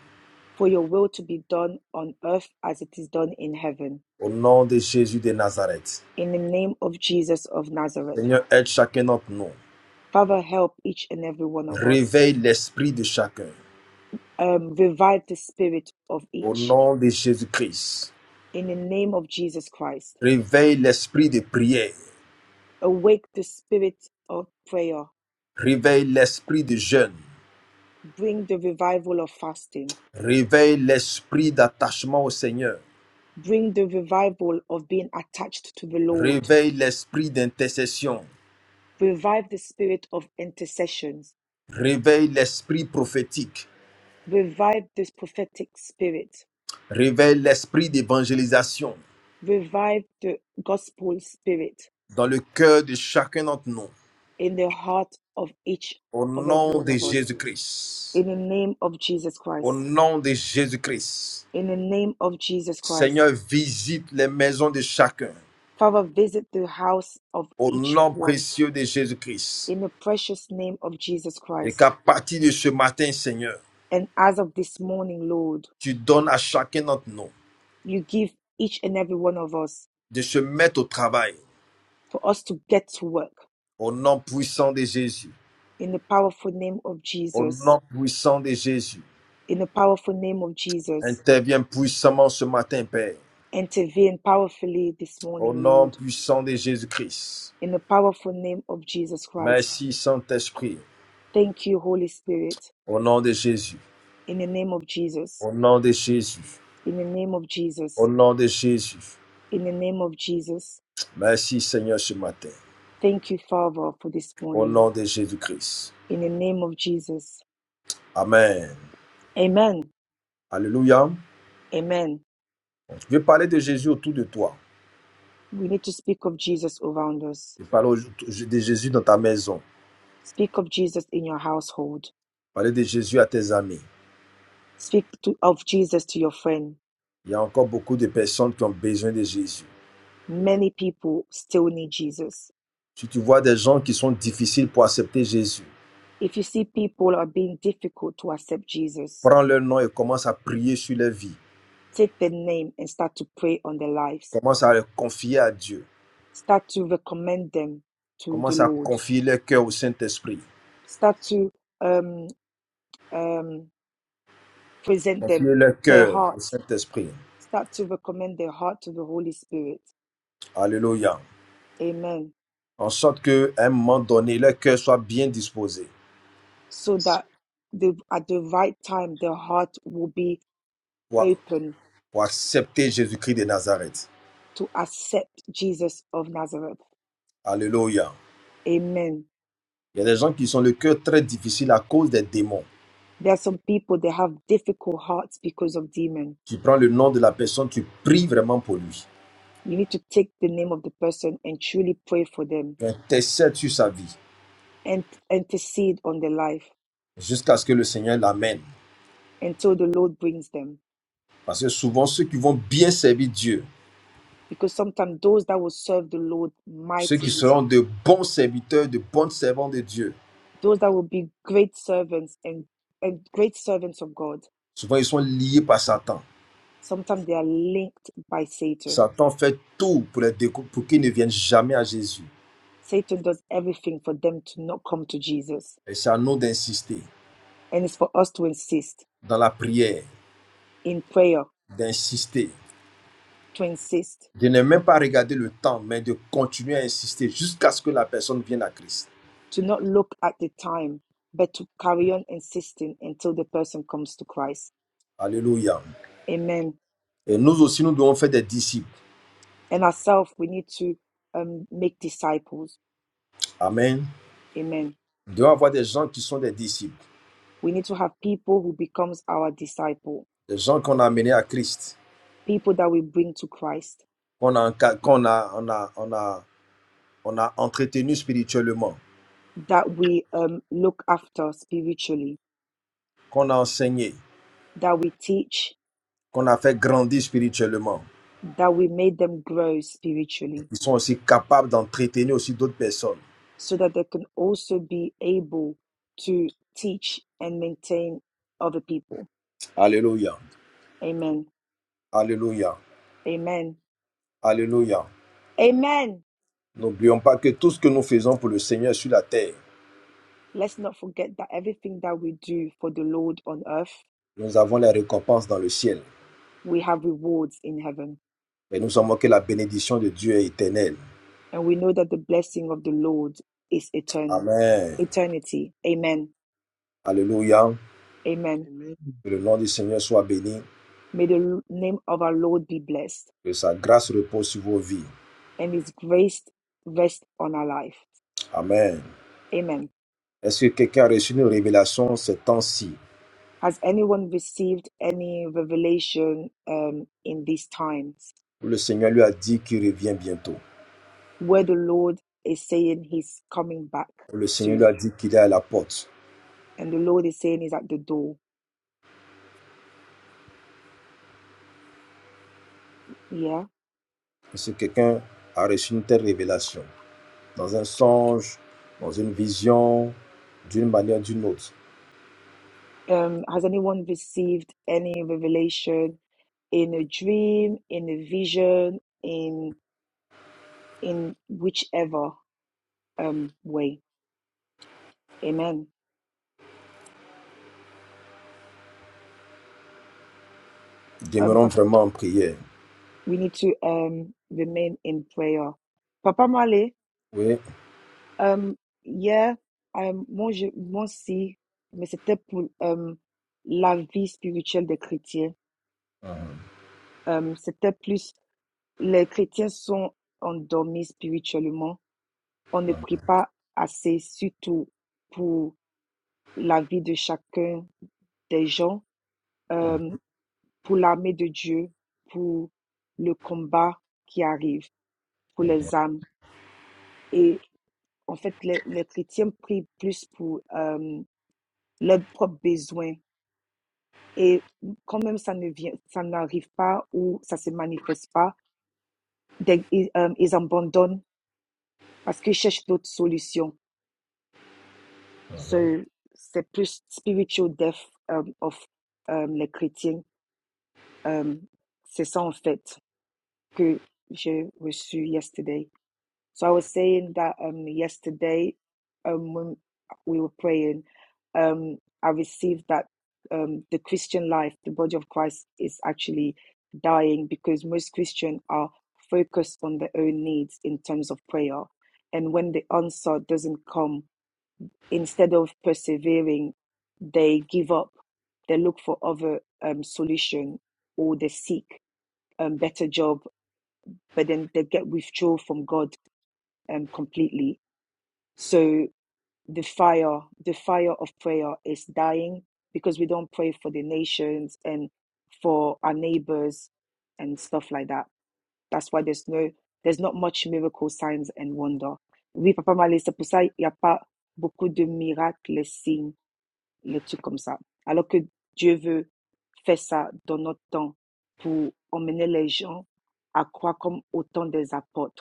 [SPEAKER 1] for your will to be done on earth as it is done in heaven.
[SPEAKER 5] Au nom de Jésus de Nazareth.
[SPEAKER 1] In the name of Jesus of Nazareth.
[SPEAKER 5] Seigneur, aide chacun d'entre nous.
[SPEAKER 1] Father, help each and every one of us.
[SPEAKER 5] Réveille l'esprit de chacun.
[SPEAKER 1] Um, revive the spirit of
[SPEAKER 5] Au
[SPEAKER 1] each
[SPEAKER 5] nom de Jésus-Christ,
[SPEAKER 1] in the name of Jesus Christ.
[SPEAKER 5] réveille l'esprit de prière,
[SPEAKER 1] Awake the spirit of prayer.
[SPEAKER 5] réveille l'esprit de jeûne,
[SPEAKER 1] Bring the revival of fasting.
[SPEAKER 5] réveille l'esprit d'attachement au Seigneur,
[SPEAKER 1] Bring the revival of being attached to the Lord.
[SPEAKER 5] réveille l'esprit d'intercession,
[SPEAKER 1] Revive the spirit of intercessions.
[SPEAKER 5] réveille l'esprit prophétique,
[SPEAKER 1] Revive this prophetic spirit.
[SPEAKER 5] réveille l'esprit d'évangélisation
[SPEAKER 1] Revive the gospel spirit
[SPEAKER 5] dans le cœur de chacun d'entre nous.
[SPEAKER 1] in the heart of each
[SPEAKER 5] Au
[SPEAKER 1] of every
[SPEAKER 5] nom
[SPEAKER 1] one
[SPEAKER 5] de
[SPEAKER 1] of us.
[SPEAKER 5] Jésus-Christ,
[SPEAKER 1] In the name of Jesus
[SPEAKER 5] au
[SPEAKER 1] Christ.
[SPEAKER 5] nom de Jésus-Christ,
[SPEAKER 1] in the name of Jesus Christ.
[SPEAKER 5] Seigneur, visite les maisons de chacun.
[SPEAKER 1] Father, visit the house of
[SPEAKER 5] Au
[SPEAKER 1] each
[SPEAKER 5] nom
[SPEAKER 1] one
[SPEAKER 5] précieux de Jésus-Christ.
[SPEAKER 1] in the precious name of Jesus
[SPEAKER 5] Et
[SPEAKER 1] Christ.
[SPEAKER 5] qu'à partir de ce matin, Seigneur,
[SPEAKER 1] And as of this morning, Lord,
[SPEAKER 5] tu donnes à chacun notre nom
[SPEAKER 1] you give each and every one of us
[SPEAKER 5] de se mettre au travail
[SPEAKER 1] for us to get to work
[SPEAKER 5] au nom puissant de Jésus.
[SPEAKER 1] in the powerful name of
[SPEAKER 5] Au
[SPEAKER 1] Jesus.
[SPEAKER 5] nom puissant de Jésus.
[SPEAKER 1] In the powerful name of Jesus.
[SPEAKER 5] Interviens puissamment ce matin, Père.
[SPEAKER 1] Intervene powerfully this
[SPEAKER 5] Au
[SPEAKER 1] morning,
[SPEAKER 5] nom
[SPEAKER 1] Lord,
[SPEAKER 5] puissant de Jésus-Christ.
[SPEAKER 1] in the powerful name of Jesus Christ.
[SPEAKER 5] Merci, Saint-Esprit.
[SPEAKER 1] Thank you, Holy Spirit,
[SPEAKER 5] Au nom de Jésus.
[SPEAKER 1] in the name of Jesus.
[SPEAKER 5] Au nom de Jésus.
[SPEAKER 1] In the name of Jesus.
[SPEAKER 5] Au nom de Jésus.
[SPEAKER 1] In the name of Jesus
[SPEAKER 5] Merci, Seigneur, ce matin.
[SPEAKER 1] Thank you, Father, for this
[SPEAKER 5] Au
[SPEAKER 1] morning.
[SPEAKER 5] nom de Jésus-Christ.
[SPEAKER 1] In the name of Jesus.
[SPEAKER 5] Amen.
[SPEAKER 1] Amen.
[SPEAKER 5] Alléluia.
[SPEAKER 1] Amen.
[SPEAKER 5] Je vais parler de Jésus autour de toi.
[SPEAKER 1] We need to speak of Jesus around us.
[SPEAKER 5] Je vais parler de Jésus dans ta maison.
[SPEAKER 1] Speak of Jesus in your household.
[SPEAKER 5] Parler de Jésus à tes amis.
[SPEAKER 1] Speak to, of Jesus to your friend.
[SPEAKER 5] Il y a encore beaucoup de personnes qui ont besoin de Jésus.
[SPEAKER 1] Many people still need Jesus.
[SPEAKER 5] Si tu vois des gens qui sont difficiles pour accepter Jésus,
[SPEAKER 1] If you see people are being difficult to accept Jesus,
[SPEAKER 5] prends leur nom et commence à prier sur leur vie.
[SPEAKER 1] take their name and start to pray on their lives.
[SPEAKER 5] Commence à les confier à Dieu.
[SPEAKER 1] Start to recommend them to the
[SPEAKER 5] Commence à
[SPEAKER 1] Lord.
[SPEAKER 5] confier leur cœur au Saint-Esprit.
[SPEAKER 1] Start to um, um, present them
[SPEAKER 5] Confier leur
[SPEAKER 1] their
[SPEAKER 5] cœur au
[SPEAKER 1] heart
[SPEAKER 5] Saint-Esprit.
[SPEAKER 1] start to recommend their heart to the Holy Spirit.
[SPEAKER 5] Alléluia.
[SPEAKER 1] Amen.
[SPEAKER 5] En sorte qu'à un moment donné, leur cœur soit bien disposé
[SPEAKER 1] So that the, at the right time, their heart will be
[SPEAKER 5] pour,
[SPEAKER 1] open
[SPEAKER 5] pour accepter Jésus-Christ de Nazareth.
[SPEAKER 1] to accept Jesus of Nazareth.
[SPEAKER 5] Alléluia.
[SPEAKER 1] Amen.
[SPEAKER 5] Il y a des gens qui sont le cœur très difficile à cause des démons.
[SPEAKER 1] There are some people that have difficult hearts because of demon.
[SPEAKER 5] Tu prends le nom de la personne, tu pries vraiment pour lui.
[SPEAKER 1] You need to take the name of the person and truly pray for them
[SPEAKER 5] Intercède sur sa vie
[SPEAKER 1] and intercede on their life
[SPEAKER 5] jusqu'à ce que le Seigneur l'amène.
[SPEAKER 1] until the Lord brings them.
[SPEAKER 5] Parce que souvent, ceux qui vont bien servir Dieu,
[SPEAKER 1] Because sometimes those that will serve the Lord
[SPEAKER 5] ceux qui
[SPEAKER 1] mightily,
[SPEAKER 5] seront de bons serviteurs, de bons servants de Dieu,
[SPEAKER 1] those that will be great servants and and great servants of God.
[SPEAKER 5] souvent ils sont liés par Satan.
[SPEAKER 1] Sometimes they are linked by Satan.
[SPEAKER 5] Satan fait tout pour, les déco- pour qu'ils ne viennent jamais à Jésus.
[SPEAKER 1] Satan does everything for them to not come to Jesus.
[SPEAKER 5] Et c'est à nous d'insister
[SPEAKER 1] And it's for us to insist
[SPEAKER 5] dans la prière,
[SPEAKER 1] in prayer,
[SPEAKER 5] d'insister,
[SPEAKER 1] to insist,
[SPEAKER 5] de ne même pas regarder le temps, mais de continuer à insister jusqu'à ce que la personne vienne à Christ.
[SPEAKER 1] to not look at the time, but to carry on insisting until the person comes to Christ.
[SPEAKER 5] Alléluia.
[SPEAKER 1] Amen.
[SPEAKER 5] Et nous aussi, nous devons faire des disciples.
[SPEAKER 1] And ourselves, we need to um, make disciples.
[SPEAKER 5] Amen.
[SPEAKER 1] Amen.
[SPEAKER 5] Nous devons avoir des gens qui sont des disciples.
[SPEAKER 1] We need to have people who becomes our disciple,
[SPEAKER 5] des gens qu'on a amenés à Christ,
[SPEAKER 1] people that we bring to Christ,
[SPEAKER 5] qu'on a, qu'on a, on a, on a, on a entretenus spirituellement,
[SPEAKER 1] that we um, look after spiritually,
[SPEAKER 5] qu'on a enseigné,
[SPEAKER 1] that we teach,
[SPEAKER 5] qu'on a fait grandir spirituellement,
[SPEAKER 1] that we made them grow spiritually
[SPEAKER 5] Ils sont aussi capables d'entretenir aussi d'autres personnes.
[SPEAKER 1] so that they can also be able to teach and maintain other people.
[SPEAKER 5] Alléluia,
[SPEAKER 1] Amen.
[SPEAKER 5] alléluia,
[SPEAKER 1] Amen.
[SPEAKER 5] alléluia.
[SPEAKER 1] Amen.
[SPEAKER 5] N'oublions pas que tout ce que nous faisons pour le Seigneur sur la terre,
[SPEAKER 1] Let's not forget that everything that we do for the Lord on earth,
[SPEAKER 5] nous avons les récompenses dans le ciel.
[SPEAKER 1] we have rewards in heaven.
[SPEAKER 5] Et nous savons que la bénédiction de Dieu est éternelle.
[SPEAKER 1] And we know that the blessing of the Lord is eternal,
[SPEAKER 5] Amen.
[SPEAKER 1] eternity. Amen.
[SPEAKER 5] Alléluia.
[SPEAKER 1] Amen.
[SPEAKER 3] Amen.
[SPEAKER 5] Que le nom du Seigneur soit béni.
[SPEAKER 1] May the name of our Lord be blessed
[SPEAKER 5] Que sa grâce repose sur vos vies.
[SPEAKER 1] and his grace rest on our life.
[SPEAKER 5] Amen.
[SPEAKER 1] Amen.
[SPEAKER 5] Est-ce que quelqu'un a reçu une révélation ces temps-ci
[SPEAKER 1] Has anyone received any revelation um, in these times
[SPEAKER 5] où le Seigneur lui a dit qu'il revient bientôt,
[SPEAKER 1] where the Lord is saying He's coming back
[SPEAKER 5] où le Seigneur lui
[SPEAKER 1] soon
[SPEAKER 5] a dit qu'il est à la porte?
[SPEAKER 1] and the Lord is saying He's at the door? Yeah.
[SPEAKER 5] Est-ce que quelqu'un a reçu une telle révélation dans un songe, dans une vision, d'une manière ou d'une autre?
[SPEAKER 1] Um, has anyone received any revelation in a dream, in a vision, in in whichever um, way? Amen. Um,
[SPEAKER 5] Demeurons
[SPEAKER 1] pa-
[SPEAKER 5] vraiment en prière.
[SPEAKER 1] we need to um, remain in prayer. Papa Male,
[SPEAKER 5] Oui.
[SPEAKER 1] Euh, hier, euh, moi, je, moi aussi, mais c'était pour euh, la vie spirituelle des chrétiens.
[SPEAKER 5] Mhm.
[SPEAKER 1] Euh, c'était plus, les chrétiens sont endormis spirituellement. On ne prie pas assez, surtout pour la vie de chacun des gens, euh, pour l'armée de Dieu, pour le combat qui arrive, pour les âmes. Et en fait, les, les chrétiens prient plus pour euh, leurs propres besoins Et quand même, ça ne vient, ça n'arrive pas ou ça se manifeste pas, they- ils, euh, ils abandonnent parce qu'ils cherchent d'autres solutions. So, c'est plus spiritual death euh, of euh, les chrétiens. Euh, c'est ça en fait que j'ai reçu yesterday. So I was saying that um yesterday, um when we were praying, um I received that um the Christian life, the body of Christ is actually dying because most Christians are focused on their own needs in terms of prayer. And when the answer doesn't come, instead of persevering, they give up. They look for other um solution or they seek um better job, but then they get withdrawn from God um completely so the fire, the fire of prayer is dying because we don't pray for the nations and for our neighbors and stuff like that. That's why there's no, there's not much miracle signs and wonder. Oui, Papa Malé, c'est pour ça il n'y a pas beaucoup de miracles, les signes, les trucs comme ça. Alors que Dieu veut faire ça dans notre temps pour emmener les gens à croire comme autant des apôtres.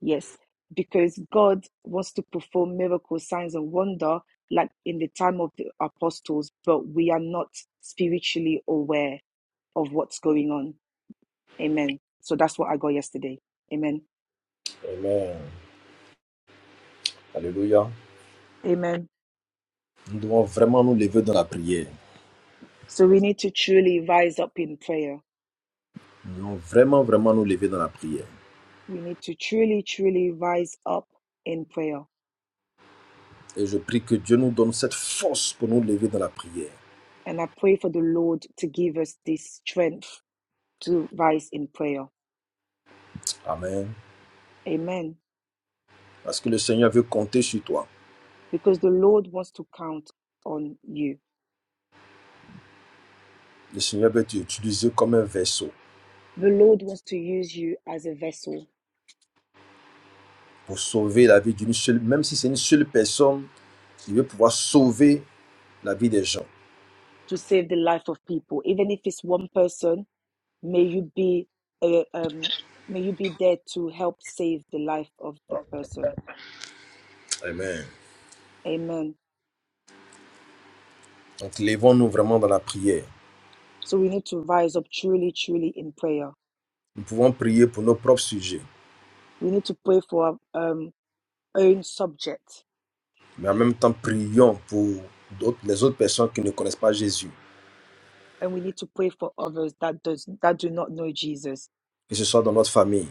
[SPEAKER 1] Yes, because God was to perform miracles, signs, and wonder like in the time of the apostles, but we are not spiritually aware of what's going on. Amen. So that's what I got yesterday. Amen.
[SPEAKER 5] Amen. Alléluia.
[SPEAKER 1] Amen.
[SPEAKER 5] Nous devons vraiment nous lever dans la prière.
[SPEAKER 1] So we need to truly rise up in prayer.
[SPEAKER 5] Nous devons vraiment, vraiment nous lever dans la prière.
[SPEAKER 1] We need to truly, truly rise up in prayer.
[SPEAKER 5] Et je prie que Dieu nous donne cette force pour nous lever dans la prière.
[SPEAKER 1] And I pray for the Lord to give us this strength to rise in prayer.
[SPEAKER 5] Amen.
[SPEAKER 1] Amen.
[SPEAKER 5] Parce que le Seigneur veut compter sur toi.
[SPEAKER 1] Because the Lord wants to count on you.
[SPEAKER 5] Le Seigneur peut t'utiliser comme un vaisseau
[SPEAKER 1] The Lord wants to use you as a vessel
[SPEAKER 5] pour sauver la vie d'une seule, même si c'est une seule personne, il veut pouvoir sauver la vie des gens.
[SPEAKER 1] to save the life of people, even if it's one person. May you be, uh, um, may you be there to help save the life of the person.
[SPEAKER 5] Amen.
[SPEAKER 1] Amen.
[SPEAKER 5] Donc, levons-nous vraiment dans la prière.
[SPEAKER 1] So we need to rise up truly, truly in prayer.
[SPEAKER 5] Nous pouvons prier pour nos propres sujets,
[SPEAKER 1] We need to pray for our um, own subject,
[SPEAKER 5] mais en même temps, prions pour d'autres- les autres personnes qui ne connaissent pas Jésus,
[SPEAKER 1] and we need to pray for others that does that do not know Jesus.
[SPEAKER 5] que ce soit dans notre famille,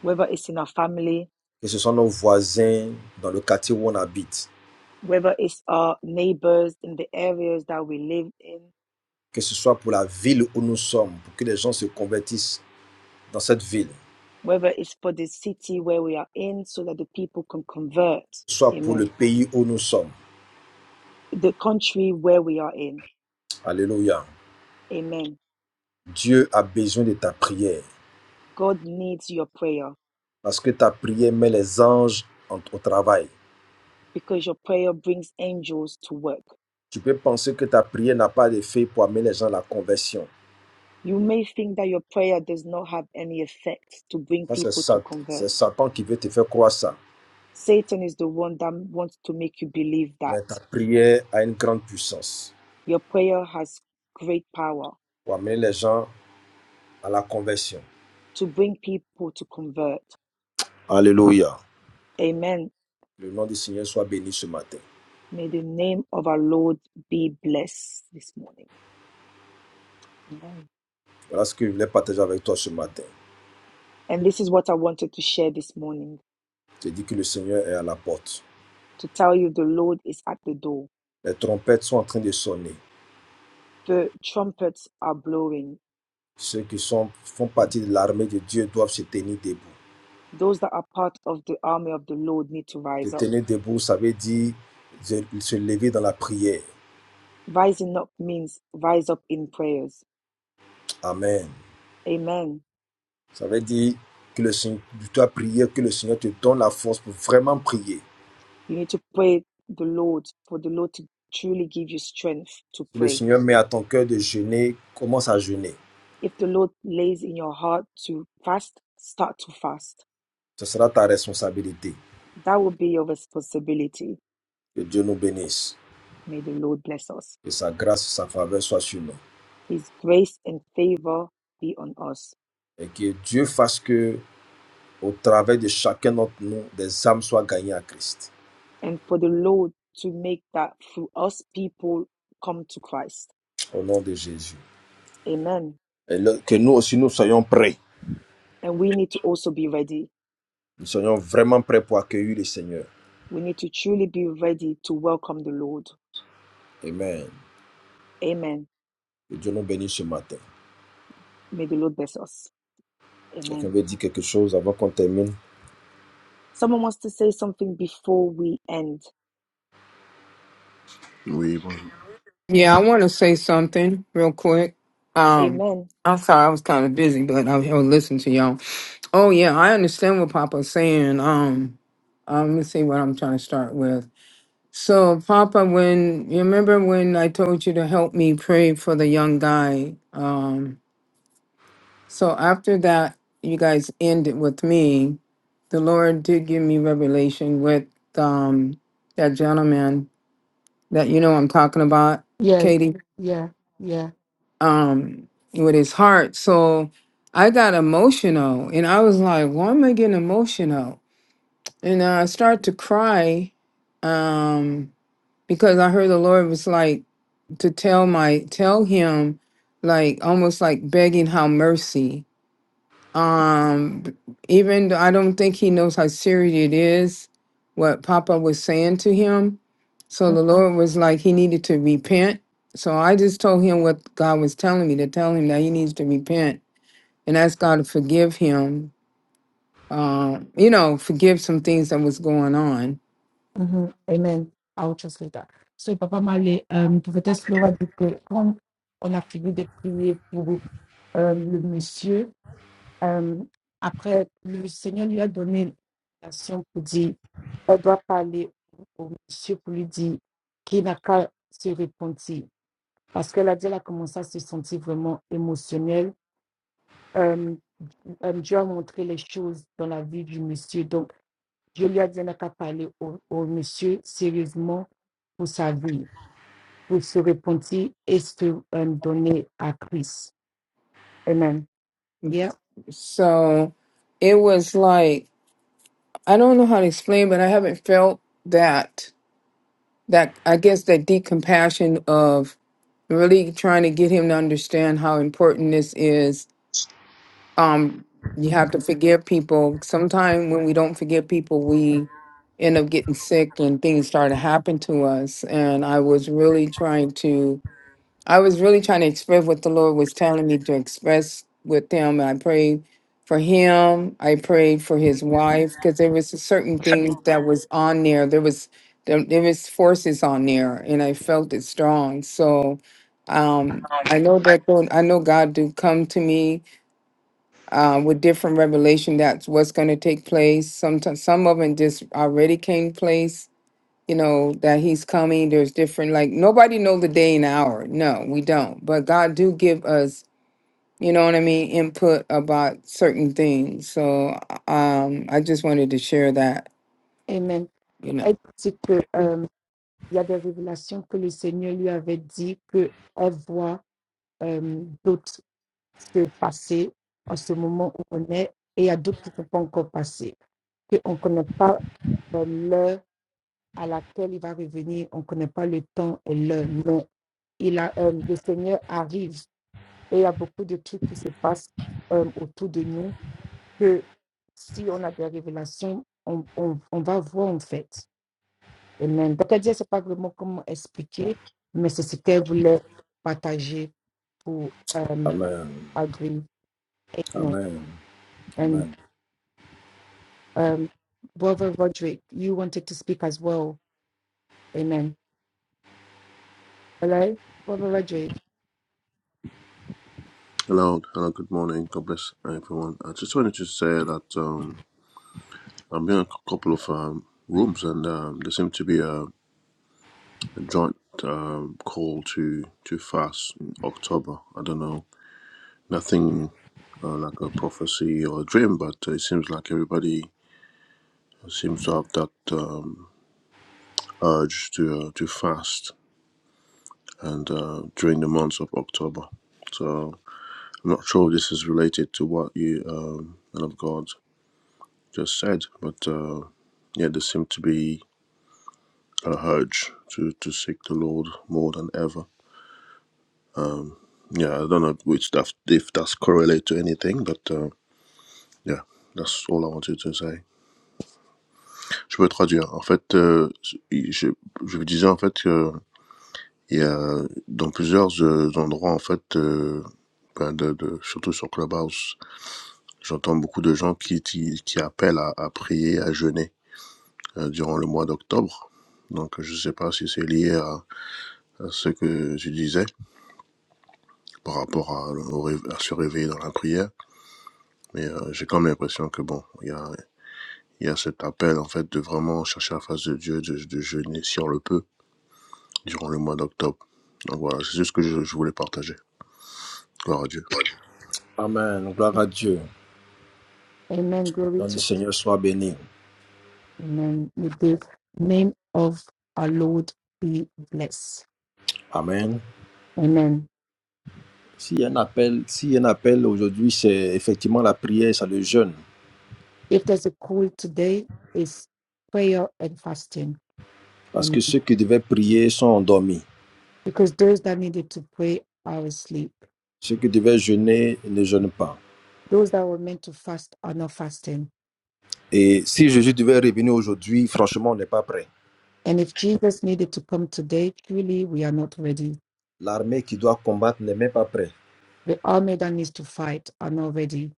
[SPEAKER 1] Whether it's in our family,
[SPEAKER 5] que ce soit nos voisins, dans le quartier où on habite,
[SPEAKER 1] whether it's our neighbors in the areas that we live in,
[SPEAKER 5] que ce soit pour la ville où nous sommes, pour que les gens se convertissent dans cette ville, que
[SPEAKER 1] whether it's for the city where we are in, so that the people can convert.
[SPEAKER 5] ce soit pour le
[SPEAKER 1] Amen.
[SPEAKER 5] pays où nous sommes.
[SPEAKER 1] The country where we are in.
[SPEAKER 5] Alléluia.
[SPEAKER 1] Amen.
[SPEAKER 5] Dieu a besoin de ta prière
[SPEAKER 1] God needs your prayer
[SPEAKER 5] parce que ta prière met les anges en- au travail.
[SPEAKER 1] because your prayer brings angels to work.
[SPEAKER 5] Tu peux penser que ta prière n'a pas d'effet pour amener les gens à la conversion.
[SPEAKER 1] You may think that your prayer does not have any effect to bring
[SPEAKER 5] Ça, c'est
[SPEAKER 1] people to
[SPEAKER 5] Sat-
[SPEAKER 1] convert.
[SPEAKER 5] c'est Satan qui veut te faire croire ça.
[SPEAKER 1] Satan is the one that wants to make you believe that
[SPEAKER 5] Mais ta prière a une grande puissance
[SPEAKER 1] your prayer has great power
[SPEAKER 5] pour amener les gens à la conversion.
[SPEAKER 1] to bring people to convert.
[SPEAKER 5] Alléluia.
[SPEAKER 1] Amen.
[SPEAKER 5] Le nom du Seigneur soit béni ce matin.
[SPEAKER 1] May the name of our Lord be blessed this morning. Amen.
[SPEAKER 5] Voilà ce que je voulais partager avec toi ce matin.
[SPEAKER 1] And this is what I wanted to share this morning
[SPEAKER 5] Je dis que le Seigneur est à la porte.
[SPEAKER 1] to tell you the Lord is at the door.
[SPEAKER 5] Les trompettes sont en train de sonner.
[SPEAKER 1] The trumpets are blowing.
[SPEAKER 5] Ceux qui sont, font partie de l'armée de Dieu doivent se tenir debout.
[SPEAKER 1] Those that are part of the army of the Lord need to
[SPEAKER 5] Se
[SPEAKER 1] rise up.
[SPEAKER 5] tenir debout, ça veut dire se se lever dans la prière.
[SPEAKER 1] Rising up means rise up in prayers.
[SPEAKER 5] Amen.
[SPEAKER 1] Amen.
[SPEAKER 5] Ça veut dire que le Seigneur, tu dois prier, que le Seigneur te donne la force pour vraiment prier.
[SPEAKER 1] You need to pray the Lord for the Lord to truly give you strength to
[SPEAKER 5] Si le
[SPEAKER 1] pray.
[SPEAKER 5] Seigneur met à ton cœur de jeûner, commence à jeûner.
[SPEAKER 1] If the Lord lays in your heart to fast, start to fast.
[SPEAKER 5] Ce sera ta responsabilité.
[SPEAKER 1] That will be your responsibility.
[SPEAKER 5] Que Dieu nous bénisse.
[SPEAKER 1] May the Lord bless us.
[SPEAKER 5] Que sa grâce, sa faveur soit sur nous.
[SPEAKER 1] His grace and favor be on us.
[SPEAKER 5] Et que Dieu fasse que, au travers de chacun d'entre nous, des âmes soient gagnées à Christ.
[SPEAKER 1] and for the Lord to make that through us people come to Christ.
[SPEAKER 5] Au nom de Jésus.
[SPEAKER 1] Amen.
[SPEAKER 5] Et le- que nous aussi, nous soyons prêts.
[SPEAKER 1] And we need to also be ready.
[SPEAKER 5] Nous soyons vraiment prêts pour accueillir le Seigneur.
[SPEAKER 1] We need to truly be ready to welcome the Lord.
[SPEAKER 5] Amen.
[SPEAKER 1] Amen.
[SPEAKER 5] Que Dieu nous bénisse ce matin.
[SPEAKER 1] May the Lord bless us.
[SPEAKER 5] Quelqu'un
[SPEAKER 1] Amen.
[SPEAKER 5] veut dire quelque chose avant qu'on termine
[SPEAKER 1] Someone wants to say something before we end.
[SPEAKER 6] We
[SPEAKER 2] Yeah, I want to say something real quick. Um,
[SPEAKER 1] Amen.
[SPEAKER 2] I'm sorry, I was kind of busy, but I was listening to y'all. Oh yeah, I understand what Papa's saying. Um, um, let's see what I'm trying to start with. So, Papa, when you remember when I told you to help me pray for the young guy, um, so after that, you guys ended with me. The Lord did give me revelation with um, that gentleman that you know I'm talking about,
[SPEAKER 1] Yeah,
[SPEAKER 2] Katie,
[SPEAKER 1] yeah, yeah.
[SPEAKER 2] um, with his heart. So I got emotional, and I was like, "Why am I getting emotional?" And I start to cry. Um, because I heard the Lord was like to tell my tell him like almost like begging how mercy. Um b- even though I don't think he knows how serious it is what Papa was saying to him. So the Lord was like he needed to repent. So I just told him what God was telling me to tell him that he needs to repent and ask God to forgive him. Uh, you know, forgive some things that was going on.
[SPEAKER 1] hmm Amen. I'll translate that. So, Papa Malé, euh, prophétesse Laura dit que quand on a fini de prier pour euh, le monsieur, Euh, après, le Seigneur lui a donné une invitation pour dire, elle doit parler au au monsieur pour lui dire qu'il n'a qu'à se repentir. Parce qu'elle a dit, elle a commencé à se sentir vraiment émotionnelle. Euh, euh, Dieu a montré les choses dans la vie du monsieur. Donc, Dieu lui a dit, elle n'a qu'à parler au, au monsieur sérieusement pour sa vie, pour se repentir et se euh, donner à Christ. Amen. Yeah.
[SPEAKER 2] So it was like I don't know how to explain, but I haven't felt that that I guess that deep compassion of really trying to get him to understand how important this is. Um, you have to forgive people. Sometimes when we don't forgive people, we end up getting sick and things start to happen to us. And I was really trying to I was really trying to express what the Lord was telling me to express with him. I prayed for him. I prayed for his wife because there was certain things that was on there. There was there, there was forces on there, and I felt it strong. So um, I know that God- I know God do come to me uh, with different revelation. That's what's going to take place. Sometimes some of them just already came place you know that he's coming there's different like nobody know the day and hour no we don't but god do give us you know what i mean input about certain things so um i just wanted to share that
[SPEAKER 1] Amen.
[SPEAKER 2] you know
[SPEAKER 1] Elle dit que il y a des révélations que le Seigneur lui avait dit que elle voit euh, d'autres se passer en ce moment où on est, et il y a d'autres qui ne sont pas encore passées, qu'on ne connaît pas euh, l'heure à laquelle il va revenir, on ne connaît pas le temps et l'heure, non. Il a, euh, le Seigneur arrive et il y a beaucoup de trucs qui se passent euh, autour de nous que si on a des révélations, on, on on va voir en fait. Amen. Donc, elle dit, c'est pas vraiment comment expliquer, mais c'est ce qu'elle voulait partager pour um,
[SPEAKER 5] Amen.
[SPEAKER 1] agree. Amen.
[SPEAKER 5] Amen.
[SPEAKER 1] And
[SPEAKER 5] Amen.
[SPEAKER 1] um, Brother Roderick, you wanted to speak as well. Amen. Hello, Brother Roderick.
[SPEAKER 6] hello, hello, good morning. God bless everyone. I just wanted to say that um, I'm in a cou- couple of um, rooms, and um, there seemed to be a, a joint um, call to to fast in October. I don't know, nothing uh, like a prophecy or a dream, but it seems like everybody seems to have that um, urge to uh, to fast, and uh, during the months of October. So I'm not sure if this is related to what you, um, man of God. just said. But uh, yeah, there seemed to be a urge to, to seek the Lord more than ever. Yeah, I don't know which that, if that's correlate to anything, but uh, yeah, that's all I wanted to say. Je peux traduire. En fait, euh, je, je vous disais en fait que il y a dans plusieurs euh, endroits en fait, euh, ben, de, de- surtout sur Clubhouse, j'entends beaucoup de gens qui, qui, qui appellent à, à prier, à jeûner euh, durant le mois d'octobre. Donc, je ne sais pas si c'est lié à à ce que tu disais par rapport à, au réve- à se réveiller dans la prière. Mais euh, j'ai quand même l'impression que bon, il y a, il y a cet appel en fait de vraiment chercher la face de Dieu, de, de jeûner si on le peut durant le mois d'octobre. Donc voilà, c'est juste ce que je, je voulais partager. Gloire à Dieu.
[SPEAKER 5] Amen. Gloire à Dieu.
[SPEAKER 1] Amen. Glory
[SPEAKER 5] Nom du
[SPEAKER 1] to
[SPEAKER 5] Seigneur soit béni.
[SPEAKER 1] Amen. May the name of our Lord be blessed.
[SPEAKER 5] Amen.
[SPEAKER 1] Amen.
[SPEAKER 5] S'il y a un appel, s'il y a un appel aujourd'hui, c'est effectivement la prière, c'est le jeûne.
[SPEAKER 1] If there's a call today, it's prayer and fasting.
[SPEAKER 5] Parce que ceux qui devaient prier sont endormis.
[SPEAKER 1] because those that needed to pray are asleep.
[SPEAKER 5] Ceux qui devaient jeûner ne jeûnent pas.
[SPEAKER 1] Those that were meant to fast are not fasting.
[SPEAKER 5] Et si Jésus devait revenir aujourd'hui, franchement, on n'est pas prêt.
[SPEAKER 1] And if Jesus needed to come today, truly we are not ready.
[SPEAKER 5] L'armée qui doit combattre n'est même pas prêt.
[SPEAKER 1] The army that needs to fight are not ready.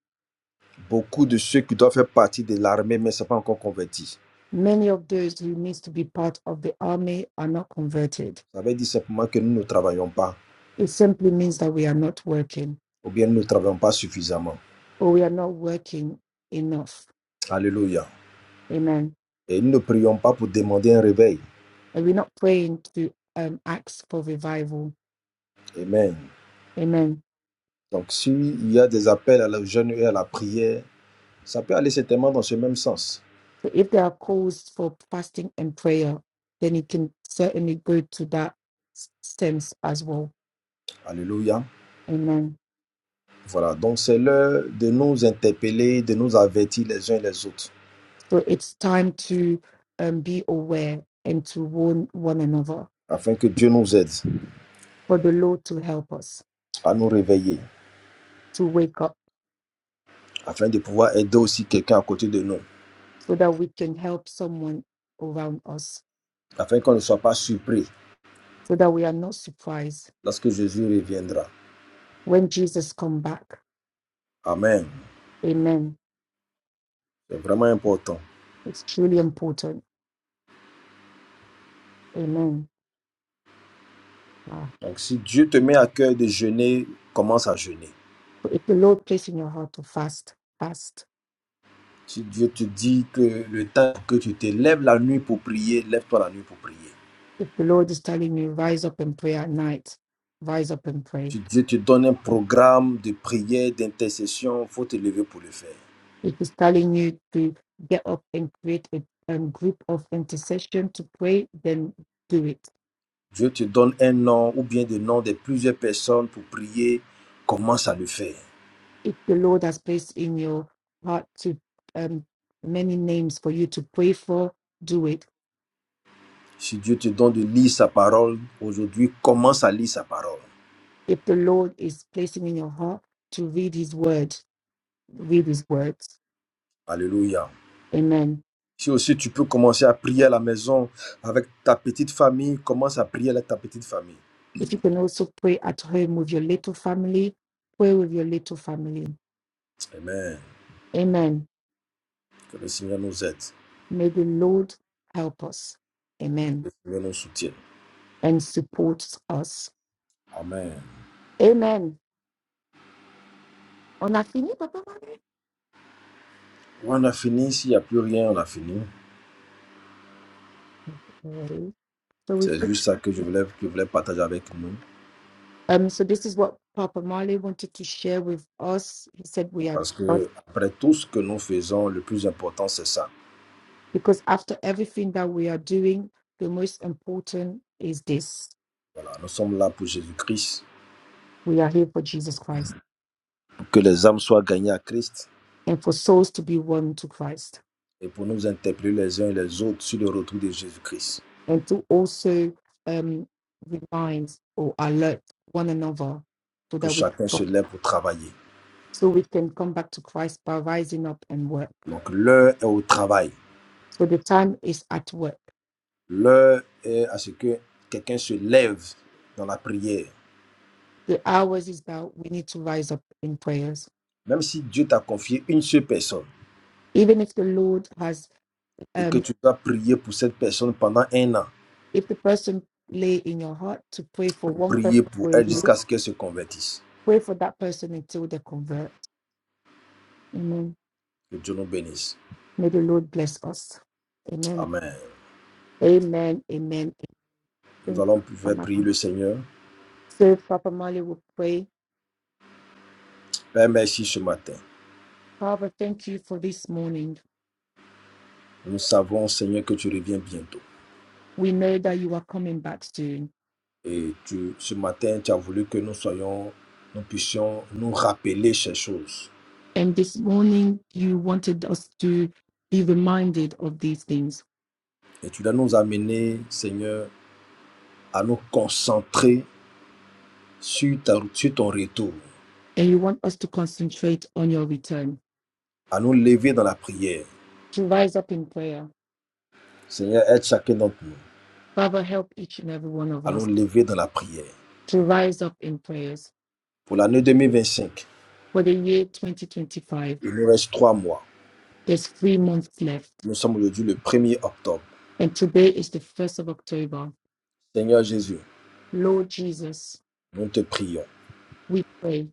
[SPEAKER 5] Beaucoup de ceux qui doivent faire partie de l'armée, mais ne sont pas encore convertis.
[SPEAKER 1] Many of those who needs to be part of the army are not converted.
[SPEAKER 5] Ça veut dire simplement que nous ne travaillons pas,
[SPEAKER 1] It simply means that we are not working
[SPEAKER 5] ou bien nous ne travaillons pas suffisamment.
[SPEAKER 1] or we are not working enough.
[SPEAKER 5] Alléluia.
[SPEAKER 1] Amen.
[SPEAKER 5] Et nous ne prions pas pour demander un réveil.
[SPEAKER 1] And we're not praying to um, ask for revival.
[SPEAKER 5] Amen.
[SPEAKER 1] Amen
[SPEAKER 5] Donc, s'il y a des appels à la jeûne et à la prière, ça peut aller certainement dans ce même sens.
[SPEAKER 1] So if there are calls for fasting and prayer, then it can certainly go to that s- sense as well.
[SPEAKER 5] Alléluia.
[SPEAKER 1] Amen.
[SPEAKER 5] Voilà. Donc, c'est l'heure de nous interpeller, de nous avertir les uns et les autres,
[SPEAKER 1] So it's time to um, be aware and to warn one another
[SPEAKER 5] afin que Dieu nous aide
[SPEAKER 1] for the Lord to help us
[SPEAKER 5] à nous réveiller,
[SPEAKER 1] to wake up
[SPEAKER 5] afin de pouvoir aider aussi quelqu'un à côté de nous,
[SPEAKER 1] so that we can help someone around us,
[SPEAKER 5] afin qu'on ne soit pas surpris
[SPEAKER 1] so that we are not surprised
[SPEAKER 5] lorsque Jésus reviendra.
[SPEAKER 1] when Jesus come back.
[SPEAKER 5] Amen.
[SPEAKER 1] Amen.
[SPEAKER 5] C'est vraiment important.
[SPEAKER 1] It's truly important. Amen. Ah,
[SPEAKER 5] Donc, si Dieu te met à cœur de jeûner, commence à jeûner.
[SPEAKER 1] so if the Lord place in your heart to fast, fast
[SPEAKER 5] Si Dieu te dit que le temps que tu te lèves la nuit pour prier, lève-toi la nuit pour prier.
[SPEAKER 1] If the Lord is telling you, rise up and pray at night, rise up and pray.
[SPEAKER 5] Si Dieu te donne un programme de prière, d'intercession, il faut te lever pour le faire.
[SPEAKER 1] If He's telling you to get up and create a um, group of intercession to pray, then do it.
[SPEAKER 5] Dieu te donne un nom ou bien des noms de plusieurs personnes pour prier, commence à le faire.
[SPEAKER 1] If the Lord has placed in your heart to um, many names for you to pray for, do it.
[SPEAKER 5] Si Dieu te donne de lire sa parole, aujourd'hui, commence à lire sa parole.
[SPEAKER 1] If the Lord is placing in your heart to read His word, read His words.
[SPEAKER 5] Alléluia.
[SPEAKER 1] Amen.
[SPEAKER 5] Si aussi tu peux commencer à prier à la maison avec ta petite famille, commence à prier avec ta petite famille.
[SPEAKER 1] If you can also pray at home with your little family, pray with your little family.
[SPEAKER 5] Amen.
[SPEAKER 1] Amen
[SPEAKER 5] Que le Seigneur nous aide.
[SPEAKER 1] May the Lord help us.
[SPEAKER 5] Que
[SPEAKER 1] Amen.
[SPEAKER 5] le Seigneur nous soutienne.
[SPEAKER 1] And support us.
[SPEAKER 5] Amen.
[SPEAKER 1] Amen. On a fini, Papa Marley?
[SPEAKER 5] On a fini. S'il n'y a plus rien, on a fini.
[SPEAKER 1] Okay. So we
[SPEAKER 5] C'est juste ça que je voulais, que je voulais partager avec nous.
[SPEAKER 1] um so this is what Papa Marley wanted to share with us. He said we are
[SPEAKER 5] Parce
[SPEAKER 1] blessed
[SPEAKER 5] que après tout ce que nous faisons, le plus important, c'est ça.
[SPEAKER 1] because after everything that we are doing, the most important is this.
[SPEAKER 5] Voilà, nous sommes là pour Jésus-Christ,
[SPEAKER 1] We are here for Jesus Christ
[SPEAKER 5] pour que les âmes soient gagnées à Christ
[SPEAKER 1] and for souls to be won to Christ
[SPEAKER 5] et pour nous interpeller les uns et les autres sur le retour de Jésus-Christ.
[SPEAKER 1] and to also um remind or alert one another so
[SPEAKER 5] Que
[SPEAKER 1] that
[SPEAKER 5] chacun
[SPEAKER 1] we
[SPEAKER 5] se lève pour travailler.
[SPEAKER 1] so we can come back to Christ by rising up and work.
[SPEAKER 5] Donc l'heure est au travail.
[SPEAKER 1] So the time is at work.
[SPEAKER 5] L'heure est à ce que quelqu'un se lève dans la prière.
[SPEAKER 1] The hours is that we need to rise up in prayers.
[SPEAKER 5] Même si Dieu t'a confié une seule personne,
[SPEAKER 1] Even if the Lord has,
[SPEAKER 5] et que
[SPEAKER 1] um,
[SPEAKER 5] tu dois prier pour cette personne pendant un an,
[SPEAKER 1] if the person lay in your heart to pray for
[SPEAKER 5] pour
[SPEAKER 1] one
[SPEAKER 5] prier
[SPEAKER 1] person
[SPEAKER 5] pour
[SPEAKER 1] for
[SPEAKER 5] elle
[SPEAKER 1] you,
[SPEAKER 5] jusqu'à ce qu'elle se convertisse.
[SPEAKER 1] pray for that person until they convert. Amen.
[SPEAKER 5] Que Dieu nous bénisse.
[SPEAKER 1] May the Lord bless us. Amen.
[SPEAKER 5] Amen.
[SPEAKER 1] Amen. Amen.
[SPEAKER 5] Nous allons pouvoir
[SPEAKER 1] Amen.
[SPEAKER 5] prier le Seigneur.
[SPEAKER 1] So Papa Mali will pray.
[SPEAKER 5] Père, merci ce matin.
[SPEAKER 1] Father, thank you for this morning.
[SPEAKER 5] Nous savons, Seigneur, que tu reviens bientôt.
[SPEAKER 1] We know that you are coming back soon.
[SPEAKER 5] Et tu, ce matin, tu as voulu que nous soyons, nous puissions nous rappeler ces choses.
[SPEAKER 1] And this morning, you wanted us to be reminded of these things,
[SPEAKER 5] Et tu dois nous amener, Seigneur, à nous concentrer sur, ta- sur ton retour,
[SPEAKER 1] and you want us to concentrate on your return,
[SPEAKER 5] à nous lever dans la prière.
[SPEAKER 1] to rise up in prayer.
[SPEAKER 5] Seigneur, aide chacun d'entre nous
[SPEAKER 1] Father, help each and every one of
[SPEAKER 5] à nous
[SPEAKER 1] us
[SPEAKER 5] lever dans la prière
[SPEAKER 1] to rise up in prayers.
[SPEAKER 5] Pour l'année 2025,
[SPEAKER 1] For the year 2025,
[SPEAKER 5] il nous reste trois mois.
[SPEAKER 1] there's three months left,
[SPEAKER 5] Nous sommes aujourd'hui le 1er octobre.
[SPEAKER 1] and today is the 1st of October.
[SPEAKER 5] Seigneur Jésus,
[SPEAKER 1] Lord Jesus,
[SPEAKER 5] nous te prions
[SPEAKER 1] we pray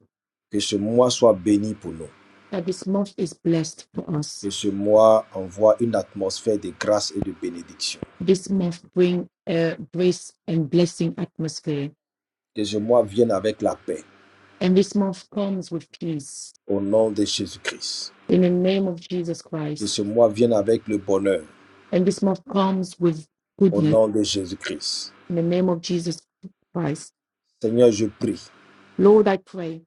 [SPEAKER 5] que ce mois soit béni pour nous.
[SPEAKER 1] that this month is blessed for us.
[SPEAKER 5] Que ce mois envoie une atmosphère de grâce et de bénédiction.
[SPEAKER 1] This month bring a grace and blessing atmosphere,
[SPEAKER 5] Que ce mois vienne avec la paix
[SPEAKER 1] and this month comes with peace
[SPEAKER 5] au nom de Jésus-Christ.
[SPEAKER 1] in the name of Jesus
[SPEAKER 5] Que
[SPEAKER 1] Christ.
[SPEAKER 5] ce mois vienne avec le bonheur
[SPEAKER 1] And this month comes with
[SPEAKER 5] au
[SPEAKER 1] goodness
[SPEAKER 5] nom de Jésus-Christ.
[SPEAKER 1] in the name of Jesus Christ.
[SPEAKER 5] Seigneur, je prie
[SPEAKER 1] Lord, I pray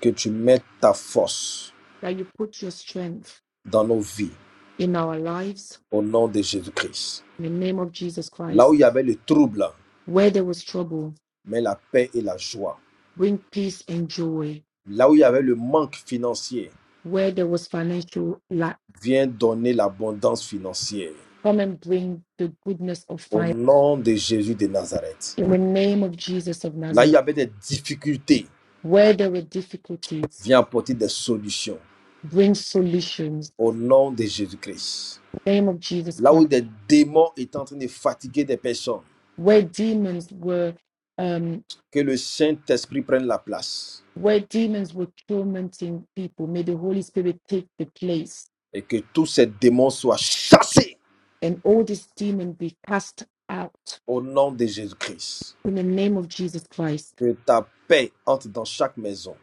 [SPEAKER 5] que tu mettes ta force
[SPEAKER 1] that you put your strength
[SPEAKER 5] dans nos vies
[SPEAKER 1] in our lives
[SPEAKER 5] au nom de Jésus-Christ.
[SPEAKER 1] in the name of Jesus
[SPEAKER 5] Là où
[SPEAKER 1] Christ.
[SPEAKER 5] il y avait le trouble,
[SPEAKER 1] Where there was trouble,
[SPEAKER 5] mais la paix et la joie
[SPEAKER 1] bring peace and joy.
[SPEAKER 5] Là où il y avait le manque financier,
[SPEAKER 1] Where there was financial lack,
[SPEAKER 5] viens donner l'abondance financière
[SPEAKER 1] come and bring the goodness of
[SPEAKER 5] au
[SPEAKER 1] fire
[SPEAKER 5] nom de Jésus de Nazareth.
[SPEAKER 1] in the name of Jesus of
[SPEAKER 5] Là où il y
[SPEAKER 1] Nazareth.
[SPEAKER 5] avait des difficultés,
[SPEAKER 1] Where there were difficulties,
[SPEAKER 5] viens apporter des solutions
[SPEAKER 1] bring solutions in
[SPEAKER 5] au nom de Jésus-Christ.
[SPEAKER 1] the name of Jesus
[SPEAKER 5] Là où
[SPEAKER 1] Christ.
[SPEAKER 5] des démons étaient en train de fatiguer des personnes,
[SPEAKER 1] Where demons were. Um,
[SPEAKER 5] que le Saint-Esprit prenne la place
[SPEAKER 1] where demons were tormenting people. May the Holy Spirit take the place
[SPEAKER 5] et que tous ces démons soient chassés
[SPEAKER 1] and all these demons be cast out
[SPEAKER 5] au nom de Jésus-Christ.
[SPEAKER 1] in the name of Jesus Christ.
[SPEAKER 5] Que ta paix entre dans chaque maison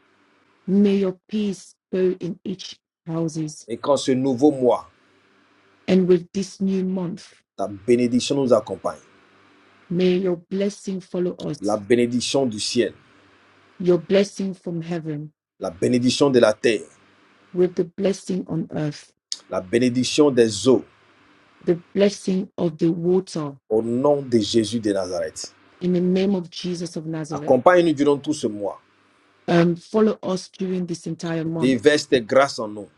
[SPEAKER 1] May your peace go in each houses.
[SPEAKER 5] et qu'en ce nouveau mois,
[SPEAKER 1] And with this new month,
[SPEAKER 5] ta bénédiction nous accompagne.
[SPEAKER 1] may your blessing follow
[SPEAKER 5] La
[SPEAKER 1] us,
[SPEAKER 5] bénédiction du ciel
[SPEAKER 1] your blessing from heaven,
[SPEAKER 5] la bénédiction de la terre,
[SPEAKER 1] with the blessing on earth,
[SPEAKER 5] la bénédiction des eaux,
[SPEAKER 1] the blessing of the water
[SPEAKER 5] au nom de Jésus de Nazareth.
[SPEAKER 1] in the name of Jesus of Nazareth.
[SPEAKER 5] Accompagne-nous durant tout ce mois.
[SPEAKER 1] Um, follow us during this entire month.
[SPEAKER 5] Déverse tes grâces en nous.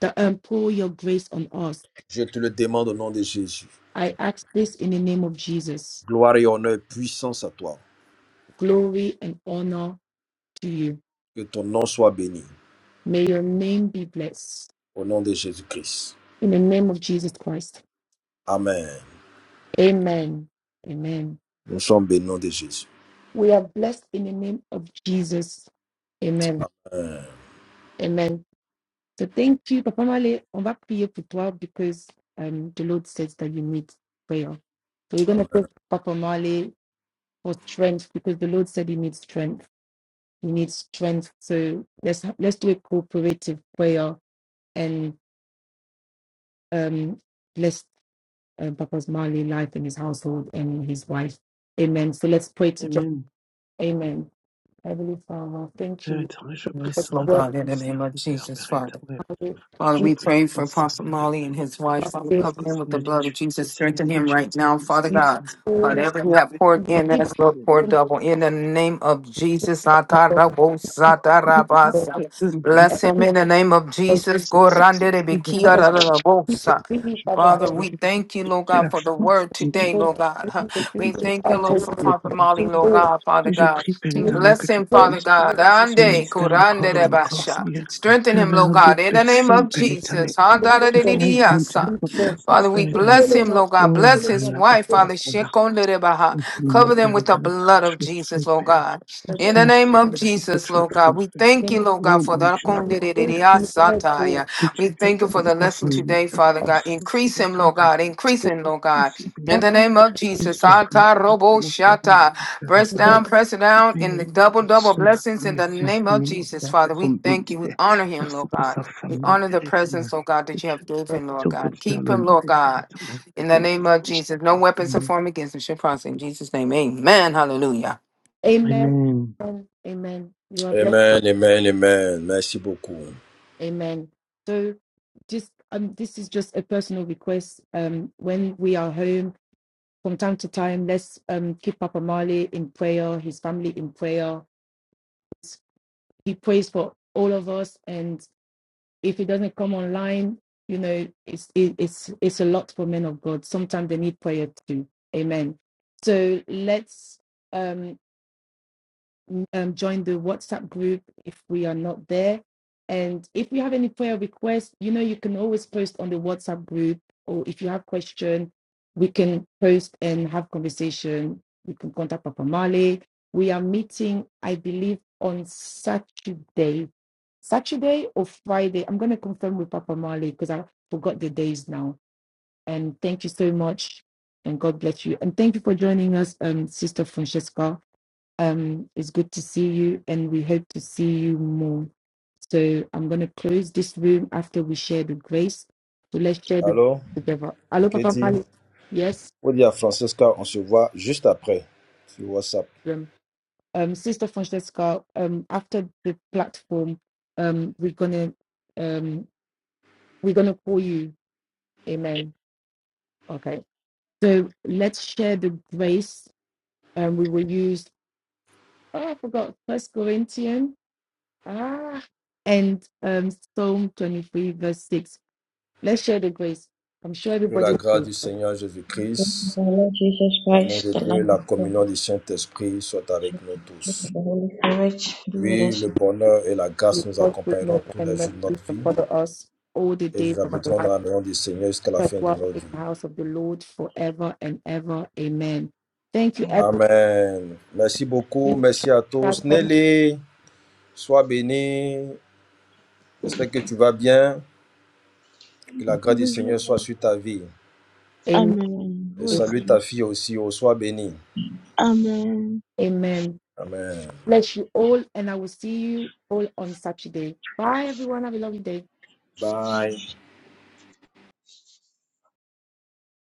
[SPEAKER 1] That um, pour your grace on us
[SPEAKER 5] Je te le demande au nom de Jésus.
[SPEAKER 1] I ask this in the name of Jesus.
[SPEAKER 5] Gloire et honneur et puissance à toi.
[SPEAKER 1] Glory and honor to you.
[SPEAKER 5] Que ton nom soit béni.
[SPEAKER 1] May your name be blessed.
[SPEAKER 5] Au nom de Jésus-Christ.
[SPEAKER 1] In the name of Jesus Christ.
[SPEAKER 5] Amen.
[SPEAKER 1] Amen. Amen.
[SPEAKER 5] Nous sommes bénis au nom de Jésus.
[SPEAKER 1] We are blessed in the name of Jesus. Amen.
[SPEAKER 5] Amen.
[SPEAKER 1] Amen. So thank you, Papa Male. On va prier pour toi because um, the Lord says that you need prayer. So we're going to pray for Papa Male for strength because the Lord said he needs strength. He needs strength. So let's let's do a cooperative prayer and um, blessed um, Papa's Marley life and his household and his wife. Amen. So let's pray to God.
[SPEAKER 3] Amen.
[SPEAKER 1] Amen. Heavenly Father, thank
[SPEAKER 3] Père
[SPEAKER 1] you
[SPEAKER 3] éternel, je prie
[SPEAKER 1] for
[SPEAKER 2] Yes,
[SPEAKER 3] ce
[SPEAKER 2] Lord
[SPEAKER 1] the
[SPEAKER 3] matin
[SPEAKER 1] work
[SPEAKER 2] God,
[SPEAKER 3] pour
[SPEAKER 2] in
[SPEAKER 3] mon
[SPEAKER 2] the name of
[SPEAKER 3] serviteur,
[SPEAKER 2] Jesus,
[SPEAKER 3] Père
[SPEAKER 2] Father.
[SPEAKER 3] éternel.
[SPEAKER 1] of it.
[SPEAKER 2] Father,
[SPEAKER 3] Je
[SPEAKER 1] We
[SPEAKER 2] we
[SPEAKER 3] prie
[SPEAKER 2] pray
[SPEAKER 3] pour ton
[SPEAKER 2] for Apostle
[SPEAKER 3] serviteur,
[SPEAKER 2] Molly and
[SPEAKER 3] Père,
[SPEAKER 2] his
[SPEAKER 3] que
[SPEAKER 2] wife.
[SPEAKER 3] tu
[SPEAKER 2] Father,
[SPEAKER 1] give
[SPEAKER 3] puisses
[SPEAKER 2] cover him with
[SPEAKER 3] continuer
[SPEAKER 2] the
[SPEAKER 3] à
[SPEAKER 2] blood of
[SPEAKER 3] l'utiliser,
[SPEAKER 2] Jesus.
[SPEAKER 3] Seigneur,
[SPEAKER 2] Strengthen
[SPEAKER 3] que
[SPEAKER 2] him
[SPEAKER 3] tu
[SPEAKER 2] right now,
[SPEAKER 3] puisses
[SPEAKER 2] Father
[SPEAKER 1] you
[SPEAKER 2] God.
[SPEAKER 3] continuer, Père
[SPEAKER 1] all your
[SPEAKER 2] Whatever you
[SPEAKER 3] éternel.
[SPEAKER 2] have
[SPEAKER 1] we
[SPEAKER 2] poured in
[SPEAKER 1] give you
[SPEAKER 2] us,
[SPEAKER 3] C'est
[SPEAKER 2] Lord, pour
[SPEAKER 1] all
[SPEAKER 2] double. In the name of Jesus,
[SPEAKER 1] your God.
[SPEAKER 2] Atarabosatarabaso. bless him
[SPEAKER 1] Everything
[SPEAKER 2] in the name of
[SPEAKER 1] for
[SPEAKER 2] Jesus.
[SPEAKER 1] Father God.
[SPEAKER 2] Goranderebekiarabosat.
[SPEAKER 1] People busy, Father
[SPEAKER 2] Father,
[SPEAKER 1] God.
[SPEAKER 2] we thank you, Lord God,
[SPEAKER 3] la
[SPEAKER 2] for the
[SPEAKER 3] force
[SPEAKER 2] word
[SPEAKER 3] Seigneur,
[SPEAKER 1] And
[SPEAKER 2] today,
[SPEAKER 1] all
[SPEAKER 2] Lord God.
[SPEAKER 1] the
[SPEAKER 2] <laughs>
[SPEAKER 3] que
[SPEAKER 2] Huh.
[SPEAKER 1] things
[SPEAKER 3] tu
[SPEAKER 1] that you
[SPEAKER 2] We
[SPEAKER 3] puisses
[SPEAKER 1] can
[SPEAKER 2] thank you,
[SPEAKER 1] find for
[SPEAKER 2] Lord, for
[SPEAKER 3] t'exprimer au
[SPEAKER 1] you.
[SPEAKER 3] Père
[SPEAKER 2] Prophet Molly,
[SPEAKER 3] éternel.
[SPEAKER 1] We
[SPEAKER 2] Lord
[SPEAKER 1] all
[SPEAKER 2] God, Father
[SPEAKER 3] Et je
[SPEAKER 2] God.
[SPEAKER 3] prie, Père
[SPEAKER 1] you
[SPEAKER 3] éternel, que
[SPEAKER 2] Bless
[SPEAKER 3] tu
[SPEAKER 2] him,
[SPEAKER 1] pray
[SPEAKER 2] Father
[SPEAKER 3] puisses faire
[SPEAKER 2] God.
[SPEAKER 1] for
[SPEAKER 3] avancer son
[SPEAKER 2] Ande,
[SPEAKER 3] ministère encore
[SPEAKER 2] kurande
[SPEAKER 3] et
[SPEAKER 2] de
[SPEAKER 3] encore,
[SPEAKER 2] basha.
[SPEAKER 3] Seigneur.
[SPEAKER 2] Strengthen
[SPEAKER 3] Faire
[SPEAKER 2] him, Lord
[SPEAKER 3] venir
[SPEAKER 2] God,
[SPEAKER 3] d'autres
[SPEAKER 2] in the name
[SPEAKER 3] personnes,
[SPEAKER 2] of
[SPEAKER 3] Père éternel,
[SPEAKER 2] Jesus. Handa da
[SPEAKER 3] qui
[SPEAKER 2] de de
[SPEAKER 1] the
[SPEAKER 3] feront
[SPEAKER 2] de ya
[SPEAKER 3] grandir son
[SPEAKER 1] Lord.
[SPEAKER 3] ministère,
[SPEAKER 2] Father,
[SPEAKER 3] Père
[SPEAKER 2] we
[SPEAKER 1] We
[SPEAKER 3] éternel.
[SPEAKER 2] bless
[SPEAKER 1] fill
[SPEAKER 2] him,
[SPEAKER 1] him up,
[SPEAKER 2] Lord God.
[SPEAKER 3] Oh la
[SPEAKER 1] fill
[SPEAKER 2] Bless
[SPEAKER 1] him
[SPEAKER 2] his
[SPEAKER 1] up,
[SPEAKER 3] Kalia
[SPEAKER 1] to
[SPEAKER 2] wife,
[SPEAKER 1] fill him
[SPEAKER 2] Father.
[SPEAKER 3] Basta,
[SPEAKER 2] Shekonde de baha.
[SPEAKER 3] Maintenant, mon
[SPEAKER 2] Cover them
[SPEAKER 3] Père,
[SPEAKER 2] with the
[SPEAKER 3] dans la
[SPEAKER 2] blood of
[SPEAKER 3] je
[SPEAKER 2] Jesus,
[SPEAKER 3] fais,
[SPEAKER 2] Lord
[SPEAKER 3] Père.
[SPEAKER 2] God.
[SPEAKER 1] up.
[SPEAKER 2] In
[SPEAKER 3] Merci
[SPEAKER 2] the name of
[SPEAKER 3] infiniment pour ce que
[SPEAKER 2] Jesus,
[SPEAKER 3] tu as
[SPEAKER 2] Lord God,
[SPEAKER 3] fait,
[SPEAKER 2] we
[SPEAKER 3] Père.
[SPEAKER 2] thank
[SPEAKER 1] Then
[SPEAKER 2] you, Lord God,
[SPEAKER 3] Oh
[SPEAKER 2] for
[SPEAKER 3] mon
[SPEAKER 2] the
[SPEAKER 3] Dieu,
[SPEAKER 2] konde
[SPEAKER 3] mon
[SPEAKER 2] de de
[SPEAKER 1] all
[SPEAKER 2] de
[SPEAKER 3] Père,
[SPEAKER 1] to
[SPEAKER 2] ya
[SPEAKER 1] you,
[SPEAKER 2] sa
[SPEAKER 3] que
[SPEAKER 2] We
[SPEAKER 3] tu
[SPEAKER 1] Amen.
[SPEAKER 3] puisses
[SPEAKER 2] thank you for the
[SPEAKER 3] couvrir son
[SPEAKER 2] lesson today,
[SPEAKER 3] ministère de
[SPEAKER 2] Father
[SPEAKER 3] ton
[SPEAKER 2] God.
[SPEAKER 3] sang
[SPEAKER 2] Increase
[SPEAKER 3] et
[SPEAKER 2] him,
[SPEAKER 3] ta
[SPEAKER 2] Lord
[SPEAKER 3] main.
[SPEAKER 2] God. Increase him, Lord
[SPEAKER 3] Je
[SPEAKER 2] God.
[SPEAKER 3] suis
[SPEAKER 2] In
[SPEAKER 3] béni.
[SPEAKER 2] the name of Jesus,
[SPEAKER 3] J'espère qu'en tout
[SPEAKER 2] Ata
[SPEAKER 3] cas,
[SPEAKER 2] Robo
[SPEAKER 3] mon Père, mon Père, il aura
[SPEAKER 2] Shata.
[SPEAKER 3] fait une
[SPEAKER 2] Press down, press it
[SPEAKER 3] Je suis
[SPEAKER 2] down in the
[SPEAKER 3] béni
[SPEAKER 2] double,
[SPEAKER 3] pour
[SPEAKER 2] double
[SPEAKER 3] ce matin,
[SPEAKER 2] blessings in
[SPEAKER 3] mais
[SPEAKER 2] the
[SPEAKER 3] c'est
[SPEAKER 2] name of
[SPEAKER 3] infiniment, mon
[SPEAKER 2] Jesus,
[SPEAKER 3] Père,
[SPEAKER 2] Father.
[SPEAKER 3] son
[SPEAKER 2] We thank you. We
[SPEAKER 3] ministère.
[SPEAKER 2] honor him,
[SPEAKER 3] Merci
[SPEAKER 2] Lord
[SPEAKER 3] pour
[SPEAKER 2] God.
[SPEAKER 3] sa
[SPEAKER 2] We
[SPEAKER 3] famille,
[SPEAKER 2] honor the
[SPEAKER 3] Père éternel.
[SPEAKER 2] presence, Lord God,
[SPEAKER 3] Que
[SPEAKER 2] that you
[SPEAKER 3] tu,
[SPEAKER 2] have given,
[SPEAKER 3] si
[SPEAKER 2] Lord
[SPEAKER 3] on
[SPEAKER 2] God.
[SPEAKER 3] continue à
[SPEAKER 2] Keep him, Lord
[SPEAKER 3] l'honorer, Père
[SPEAKER 2] God.
[SPEAKER 3] éternel.
[SPEAKER 2] In the name of Jesus. No weapons are formed against him shall prosper. In Jesus' name. Amen. Hallelujah.
[SPEAKER 1] Amen.
[SPEAKER 3] Amen.
[SPEAKER 1] Amen. You are blessed.
[SPEAKER 5] Amen, amen, amen. Merci beaucoup.
[SPEAKER 1] Amen. So just um this is just a personal request. Um when we are home from time to time, let's um keep Papa Marley in prayer, his family in prayer. He prays for all of us and. if it doesn't come online, you know, it's it, it's it's a lot for men of God. Sometimes they need prayer too. Amen. So let's. Um, um, join the WhatsApp group if we are not there. And if you have any prayer requests, you know, you can always post on the WhatsApp group, or if you have question, we can post and have conversation. You can contact Papa Male. We are meeting, I believe, on Saturday, Saturday or Friday. I'm going to confirm with Papa Male because I forgot the days now. And thank you so much. And God bless you. And thank you for joining us, um, Sister Francesca. Um, it's good to see you, and we hope to see you more. So I'm going to close this room after we share the grace. So let's share the
[SPEAKER 5] Allô,
[SPEAKER 1] together. Hello, Papa
[SPEAKER 5] Katie?
[SPEAKER 1] Mali. Yes.
[SPEAKER 5] On dit à Francesca, on se voit juste après sur WhatsApp.
[SPEAKER 1] Um, um, Sister Francesca. Um, after the platform, um, we're gonna um, we're gonna call you. Amen. Okay. So let's share the grace. Um, we will use. Oh, I forgot First Corinthians. Ah, and um, Psalm 23, verse 6. Let's share the grace. I'm sure
[SPEAKER 5] Que
[SPEAKER 1] everybody
[SPEAKER 5] la grâce
[SPEAKER 1] will
[SPEAKER 5] du Seigneur Jésus-Christ
[SPEAKER 7] Praise the Lord Jesus
[SPEAKER 5] L'amour de
[SPEAKER 7] Christ, the
[SPEAKER 5] Dieu et la
[SPEAKER 7] Lamb of God,
[SPEAKER 5] communion du Saint-Esprit soient
[SPEAKER 7] the
[SPEAKER 5] avec nous
[SPEAKER 7] fellowship
[SPEAKER 5] tous.
[SPEAKER 7] of the Holy Spirit, be with
[SPEAKER 5] Oui,
[SPEAKER 7] us.
[SPEAKER 5] le bonheur et la
[SPEAKER 1] will
[SPEAKER 5] grâce nous
[SPEAKER 1] God's goodness
[SPEAKER 5] accompagneront tous les
[SPEAKER 1] and
[SPEAKER 5] jours
[SPEAKER 1] mercy
[SPEAKER 5] de notre
[SPEAKER 1] shall
[SPEAKER 5] vie
[SPEAKER 1] follow us all the
[SPEAKER 5] et
[SPEAKER 1] days
[SPEAKER 5] nous
[SPEAKER 1] of our
[SPEAKER 5] habiterons dans
[SPEAKER 1] life.
[SPEAKER 5] la maison du Seigneur jusqu'à la
[SPEAKER 1] Let's
[SPEAKER 5] fin de
[SPEAKER 1] walk
[SPEAKER 5] nos
[SPEAKER 1] in the
[SPEAKER 5] vies.
[SPEAKER 1] house of the Lord forever and ever. Amen. Thank you, everybody.
[SPEAKER 5] Amen. Merci beaucoup. Merci à tous.
[SPEAKER 1] Welcome.
[SPEAKER 5] Nelly, sois bénie. J'espère que tu vas bien. Que la grâce du Seigneur soit sur ta vie.
[SPEAKER 4] Amen.
[SPEAKER 5] Et
[SPEAKER 1] Amen.
[SPEAKER 5] salue ta fille aussi. Oh, sois bénie.
[SPEAKER 4] Amen.
[SPEAKER 1] Amen.
[SPEAKER 5] Amen.
[SPEAKER 1] Bless you all, and I will see you all on Saturday. Bye, everyone. Have a lovely day.
[SPEAKER 5] Bye.